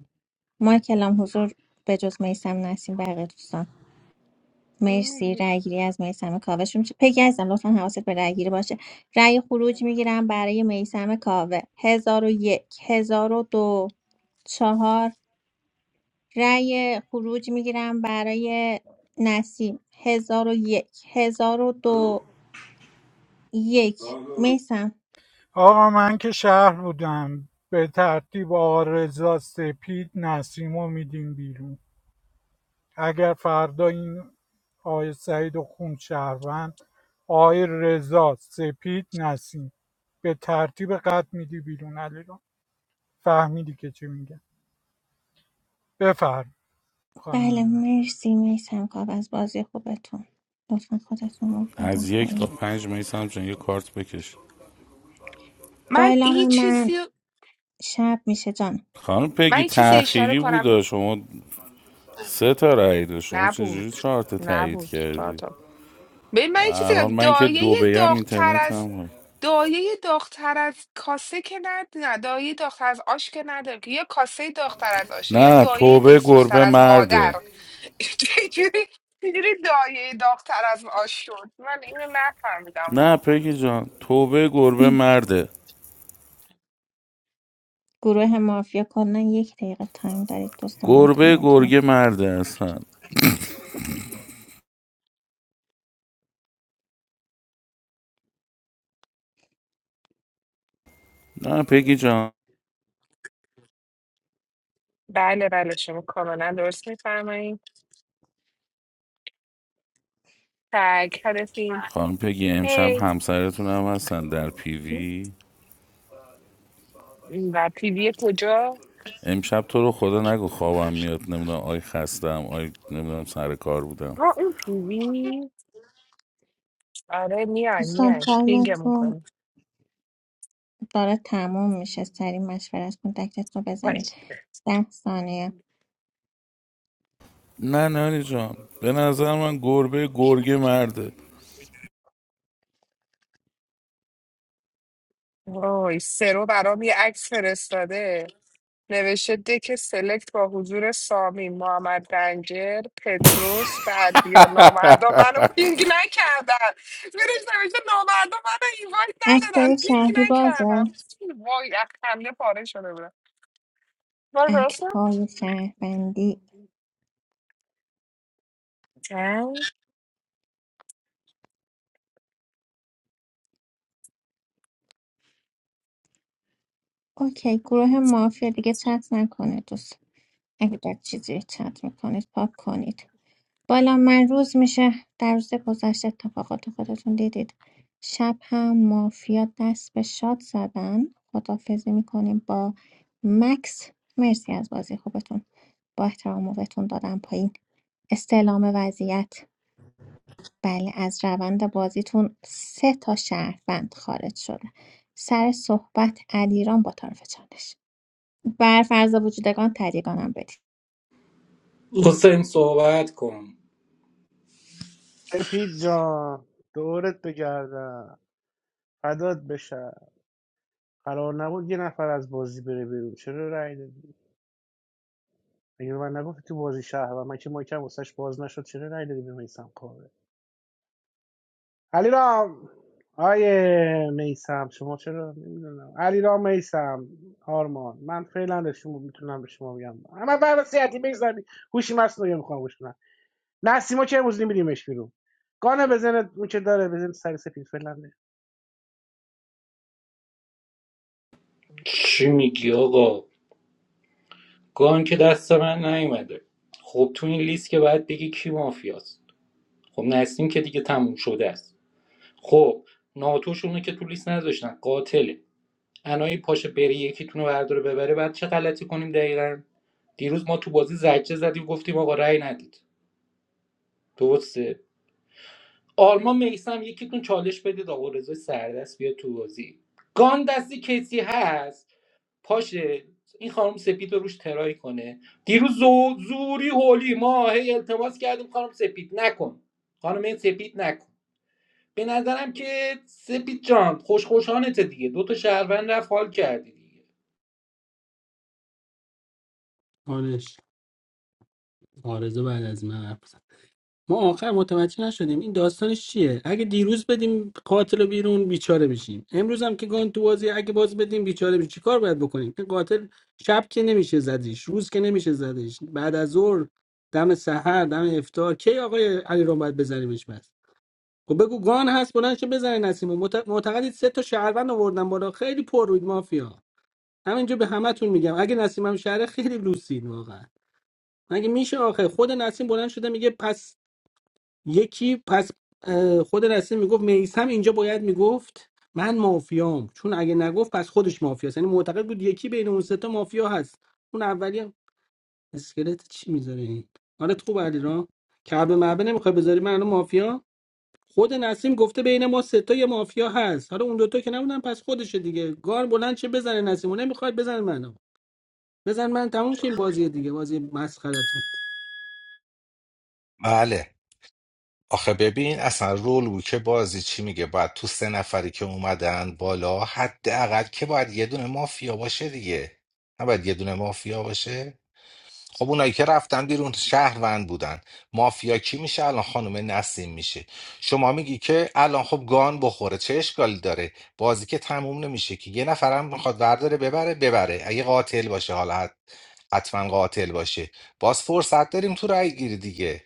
S2: مایکلام حضور به جز میسم نسیم بقیه دوستان مرسی رأی گیری از میسم کاوه شروع میشه پگی عزیزم لطفا حواست به رأی گیری باشه رأی خروج میگیرم برای میسم کاوه هزار و یک هزار و دو چهار رأی خروج میگیرم برای نسیم هزار و یک هزار و دو یک میسم
S4: آقا من که شهر بودم به ترتیب آقا رضا سپید نسیم رو میدیم بیرون اگر فردا این آقای سعید و خون شهروند آقای رضا سپید نسیم به ترتیب قد میدی بیرون علی رو فهمیدی که چی میگه بفرم
S2: بله
S4: خانم نسیم.
S2: مرسی میسم کاوه از بازی خوبتون لطفا خودتون رو بدیم
S18: از یک تا
S2: پایین
S18: پنج می جان یه کارت بکش
S2: با
S19: من یه
S2: اعلام من
S19: چیزی
S2: شب میشه جان
S18: خانم
S19: من
S18: پیگی
S19: یه چیزی
S2: یه
S19: اشاره
S18: تأخیری
S19: کنم
S18: بوده شما سه تا رأی داشت شما چجوری
S19: نبود،
S18: چهار تا تایید
S19: نبود،
S18: کردی
S19: شاداب. ببین
S18: به
S19: من یه چیزی
S18: هر حال من که
S19: دایه
S18: دو بیم
S19: داغ‌تر
S18: اینترنت
S19: از
S18: هم هست.
S19: دایه داغتر از کاسه که ند نه دایه داغتر از آش که نداره که یا کاسه داغتر از آشه یا
S18: نه
S19: دایه
S18: توبه
S19: دلسوزتر
S18: گربه
S19: از
S18: مرده
S19: مادر چجوری چجوری دایه داغتر از آش شد من اینو نفهمیدم
S18: نه
S19: واقعا
S18: پگی جان توبه گربه مرده
S2: گروه مافیا کلا یک دقیقه تایم دارید دوستان من
S18: گربه
S2: تایمتون رو
S18: گرگه مرده هستن نه پگی جان
S19: بله بله شما کاملا درست میفرمایید تگ هدفین
S18: خانم پگی امشب
S19: هی
S18: همسرتون هم هستن در پیوی
S19: و پیوی کجا
S18: امشب تو رو خدا نگو خوابم میاد نمیدونم آی خستم آی نمیدونم سر کار بودم
S19: ها اون پیوی آره میان
S2: دوستان
S19: میان پینگمون
S2: تایمتون
S19: کنیم
S2: داره تموم میشه سریع مشورت کن دکتت رو بزنید
S19: باش.
S2: ده ثانیه
S18: نه نانی جان به نظر من گربه گرگه مرده
S19: وای سرو برام یه عکس فرستاده نوشته دک سلکت با حضور سامی محمد رنجر پتروس بردیا نامردا منو پینگ نکردن زیرش نوشته نامردا منو اینوایت ندادن
S2: اکتای
S19: پینگ
S2: شهری بازه
S19: نکردم وای از خنده پاره شده بودم وای
S2: اکت
S19: راستم
S2: های شهروندی
S19: اه.
S2: اوکی گروه مافیا دیگه چت نکنه دوست اگه در چیزی رو چت میکنید پاک کنید بالا من روز میشه در روز گذشته اتفاقات خودتون دیدید شب هم مافیا دست به شاد زدن خدافزی میکنیم با مکس مرسی از بازی خوبتون با احترام موقعتون دادم پایین استعلام وضعیت بله از روند بازیتون سه تا شهروند خارج شده سر صحبت علیران با طرف چالش بر فرض وجودگان تریگانم بدید
S16: حسین صحبت کن
S3: سپید جان دورت بگردم فدات بشه قرار نبود یه نفر از بازی بره بیرون چرا رای دادی اگه به من نگفتی تو بازی شهر و من که مایکم واسش باز نشد چرا رای دادی به میسم کاوه علی رام آیه میسم شما چرا نمیدونم علی رام میسم آرمان من فعلا به شما میتونم به شما بگم اما بر وسیعتی بگذارم هوشی مصنوعی میخوام گوش کنم. نسیما چه امروز نمیدیمش بیرون گانه بزنه اون که داره بزنه سر سفید فلنده
S16: چی میگی آقا گان که دست من نیومده خب تو این لیست که باید بگی کی مافیاست خب نسیم که دیگه تموم شده است خب ناتوشونه که تو لیست نذاشتن قاتله انایی پاشه بره یکیتونو برداره ببره بعد چه غلطی کنیم دقیقا دیروز ما تو بازی زجه زدیم گفتیم آقا رأی ندید درسته آلمان میسم یکیتون چالش بدید آقا رضا سردست بیا تو بازی گان دستی کسی هست پاشه این خانم سپید رو روش ترایی کنه دیروز زو زوری هولی ما هی التماس کردیم خانم سپید نکن خانم این سپید نکن به نظرم که سپید جان خوش خوشانته دیگه دو تا شهروند رفت حال کردی دیگه
S17: آنش آرزو بعد از من حرف بزن. ما آخر متوجه نشدیم این داستانش چیه اگه دیروز بدیم قاتل رو بیرون بیچاره بشیم امروز هم که گان تو بازی اگه باز بدیم بیچاره بشیم چیکار باید بکنیم این قاتل شب که نمیشه زدیش روز که نمیشه زدیش بعد از ظهر دم سحر دم افطار کی آقای علی رو باید بزنیمش بس خب بگو گان هست بلند شه بزنه نسیمو معت- معتقدید سه تا شهروند آوردن بالا خیلی پر روید مافیا همینجا به همتون میگم اگه نسیمم شهر خیلی لوسید واقعا مگه میشه آخه خود نسیم بلند شده میگه پس یکی پس اه، خود رسول میگفت میسم اینجا باید میگفت من مافیام چون اگه نگفت پس خودش مافیاست یعنی معتقد بود یکی بین اون سه تا مافیا هست اون اولی هم اسکلت چی میذاره این حالت خوب علی را کعبه معبه نمیخوای بذاری من الان مافیا خود نسیم گفته بین ما سه تا یه مافیا هست حالا اون دوتا که نبودن پس خودشه دیگه گار بلند چه بزنه نسیمو نمیخواد بزن منو بزن من تموم شه این بازی دیگه بازی مسخرتون
S1: بله آخه ببین اصلا رول بود که بازی چی میگه باید تو سه نفری که اومدن بالا حداقل که باید یه دونه مافیا باشه دیگه نباید یه دونه مافیا باشه خب اونایی که رفتن بیرون شهروند بودن مافیا کی میشه الان خانم نسیم میشه شما میگی که الان خب گان بخوره چه اشکالی داره بازی که تموم نمیشه که یه نفرم میخواد ورداره ببره ببره اگه قاتل باشه حالا حت- حتما قاتل باشه باز فرصت داریم تو رای گیری دیگه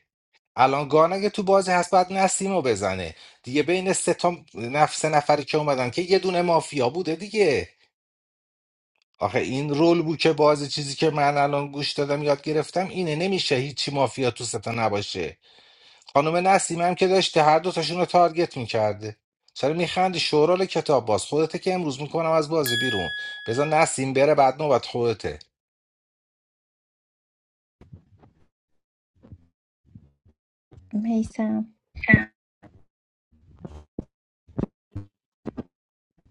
S1: الان گان اگه تو بازی هست بعد نسیم رو بزنه دیگه بین سه تا نفس نفری که اومدن که یه دونه مافیا بوده دیگه آخه این رول بود که بازی چیزی که من الان گوش دادم یاد گرفتم اینه نمیشه هیچی مافیا تو ستا نباشه خانم نسیم هم که داشته هر دوتاشون رو تارگت میکرده چرا میخندی شورال کتاب باز خودته که امروز میکنم از بازی بیرون بذار نسیم بره بعد نوبت خودته
S2: میسم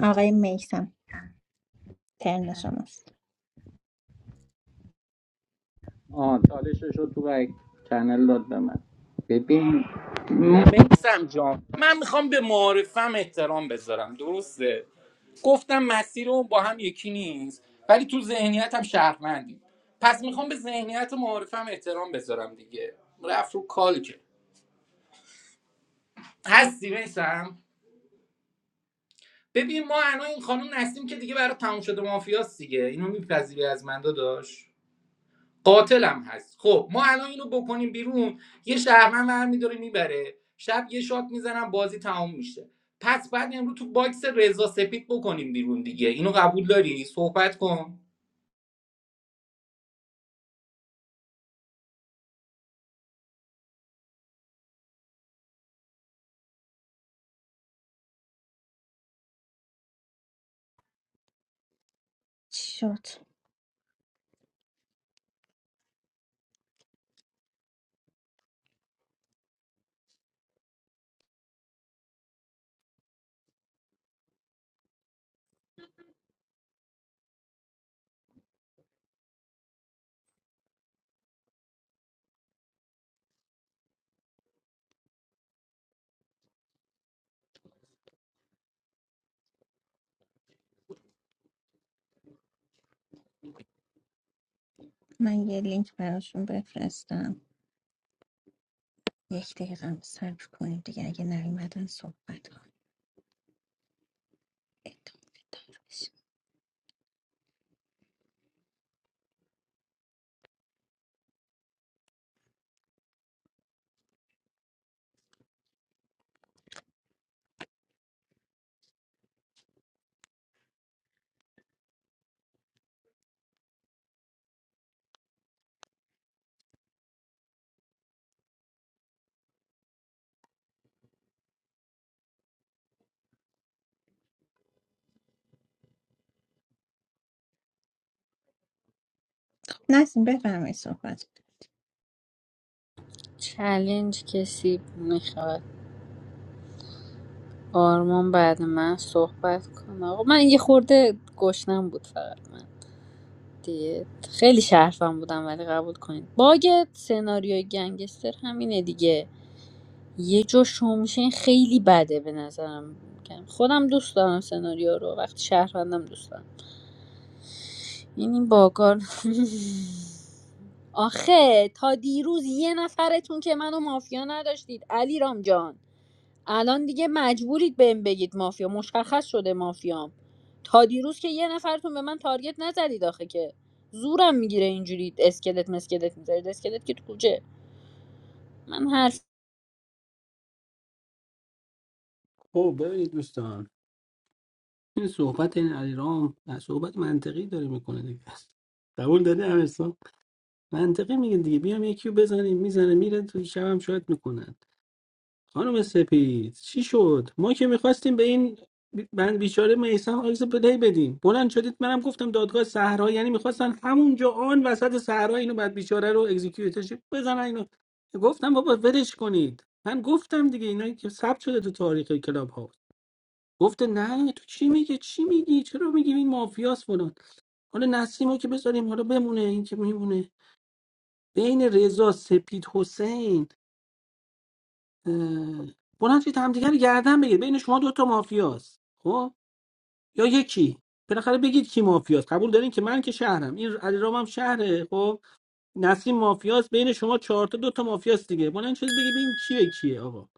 S2: آقای میسم ترن شماست
S16: آه چالشش رو تو بک چنل داد به من ببین میسم جان من میخوام به معارفم احترام بذارم درسته گفتم مسیر رو با هم یکی نیست ولی تو ذهنیتم شهروندیم پس میخوام به ذهنیت معارفم احترام بذارم دیگه رفت رو کال که هستی میسم ببین ما الان این خانم نسیم که دیگه برای تموم شده مافیاست دیگه اینو میپذیری از من داداش قاتلم هست خب ما الان اینو بکنیم بیرون یه شهرمن برمیداره میبره شب یه شات میزنم بازی تمام میشه پس بعد امروز تو باکس رضا سپید بکنیم بیرون دیگه اینو قبول داری صحبت کن
S2: چی شد من یه لینک براشون بفرستم یک دقیقه هم صبر کنیم دیگه اگه نیومدن صحبت کنیم ادامه دار بشه. خب، نسیم بفرمایید صحبت
S6: چلنج کسی میخواد آرمان بعد من صحبت کنه آقا من یه خورده گشنم بود فقط من. دیگه خیلی شرفم بودم ولی قبول کنید باگ سناریوی گنگستر همینه دیگه یه جا شو میشه این خیلی بده به نظرم خودم دوست دارم سناریو رو وقتی شهروندم دوست دارم این این باگار آخه تا دیروز یه نفرتون که منو مافیا نداشتید علی رام جان الان دیگه مجبورید بهم بگید مافیا مشخص شده مافیام تا دیروز که یه نفرتون به من تارگت نزدید آخه که زورم میگیره اینجوری اسکلت مسکلت میذارید اسکلت که تو کوچه من حرف
S17: خب ببینید دوستان این صحبت این علیرام صحبت منطقی داره میکنه دیگه قبول داری امیرسان منطقی میگه دیگه بیام یکی رو بزنیم میزنه میره تو شبم شاید میکنن خانم سپید چی شد ما که میخواستیم به این بی- بند بیچاره میسم آیز بدهی بدیم بلند شدید منم گفتم دادگاه صحرا یعنی میخواستن همونجا آن وسط صحرا اینو بعد بیچاره رو اگزیکیوتش بزنن اینو گفتم بابا ولش کنید من گفتم دیگه اینا که ثبت شده تو تاریخ کلاب ها گفته نه تو چی میگه چی میگی چرا میگی این مافیاس فلان حالا نسیمو که بذاریم حالا بمونه این که میمونه بین رضا سپید حسین اه، بلند شید همدیگه رو گردن بگیر بین شما دوتا مافیاست خب یا یکی بالاخره بگید کی مافیاست قبول دارین که من که شهرم این علیرام هم شهره خب نسیم مافیاست بین شما چهار تا دو تا مافیاست دیگه بلند شید بگید ببین کیه کیه آقا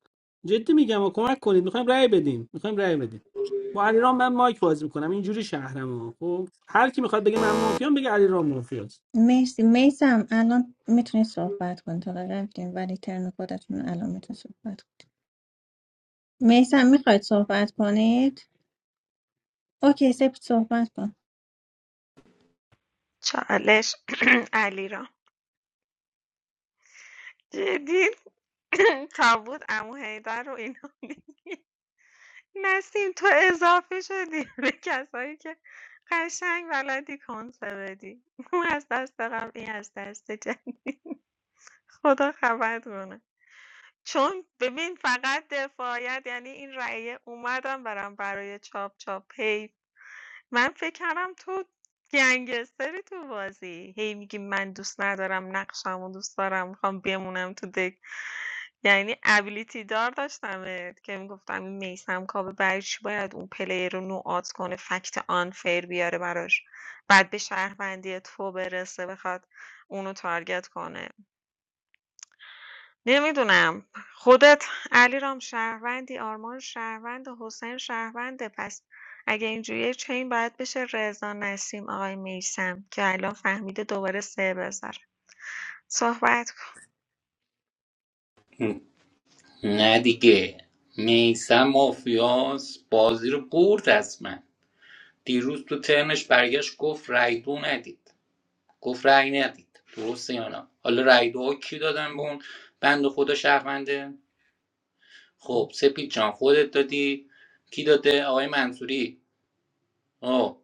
S17: جدی میگم آقا کمک کنید میخوایم رأی بدیم میخوایم رأی بدیم با علیرام من مایک بازی میکنم اینجوری شهرمو خب هر کی میخواد بگه من مافیام بگه علیرام مافیاست
S2: مرسی میسم الان میتونی صحبت کنید تا رفتیم ولی ترن خودتون الان میتونید صحبت کنید میسم میخواید صحبت کنید اوکی سپید صحبت کن
S5: چالش علی را جدی تابوت امو حیدر رو اینا نسیم تو اضافه شدی به کسایی که قشنگ بلدی کنسه بدی اون از دست قبلی از دست جدید خدا خبرت کنه چون ببین فقط دفاعیت یعنی این رأیه اومدم برم برای چاپ چاپ هی من فکر کردم تو گنگستری تو بازی هی میگی من دوست ندارم نقشمو دوست دارم میخوام بمونم تو دک یعنی ابیلیتی دار داشتمت که میگفتم این میسم کابه برای چی باید اون پلیر رو نوعات کنه فکت آنفیر بیاره براش بعد به شهروندی تو برسه بخواد اونو تارگت کنه نمیدونم. خودت علیرام شهروندی، آرمان شهروند، حسین شهرونده پس اگه اینجوریه چین باید بشه رضا نسیم آقای میسم که الان فهمیده دوباره سه بذاره صحبت کن.
S16: نه دیگه میسم مافیاس بازی رو برد از من دیروز تو ترنش برگشت گفت رای دو ندید گفت رای ندید درسته یا نه حالا رای دو ها کی دادن به اون بند خدا شهرونده خب سپید جان خودت دادی کی داده آقای منصوری آه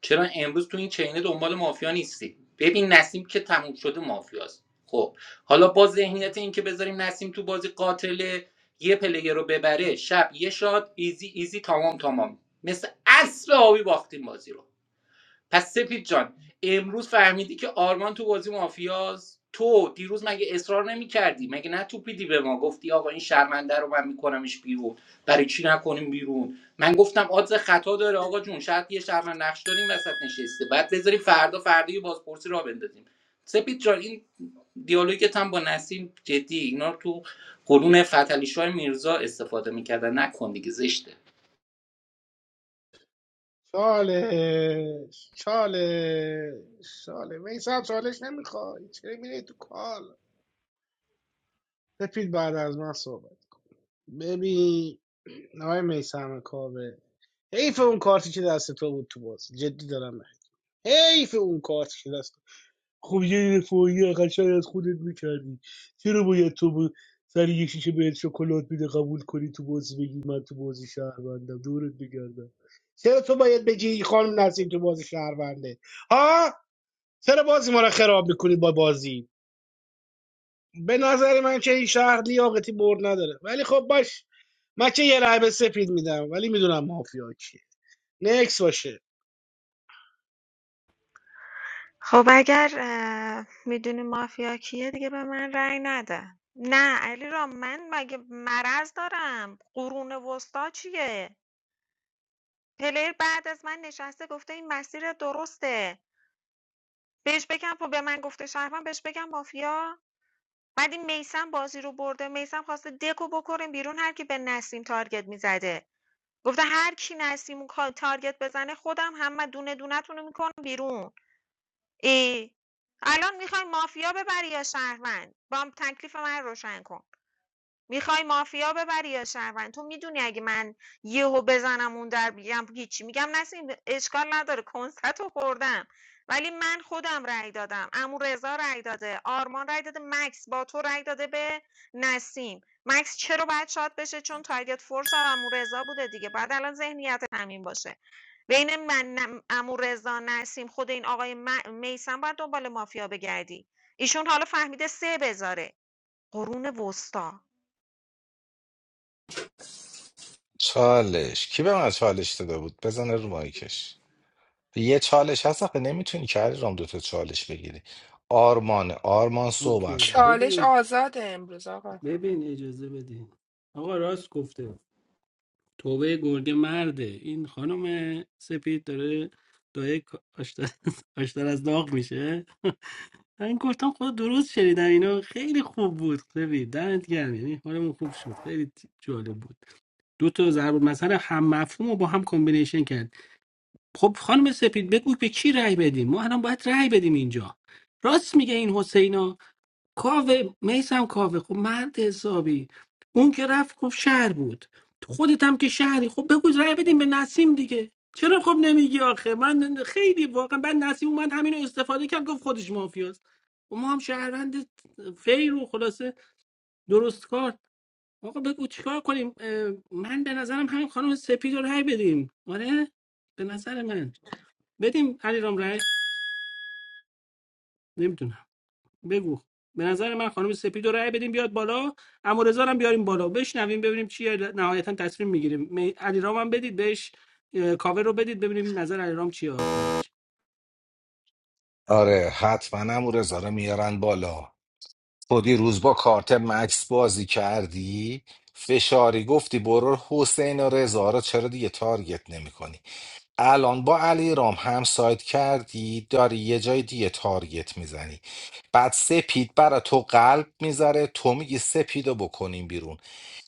S16: چرا امروز تو این چینه دنبال مافیا نیستی ببین نسیم که تموم شده مافیاست خب حالا با ذهنیت این که بذاریم نسیم تو بازی قاتل یه پلیر رو ببره شب یه شاد ایزی ایزی تمام تمام مثل اصل آبی باختیم بازی رو پس سپید جان امروز فهمیدی که آرمان تو بازی مافیاز تو دیروز مگه اصرار نمی کردی مگه نتوپیدی به ما گفتی آقا این شرمنده رو من میکنمش بیرون برای چی نکنیم بیرون من گفتم آدز خطا داره آقا جون شاید یه شرمند نقش داریم وسط نشسته بعد بذاریم فردا فردا یه بازپرسی را بندازیم سپید جان این دیالوگت هم با نسیم جدی اینا رو تو قرون فتلیشاه میرزا استفاده میکردن نکن دیگه زشته.
S3: چالش چالش چالش میسم چالش نمیخوای چه میری تو کال سپید بعد از من صحبت ببین آقای میسم کابه حیف اون کارتی که دست تو بود تو بازی جدی دارم حیف اون کارتی که دست خب یه رفاهی قشنگ از خودت میکردی چرا باید تو با سر یه شیشه بهت شکلات میده قبول کنی تو بازی بگی من تو بازی شهروندم دورت بگردم چرا تو باید بگی این خانم نسیم تو بازی شهرونده ها چرا بازی ما رو خراب میکنید با بازی به نظر من که این شهر لیاقتی برد نداره ولی خب باش من که یه رای به سپید میدم ولی میدونم مافیا کیه نکس باشه
S5: خب اگر اه، میدونی مافیا کیه دیگه به من رأی نده نه علیرام من مگه مرض دارم قرون وسطا چیه پلیر بعد از من نشسته گفته این مسیر درسته بهش بگم خب به من گفته شهروند بهش بگم مافیا بعد این میسم بازی رو برده میسم خواسته دکو بکنیم بیرون هر کی به نسیم تارگت میزده گفته هر کی نسیم رو تارگت بزنه خودم همه دونه دونتون رو میکنم بیرون ای الان میخوای مافیا ببری یا شهروند با تکلیف من روشن کن میخوای مافیا ببری یا شهروند تو میدونی اگه من یهو بزنم اون در بگم هیچی میگم نسیم اشکال نداره کنسرت رو خوردم ولی من خودم رأی دادم امو رضا رأی داده آرمان رأی داده مکس با تو رأی داده به نسیم مکس چرا باید شاد بشه چون تارگت فورس امو رضا بوده دیگه بعد الان ذهنیت همین باشه بین من امو رضا نسیم خود این آقای میسم باید دنبال مافیا بگردی ایشون حالا فهمیده سه بذاره قرون وسطا
S1: چالش کی به من چالش داده بود بزنه رو مایکش یه چالش هست آخه نمیتونی کاری رام دوتا چالش بگیری آرمانه آرمان
S17: اوکی
S1: صحبت کن
S19: چالش
S17: ببین
S19: آزاده امروز آقا
S17: ببین اجازه بدین آقا راست گفته توبه گرگ مرده این خانم سپید داره دایه کا- آشتر, آشتر از داغ میشه من گفتم خود درست شنیدم اینو خیلی خوب بود سپید دمت گرم یعنی حالمون خوب شد خیلی جالب بود دو تا ضرب مثلا هم مفهوم رو با هم کامبینیشن کردیم خب خانم سپید بگو به کی رأی بدیم ما الان باید رأی بدیم اینجا راست میگه این حسینا کاوه میسم کاوه خب مرد حسابی اون که رفت خب شهر بود تو خودت هم که شهری خب بگو رأی بدیم به نسیم دیگه چرا خب نمیگی آخه من خیلی واقعا بعد نسیم اومد همینو استفاده کرد گفت خودش مافیاست و ما هم شهروند فیر و خلاصه درست کار آقا بگو چیکار کنیم اه، من به نظرم همین خانم سپید رو رأی بدیم آره به نظر من بدیم علیرام رای نمیدونم بگو به نظر من خانم سپید رو رای بدیم بیاد بالا امورزا هم بیاریم بالا بشنویم ببینیم چیه نهایتا تصمیم میگیریم می... علیرام هم بدید بهش اه، کاور رو بدید ببینیم نظر علیرام چیه آخرش
S1: آره حتما هم رضا رو میارن بالا تو دیروز با کارت مکس بازی کردی فشاری گفتی برو حسین و رضا رو چرا دیگه تارگت نمی کنی الان با علی رام هم سایت کردی داری یه جای دیگه تارگت میزنی بعد سپید برا تو قلب میذاره تو میگی سپیدو بکنیم بیرون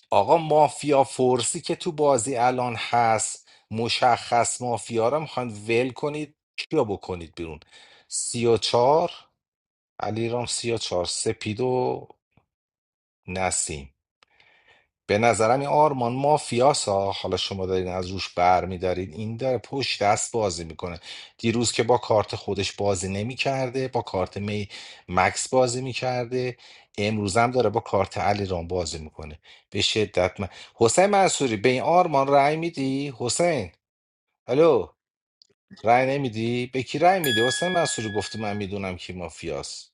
S1: آقا مافیا فورسی که تو بازی الان هست مشخص مافیا رو میخوان ول کنید کیا بکنید بیرون سی و چار علی رام سی و چار سپیدو نسیم به نظرم این آرمان مافیاسا حالا شما دارین از روش بر میدارین این داره پشت دست بازی میکنه دیروز که با کارت خودش بازی نمیکرده با کارت می مکس بازی میکرده امروز هم داره با کارت علی رام بازی میکنه به شدت من حسین منصوری به این آرمان رأی میدی حسین الو رأی نمیدی به کی رأی میدی حسین منصوری گفتی من میدونم کی مافیاست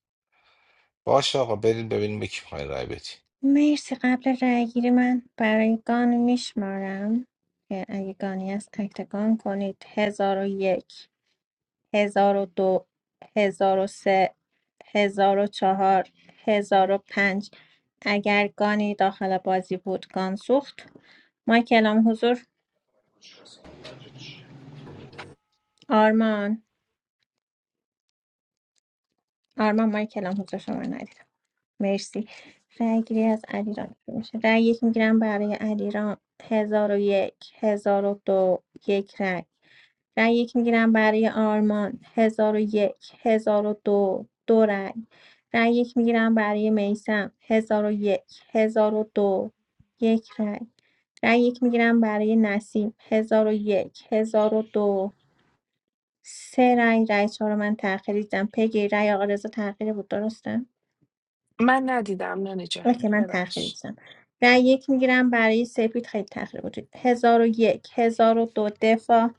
S1: باشه آقا بریم ببینیم به کی میخوای رأی بدی
S2: مرسی قبل رای گیری من برای گان میشمارم که اگه گانی است اکتگان کنید هزار و یک هزار هزار هزار و و و دو، سه، چهار، هزار و پنج. اگر گانی داخل بازی بود گان سوخت مایک اعلام حضور آرمان آرمان مایک اعلام حضور شما رو ندیدم مرسی رأی گیری از علیرام شروع میشه رأی یک میگیرم برای علیرام هزار و یک هزار و دو یک رأی رأی یک میگیرم برای آرمان هزار و یک هزار و دو دو رأی رأی یک میگیرم برای میسم هزار و یک هزار و دو یک رأی رأی یک میگیرم برای نسیم هزار و یک هزار و دو سه رأی رأی چهار رو من تأخیری دیدم پگی رأی آقا رضا تأخیری بود درسته
S19: من ندیدم نانی جان
S2: اوکی من تأخیری
S19: ببخش
S2: دیدم رأی یک میگیرم برای سپید خیلی تأخیر بود هزار و یک هزار و دو دفاع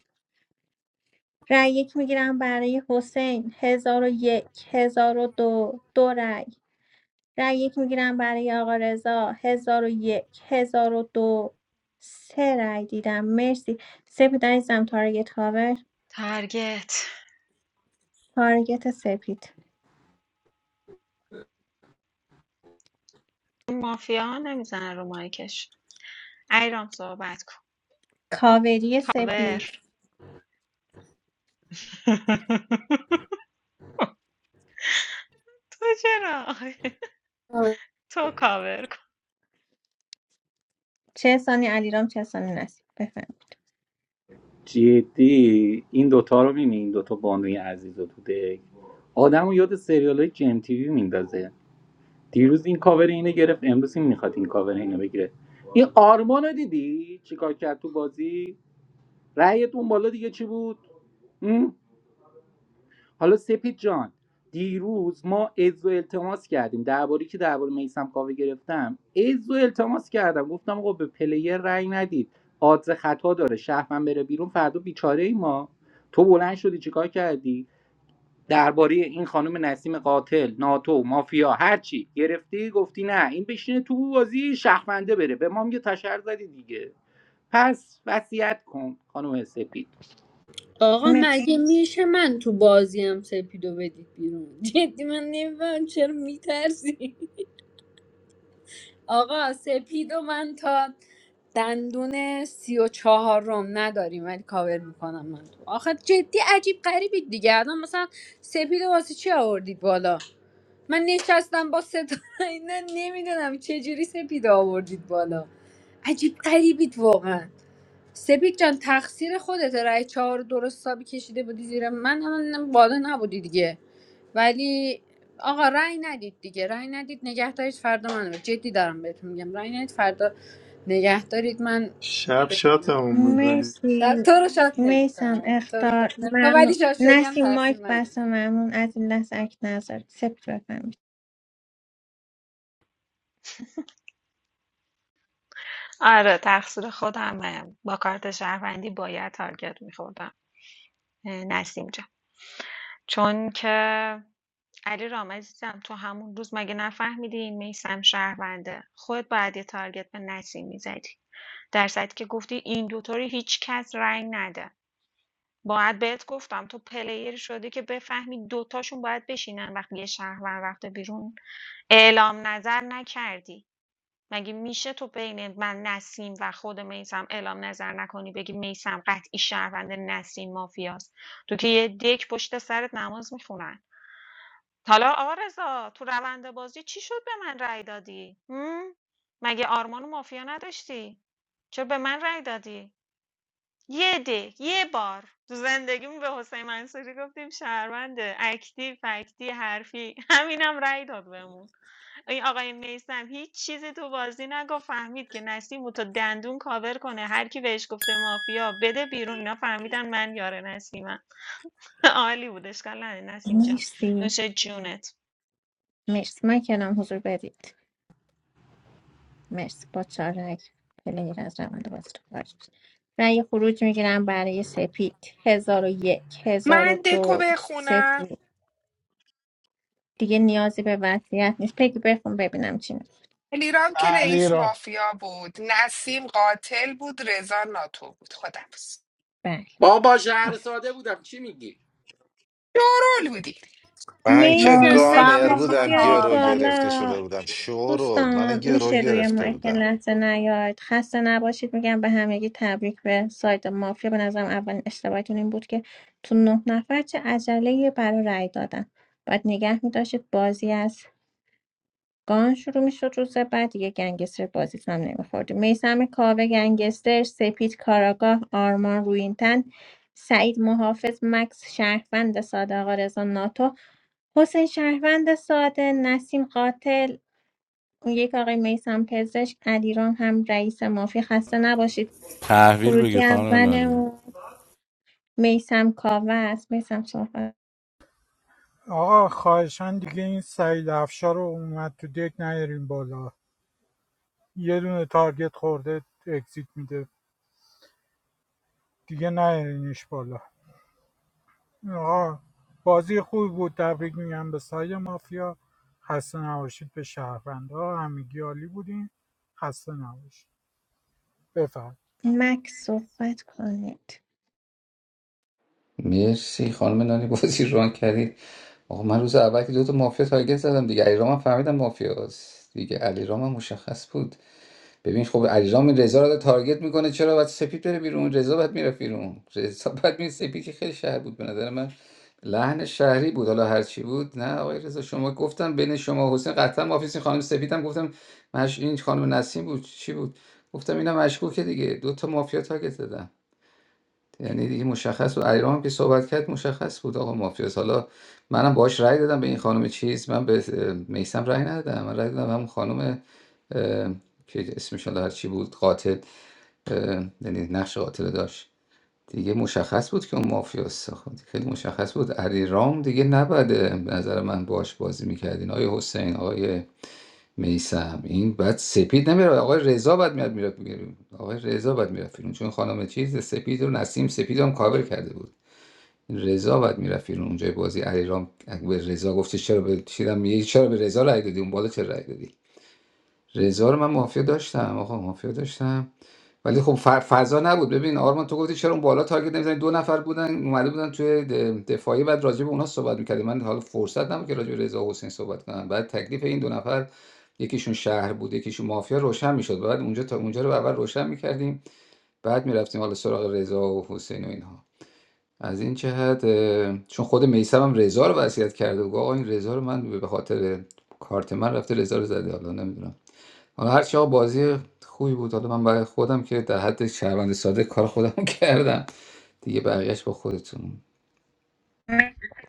S2: رأی یک میگیرم برای حسین هزار و یک هزار و دو دو رأی رأی یک میگیرم برای آقا رضا هزار و یک هزار و دو سه رأی دیدم مرسی سپید عزیزم تارگت کاور
S5: تارگت
S2: تارگت سپید
S5: این مافیا ها نمیزنه رو مایکش ایرام صحبت کن
S2: کاوری
S5: کاور
S2: سپید
S5: تو چرا آخه؟ تو کاور کن
S2: چه سانی علیرام چه سانی نصیب بفهم
S16: جدی این دوتا رو میبینی این دوتا بانوی عزیز رو تو دک آدم رو یاد سریال های جیم تیوی میندازه دیروز این کاور اینه گرفت امروز این میخواد این کاور اینو بگیره این آرمان رو دیدی چیکار کرد تو بازی رأیت اون بالا دیگه چی بود حالا سپید جان دیروز ما از و التماس کردیم درباره که درباره میسم کاوه گرفتم از و التماس کردم گفتم آقا به پلیر رأی ندید آدز خطا داره شهرمن بره بیرون فردا بیچاره ای ما تو بلند شدی چیکار کردی درباره این خانم نسیم قاتل ناتو مافیا هر چی گرفتی گفتی نه این بشینه تو بازی شهرمنده بره به ما میگه تشر زدی دیگه پس وصیت کن خانم سپید
S6: آقا مگه میشه من تو بازیم سپیدو بدید بیرون جدی من نمیفهم چرا میترسی آقا سپید و من تا دندون سی و چهارم نداریم ولی کاور میکنم من تو آخه جدی عجیب غریبی دیگه الان مثلا سپید و واسه چی آوردید بالا من نشستم با صدا اینا نمیدونم چجوری سپید آوردید بالا عجیب غریبید واقعا سپید جان تقصیر خودت رای چهار رو درست حسابی کشیده بودی زیر من هم بالا نبودی دیگه ولی آقا رای ندید دیگه رای ندید نگه دارید فردا من رو جدی دارم بهتون میگم رای ندید فردا نگه دارید من
S14: شب شاتمون میکنی
S2: مرسی
S6: شب تو رو شاد
S2: میسم
S6: نمیکنم تو رو
S2: اختار
S6: شاد نمیکنم ولی
S2: ممنون
S6: شاد شدی هم
S2: نسیم
S6: تقصیر
S2: مایک
S6: منه
S2: بسته ممنون از این لحظه اک نظر سپت بفهمید
S5: آره تقصیر خودمه با کارت شهروندی باید تارگت میخوردم نسیم جان چون که علی رام عزیزم تو همون روز مگه نفهمیدی این میسم شهرونده خود باید یه تارگت به نسیم میزدی در صورتی که گفتی این دوطوری هیچ کس رنگ نده باید بهت گفتم تو پلیری شدی که بفهمی دوتاشون باید بشینن وقتی یه شهروند رفته بیرون اعلام نظر نکردی مگه میشه تو بین من نسیم و خود میسم اعلام نظر نکنی بگی میسم قطعی شهروند نسیم مافیاست تو که یه دک پشت سرت نماز میخونن حالا آرزا تو روند بازی چی شد به من رأی دادی؟ هم؟ مگه آرمان و مافیا نداشتی؟ چرا به من رأی دادی؟ یه ده یه بار تو زندگیم به حسین منصوری گفتیم شهرونده اکتی فکتی حرفی همینم رأی داد بهمون این آقای میسم هیچ چیزی تو بازی نگفت فهمید که نسیم رو تا دندون کاور کنه هر کی بهش گفته مافیا بده بیرون اینا فهمیدن من یار نسیمم عالی بود اشکال نه نسیم جان
S2: مرسی
S5: نوش جونت
S2: مرسی مایک الان حضور بدید مرسی با چهار رای پلیر از روند بازی رو خارج شد. رای خروج میگیرم برای سپید هزار و یک هزار و
S19: من دکو
S2: دو
S19: بخونم
S2: سپید دیگه نیازی به وضعیت نیست پگی بخون ببینم چی میگه.
S19: علیرام که
S3: علی
S19: رئیس
S3: را
S19: مافیا بود نسیم قاتل بود رضا ناتو بود خدافز
S2: بله
S16: بابا شهر
S2: آفر
S16: ساده بودم چی میگی
S19: دورول بودی
S1: من که
S2: میسم مکس
S6: میسم
S1: گانر
S6: و
S2: تشریف
S6: من
S1: بودم
S6: و
S2: بیارید
S1: گرو
S6: آرمان
S1: گرفته
S6: بودیم
S2: بالا
S1: شده بودم شورول من
S2: دوستان
S1: گرو
S2: میشه روی
S1: گرفته
S2: مایک
S1: بودم
S2: لحظه نیاید خسته نباشید میگم به همگی تبریک به سایت مافیا به نظرم اولین اشتباهتون این بود که تو نه نفر چه عجله برای رأی دادن باید نگه میداشتید بازی از گان شروع میشد روز بعد دیگه گنگستر بازیتون هم نمیخوردی میسم کاوه گنگستر سپید کاراگاه آرمان روینتن سعید محافظ مکس شهروند ساده آقا رضا ناتو حسین شهروند ساده نسیم قاتل یک آقای میسم پزشک علیرام هم رئیس مافی خسته نباشید
S18: تحویل بگیر
S2: خروجی
S18: خانم نانی
S2: اولمون میسم کاوه است میسم صحبت
S4: آقا خواهشان دیگه این سعید افشار رو اومد تو دک نیارین بالا یه دونه تارگت خورده اگزیت میده دیگه نیارینش بالا آقا بازی خوبی بود تبریک میگم به سایه مافیا خسته نباشید به شهروندا همگی عالی بودین خسته نباشید بفرم
S2: مکس صحبت کنید
S7: مرسی خانم نانی بازی ران کردی آقا من روز اول که دو تا مافیا تارگت زدم دیگه علیرام هم فهمیدم مافیاست دیگه علیرام هم مشخص بود ببین خب علیرام رضا رو تارگت میکنه چرا باید سپید بره بیرون رضا باید میرفت بیرون رضا باید می سپید که خیلی شهر بود به نظر من لحن شهری بود حالا هر چی بود نه آقای رضا شما گفتم بین شما و حسین قطعا مافیسین خانم سپیدم گفتم مش این خانم نسیم بود چی بود گفتم اینا مشکوکه دیگه دو تا مافیا تارگت زدم یعنی دیگه مشخص بود علیرام هم که صحبت کرد مشخص بود آقا مافیاس حالا منم باهاش رأی دادم به این خانم چیز من به میسم رأی ندادم من رأی دادم همون خانم که اسمش حالا هرچی بود قاتل اه، یعنی نقش قاتل داشت دیگه مشخص بود که اون مافیاست خب خیلی مشخص بود علی دیگه نباید به نظر من باش بازی میکردین آقای حسین آقای میسم این بعد سپید نمیره آقای رضا بعد میاد میره آقای رضا بعد میره فیلم چون خانم چیز سپید رو نسیم سپید هم کاور کرده بود رضا بعد میرفت بیرون اونجای بازی علیرام به رضا گفته چرا به چیدم میگه چرا به رضا رای دادی اون بالا چرا رای دادی رضا رو من مافیا داشتم آقا مافیا داشتم ولی خب ف- فضا نبود ببین آرمان تو گفتی چرا اون بالا تارگت نمیزنی دو نفر بودن اومده بودن توی د- دفاعی بعد راجع به اونا صحبت میکردی من حالا فرصت نبود که راجع به رضا و حسین صحبت کنم بعد تکلیف این دو نفر یکیشون شهر بود یکیشون مافیا روشن میشد بعد اونجا تا اونجا رو اول روشن میکردیم بعد میرفتیم حالا سراغ رضا و حسین و اینها از این جهت اه، چون خود میثم هم رضا رو وصیت کرده بود گفت آقا این رضا رو من به خاطر کارت من رفته رضا رو زده حالا نمیدونم حالا هرچی ها بازی خوبی بود حالا من برای خودم که در حد شهروند ساده کار خودم رو کردم دیگه بقیهش با خودتون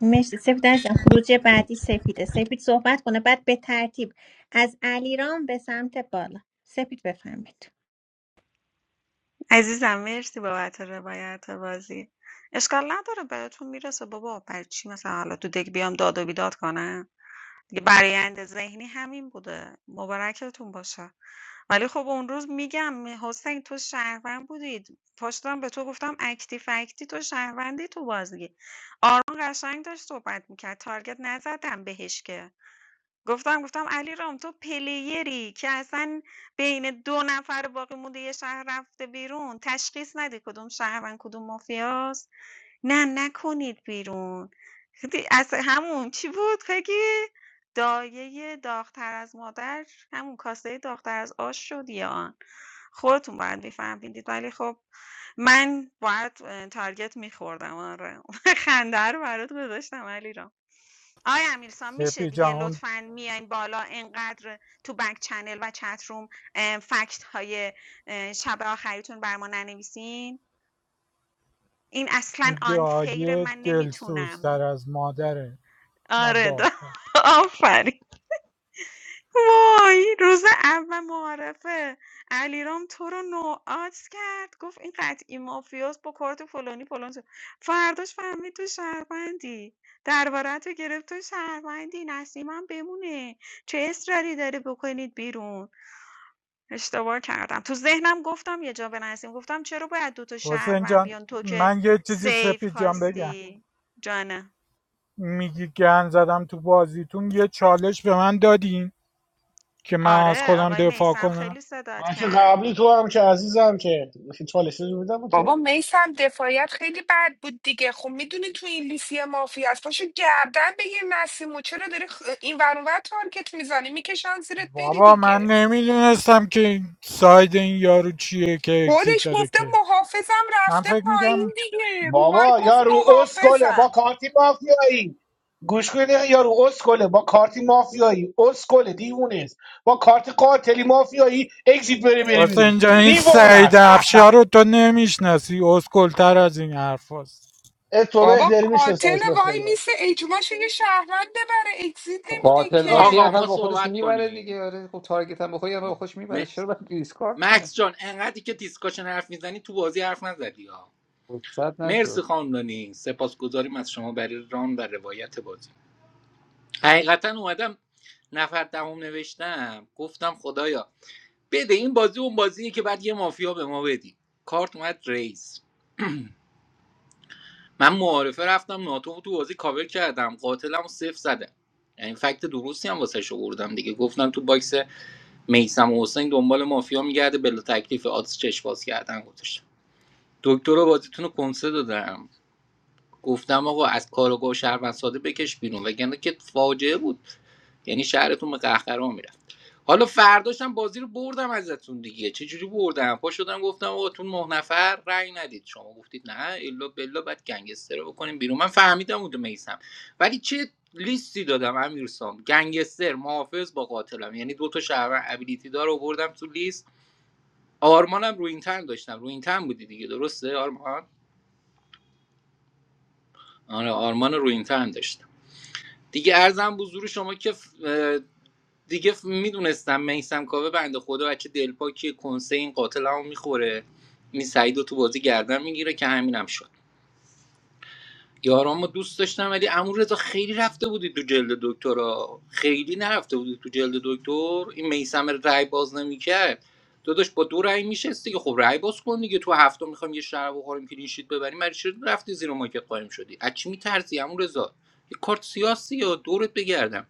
S2: مرسی سپید عزیزم خروجی بعدی سپیده سپید صحبت کنه بعد به ترتیب از علیرام به سمت بالا سپید بفهمید
S5: عزیزم مرسی بابت روایت بازی اشکال نداره بهتون میرسه بابا برای چی مثلا حالا تو دک بیام داد و بیداد کنم دیگه برآیند ذهنی همین بوده. مبارکتون باشه. ولی خب اون روز میگم حسین تو شهروند بودی پاشدم به تو گفتم اکتی فکتی تو شهروندی تو بازی آرمان قشنگ داشت صحبت میکرد تارگت نزدم بهش که گفتم گفتم علی رام تو پلیری که اصلا بین دو نفر باقی مونده یه شهر رفته بیرون تشخیص ندی کدوم شهروند کدوم مافیاست نه نکنید بیرون. دی از همون چی بود پگی؟ دایه داغ‌تر از مادر همون کاسه داغ‌تر از آش شد یا آن؟ خودتون باید می‌فهمیدید ولی خب من باید اه، تارگت می‌خوردم آره. خنده رو برات گذاشتم علیرام. آقای امیرسام میشه
S4: پی
S5: دیگه
S4: جهان
S5: لطفا میایم بالا اینقدر تو بک چنل و چت روم فکت های شب آخریتون بر ما ننویسین این اصلا unfair
S4: دعایه
S5: من
S4: دلسوزتر
S5: نمیتونم
S4: از مادره نه
S5: آره دا.
S4: داغ‌تر
S5: آفرین وای روز اول معارفه علیرام تو رو نوعات کرد گفت این قطعی مافیاس با کارت فلانی فلان شد. فرداش فهمید تو شهروندی درباره تو گرفت تو شهروندی نسیمم بمونه چه اصراری داره بکنید بیرون اشتباه کردم تو ذهنم گفتم یه جا به نسیم گفتم چرا باید دوتا
S4: حسین
S5: شهروند
S4: جان
S5: بیان تو که
S4: من یه چیزی
S5: سیف
S4: سپی جان بگم
S5: خواستی جانه
S4: میگی گن زدم تو بازیتون یه چالش به من دادین که من از
S5: آره
S4: خودم
S5: آقای
S4: دفاع
S5: میسم
S4: کنم
S5: خیلی صداد
S3: من که
S5: کرد
S3: قبلی تو هم که عزیزم که چالش رو میدم به تو
S19: بابا میسم دفاعیت خیلی بد بود دیگه خب میدونی تو این لیستی مافیا است پاشو گردن بگیر نسیمو چرا داری خ... این ور اون ور تارگت میزنی میکشن زیرت بری
S4: بابا من
S19: دیگه
S4: نمیدونستم که این ساید این یارو چیه که اگزیت
S19: خودش
S4: داده
S19: گفته
S4: که
S19: محافظم
S4: من
S19: رفته
S4: فکر میگم
S19: پایین دیگه رو مایک
S3: بابا
S19: گفت
S3: یا رو اسکله با
S19: محافظم
S3: کارتی مافیایی گوش کنید یا رو اسکله با کارتی مافیایی اسکله دیوونه است با کارت قاتلی مافیایی اگزیت بره بره
S4: واسه
S3: بیرون
S4: اینجا این
S3: دیوانه
S4: سعید
S3: است احمق
S4: افشار رو تو نمیشناسی اسکلتر از این حرف هست
S3: اه، تو
S19: بابا
S3: بهتری
S19: قاتل
S3: میشناسمش به
S19: وای
S3: خدا
S19: میسه اجماش یه شهروند بره اگزیت نمیده
S7: قاتل باشه
S19: که
S7: یه
S16: آقا
S7: نفر
S16: ما
S7: با خودش
S16: صحبت
S7: میبره
S16: کنیم
S7: دیگه آره خب تارگت هم بخوره یه نفر با خودش
S16: م...
S7: میبره چرا باید دیسکارد کنه
S16: مکس جان انقدری که دیسکاشن حرف میزنی تو بازی حرف نزدی ها
S7: رخصت نشد
S16: مرسی خاندانی سپاسگزاریم از شما برای ران و روایت بازی حقیقتا اومدم نفر دهم نوشتم گفتم خدایا بده این بازی اون بازیه که بعد یه مافیا به ما بدی کارت اومد ریس من معارفه رفتم ناتو رو تو بازی کاور کردم قاتلم رو صفر زدم یعنی فکت درستی هم واسه شو بردم دیگه گفتم تو باکس میسم و حسین دنبال مافیا میگرده بلا تکلیف آدرس چشم باز کردن گذاشتم دکتر بازیتون رو کنسه دادم گفتم آقا از کارگاه و شهروند ساده بکش بیرون وگرنه که فاجعه بود یعنی شهرتون به قهقرا میرفت حالا فرداشم بازی رو بردم ازتون دیگه چه جوری بردم پا شدم گفتم آقا تو نه نفر رأی ندید شما گفتید نه الا بلا بعد گنگستر رو بکنیم بیرون من فهمیدم اونجا میسم ولی چه لیستی دادم امیرسام گنگستر محافظ با قاتلم یعنی دو تا شهروند ابیلیتی دار آوردم تو لیست آرمانم رو این تن داشتم رو این تن بودی دیگه درسته آرمان آره آرمان رو این تن داشتم دیگه ارزم بزرگ شما که اه، دیگه ف- میدونستم میسم کاوه بنده خدا بچه دلپاکی کنسه این قاتل هم میخوره این سعید رو تو بازی گردن میگیره که همینم هم شد یارامو دوست داشتم ولی عمو خیلی رفته بودی تو جلد دکترا خیلی نرفته بودی تو جلد دکتر این میسم رای باز نمیکرد داداش با دو رای میشست دیگه خب رای باز کن دیگه تو هفته میخوام یه شراب بخوریم کلینشیت ببریم برای چی رفتی زیر ماکت قایم شدی از چی میترسی عمو یه کارت سیاسی یا دورت بگردم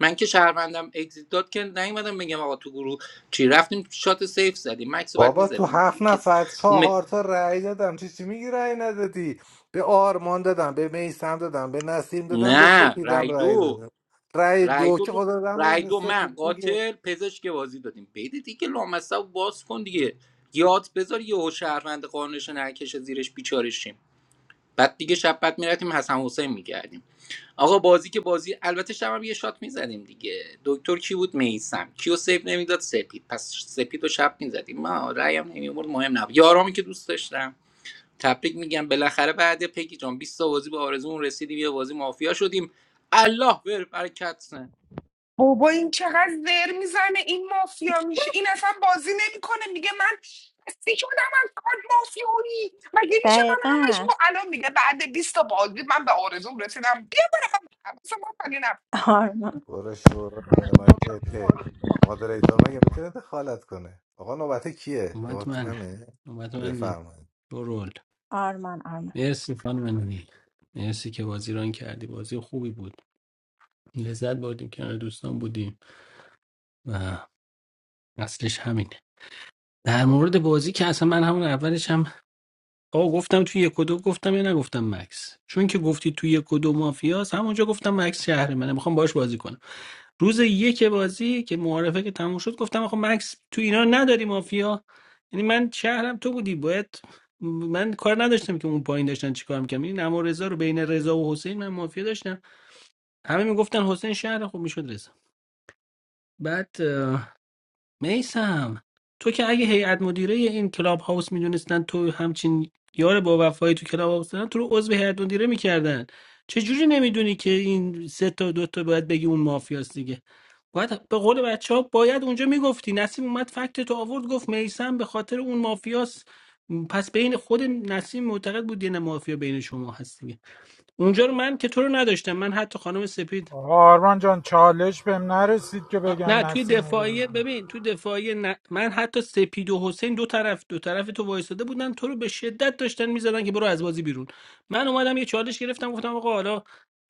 S16: من که شهروندم اگزیت داد که نیومدم بگم آقا تو گروه چی رفتیم شات سیف زدیم مکس رو بعد
S1: بابا تو
S16: میزدیم
S1: هفت
S16: دیگه کس...
S1: نفر
S16: اون م-
S1: چهار تا رأی دادم چی چی میگی رأی ندادی به آرمان دادم به میسم دادم به نسیم دادم به
S16: نه
S1: سپیدم
S16: رای
S1: رأی
S16: دو
S1: دادم رأی
S16: رای
S1: دو
S16: دو,
S1: که
S16: دو
S1: خدا دادم
S16: رای
S1: به
S16: دو من
S1: سپید دیگه
S16: قاتل پزشک بازی دادیم بیده دیگه لامصب باز کن دیگه یاد بذار یهو شهروند قانونش نکشه زیرش بیچارشیم بعد دیگه شب بعد میرفتیم حسن حسین میگردیم آقا بازی که بازی البته شب هم یه شات میزدیم دیگه دکتر کی بود میسم کیو سیف نمیداد سپید پس سپید رو شب میزدیم ما رایم نمیورد مهم نبود یارامی که دوست داشتم تبریک میگم بالاخره بعد پگی جان 20 تا بازی به آرزومون رسیدیم یه بازی مافیا شدیم الله بر برکت
S19: بابا این چقدر زر میزنه این مافیا میشه این اصلا بازی نمیکنه میگه من خسته شدم از کارت مافیایی مگه میشه من
S2: دقیقه
S19: همش ما
S2: است
S19: الان میگه بعد بیست تا بازی من به آرزوم رسیدم بیا اصلا ما
S2: آرمان
S1: برو شورا مایکته مادریتور مگه میتونه دخالت کنه آقا نوبت کیه
S17: نوبت
S1: نوبت
S17: من
S1: منه
S17: نوبت من
S1: بفرمایید
S17: رول
S2: آرمان آرمان
S17: مرسی خانم نونی مرسی که بازی ران کردی بازی خوبی بود لذت بردیم کنار دوستان بودیم و اصلش همینه در مورد بازی که اصلا من همون اولش هم آقا گفتم توی یک و دو گفتم یا نگفتم مکس چون که گفتی توی یک و دو مافیاست همونجا گفتم مکس شهر منه میخوام باش بازی کنم روز یک بازی که معارفه که تموم شد گفتم آخه مکس تو اینا نداری مافیا یعنی من شهرم تو بودی باید من کار نداشتم که اون پایین داشتن چیکار میکنم این اما رضا رو بین رضا و حسین من مافیا داشتم همه میگفتن حسین شهر خوب میشد رضا بعد میسم تو که اگه هیئت مدیره این کلاب هاوس میدونستن تو همچین یار با وفایی تو کلاب هاوس دارن تو رو عضو هیئت مدیره میکردن چجوری نمیدونی که این سه تا دو تا باید بگی اون مافیاست دیگه باید به قول بچه ها باید اونجا میگفتی نسیم اومد فکت تو آورد گفت میسم به خاطر اون مافیاست پس بین خود نسیم معتقد بود یه مافیا بین شما هست دیگه اونجا رو من که تو رو نداشتم من حتی خانم سپید
S4: آرمان جان چالش بهم نرسید که
S17: آ،
S4: بگم
S17: نه توی
S4: نسیم رو
S17: دفاعیه
S4: بدیم
S17: ببین توی دفاعیه نه. من حتی سپید و حسین دو طرف دو طرف تو وایساده بودن تو رو به شدت داشتن میزدن که برو از بازی بیرون من اومدم یه چالش گرفتم گفتم آقا حالا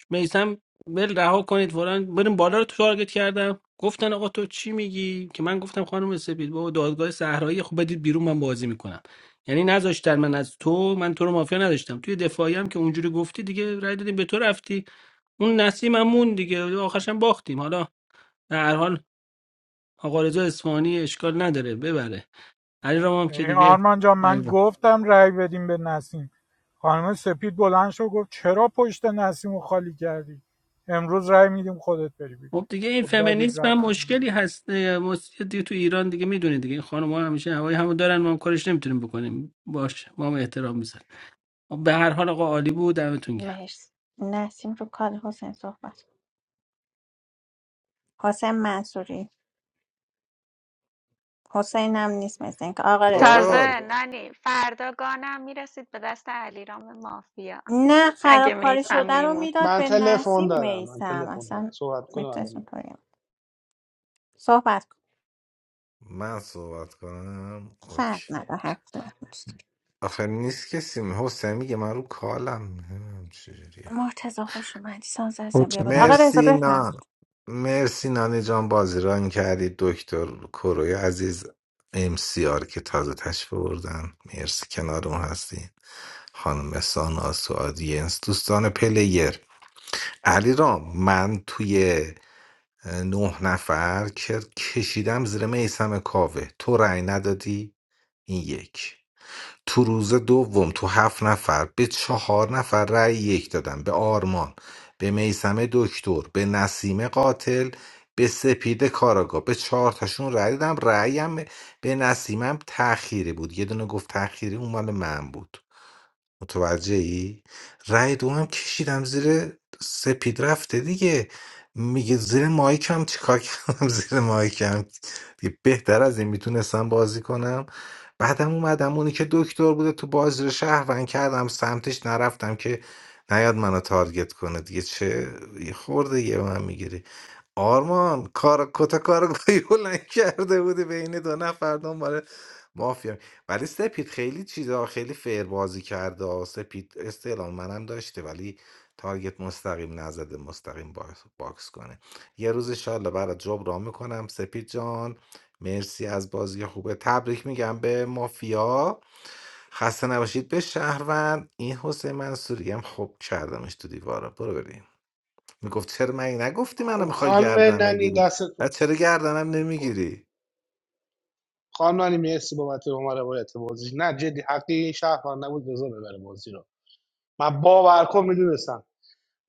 S17: میسم ول رها کنید فلان بریم بالا رو تارگت کردم گفتن آقا تو چی میگی که من گفتم خانم سپید بابا دادگاه صحرایی خب بدید بیرون من بازی میکنم یعنی نذاشتن من از تو من تو رو مافیا نداشتم توی دفاعی هم که اونجوری گفتی دیگه رای دادیم به تو رفتی اون نسیم هم مون دیگه آخرش هم باختیم حالا به هر حال آقا رضا اصفهانی اشکال نداره ببره علی رام هم که
S4: این
S17: دیگه
S4: آرمان جان من
S17: علیرام.
S4: گفتم رای بدیم به نسیم خانم سپید بلند شد گفت چرا پشت نسیم رو خالی کردی امروز رای میدیم خودت بری بیرون.
S17: خب دیگه این
S4: خب دادید
S17: فمینیسم
S4: رفت
S17: هم
S4: بیرون.
S17: مشکلی هست اه، مس- دیگه تو ایران دیگه میدونید دیگه این خانم‌ها همیشه هوای همو دارن ما هم کارش نمیتونیم بکنیم باش ما هم احترام میذاریم به هر حال آقا عالی بود دمتون گرم
S2: مرسی نسیم رو کار حسین صحبت کن. حسین منصوری حسین هم نیست مثل اینکه آقا رضا
S1: دارال
S5: تازه نانی فردا گانم میرسید به دست علیرام مافیا
S2: نه
S5: اگه
S2: خرابکاری
S5: میسم
S2: شده رو
S5: میمون
S2: میداد
S3: من
S2: به
S3: تلفن
S2: نسیم
S3: دارم من
S2: میسم
S3: تلفن دارم
S2: اصلا
S3: صحبت کنم
S2: میتونست
S3: الان
S2: اونطوری هم. صحبت کن
S1: من صحبت کنم
S2: فرق
S1: اوکی
S2: نداره هر کدوم دوست داری.
S1: آخه نیست کسی می- حسین میگه من رو کالم نمیدونم چجوریه
S2: مرتضی خوش اومدی ساز ازم
S20: coach
S2: بیا بالا آقا رضا
S1: مرسی
S2: بفرم
S1: نان مرسی نانی جان بازی ران کردی دکتر کروی عزیز ام سی آر که تازه تشریف بردن مرسی کنارمون هستی خانم سانا تو آدینس دوستان پلیر علی رام من توی اه، نه نفر که کشیدم زیر میسم کاوه تو رأی ندادی این یک تو روز دوم تو هفت نفر به چهار نفر رأی یک دادم به آرمان به میسم دکتر به نسیم قاتل به سپید کاراگا به چهار تاشون رأی دادم رأیم به نسیمم تأخیری بود یه دونه گفت تأخیری اون مال من بود متوجه‌ای؟ رأی دوم کشیدم زیر سپید رفته دیگه میگه زیر مایکم چیکار کردم زیر مایکم دیگه بهتر از این میتونستم بازی کنم بعدم اومدم اونی که دکتر بوده تو بازی رو شهروند کردم سمتش نرفتم که نیاد منو تارگت کنه دیگه چه یه خورده یه به من میگیری آرمان کار کتا کارگاهی بلند کرده بودی بین دو نفر دنبال مافیا ولی سپید خیلی چیزا خیلی فیر بازی کرده و سپید استعلام منم داشته ولی تارگت مستقیم نزده مستقیم باکس, باکس کنه یه روز انشالله برات جبران میکنم سپید جان مرسی از بازی خوبه تبریک میگم به مافیا خسته نباشید به شهروند این حسین منصوری هم خوب کردمش تو دیواره برو بریم میگفت چرا من نگفتی منو
S3: خب
S1: میخوای
S3: خانم
S1: گردن
S3: ننی
S1: بگیری
S3: دستتون
S1: بعد چرا گردنم نمیگیری
S3: خانم ننی مرسی بابت به ما روایت بازی نه جدی حقی شهر نبود رضا ببره بازی رو من باور کن میدونستم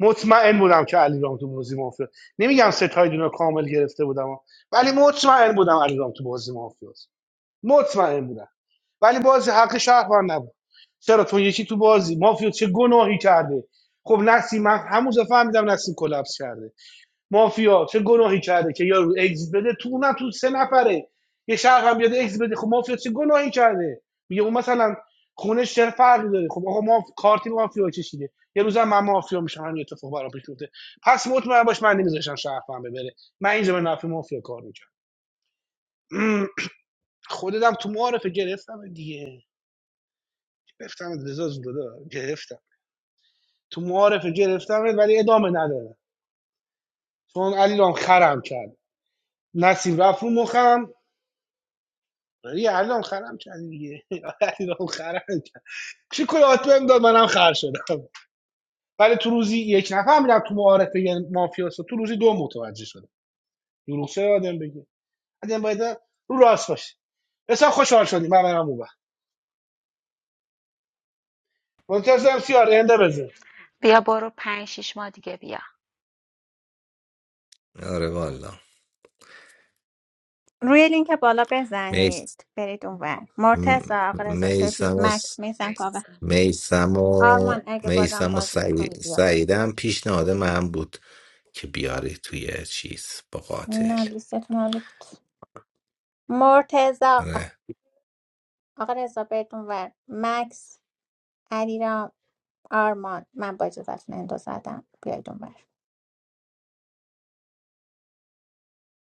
S3: مطمئن بودم که علیرام تو بازی مافیا نمیگم ستایدون رو کامل گرفته بودم ولی مطمئن بودم علیرام تو بازی مافیاست مطمئن بودم ولی بازی حق شهروند نبود چرا تو یکی تو بازی مافیا چه گناهی کرده خب نسیم من همون دفعه فهمیدم نسیم کلاپس کرده مافیا چه گناهی کرده که یارو اگزییت بده تو اونم تو سه نفره یه شهر هم بیاد اگزییت بده خب مافیا چه گناهی کرده میگه اون مثلا خونش چه فرقی داره خب آقا ما کارتی مافیا کشیده یه روز من مافیا میشم همین اتفاق برام پیش میفته پس مطمئن باش من نمیذاشم شهر هم ببره من اینجا به نفع مافیا کار میکنم خودم تو معارفه گرفتم دیگه گرفتم رضا جون دادا گرفتم تو معارفه گرفتم ولی ادامه نداره چون علی رام خرم کرد نسیم رفت رو مخم ولی الان خرم کرد دیگه الان خرم کرد چی کلات بهم داد منم خر شدم ولی تو روزی یک نفهمیدم تو معارفه یه مافیاس تو روزی دو متوجه شدم دروغ چه آدم بگه آدم باید رو راست باشه اصلا خوشحال شدیم من منم اون منتظرم سیار انده بزن
S5: بیا بیا.
S1: آره والا
S2: روی لینک بالا
S1: میس
S2: بزنید برید اونور مرتضی آقا رضا سپید
S1: میسم و س-
S2: مکس میسم کاوه
S1: میسم و
S2: آرمان اگه بازم
S1: میسم و
S2: بازی میکنی
S1: سعی-
S2: بیا
S1: سعیدم پیشنهاد من بود که بیاری توی چیز با
S2: نه
S1: قاتل
S2: لیستتون عالی بود مرتضی
S1: آره.
S2: آقا رضا برید اونور مکس علیرام آرمان من با اجازتون اندو زدم بیاید اونور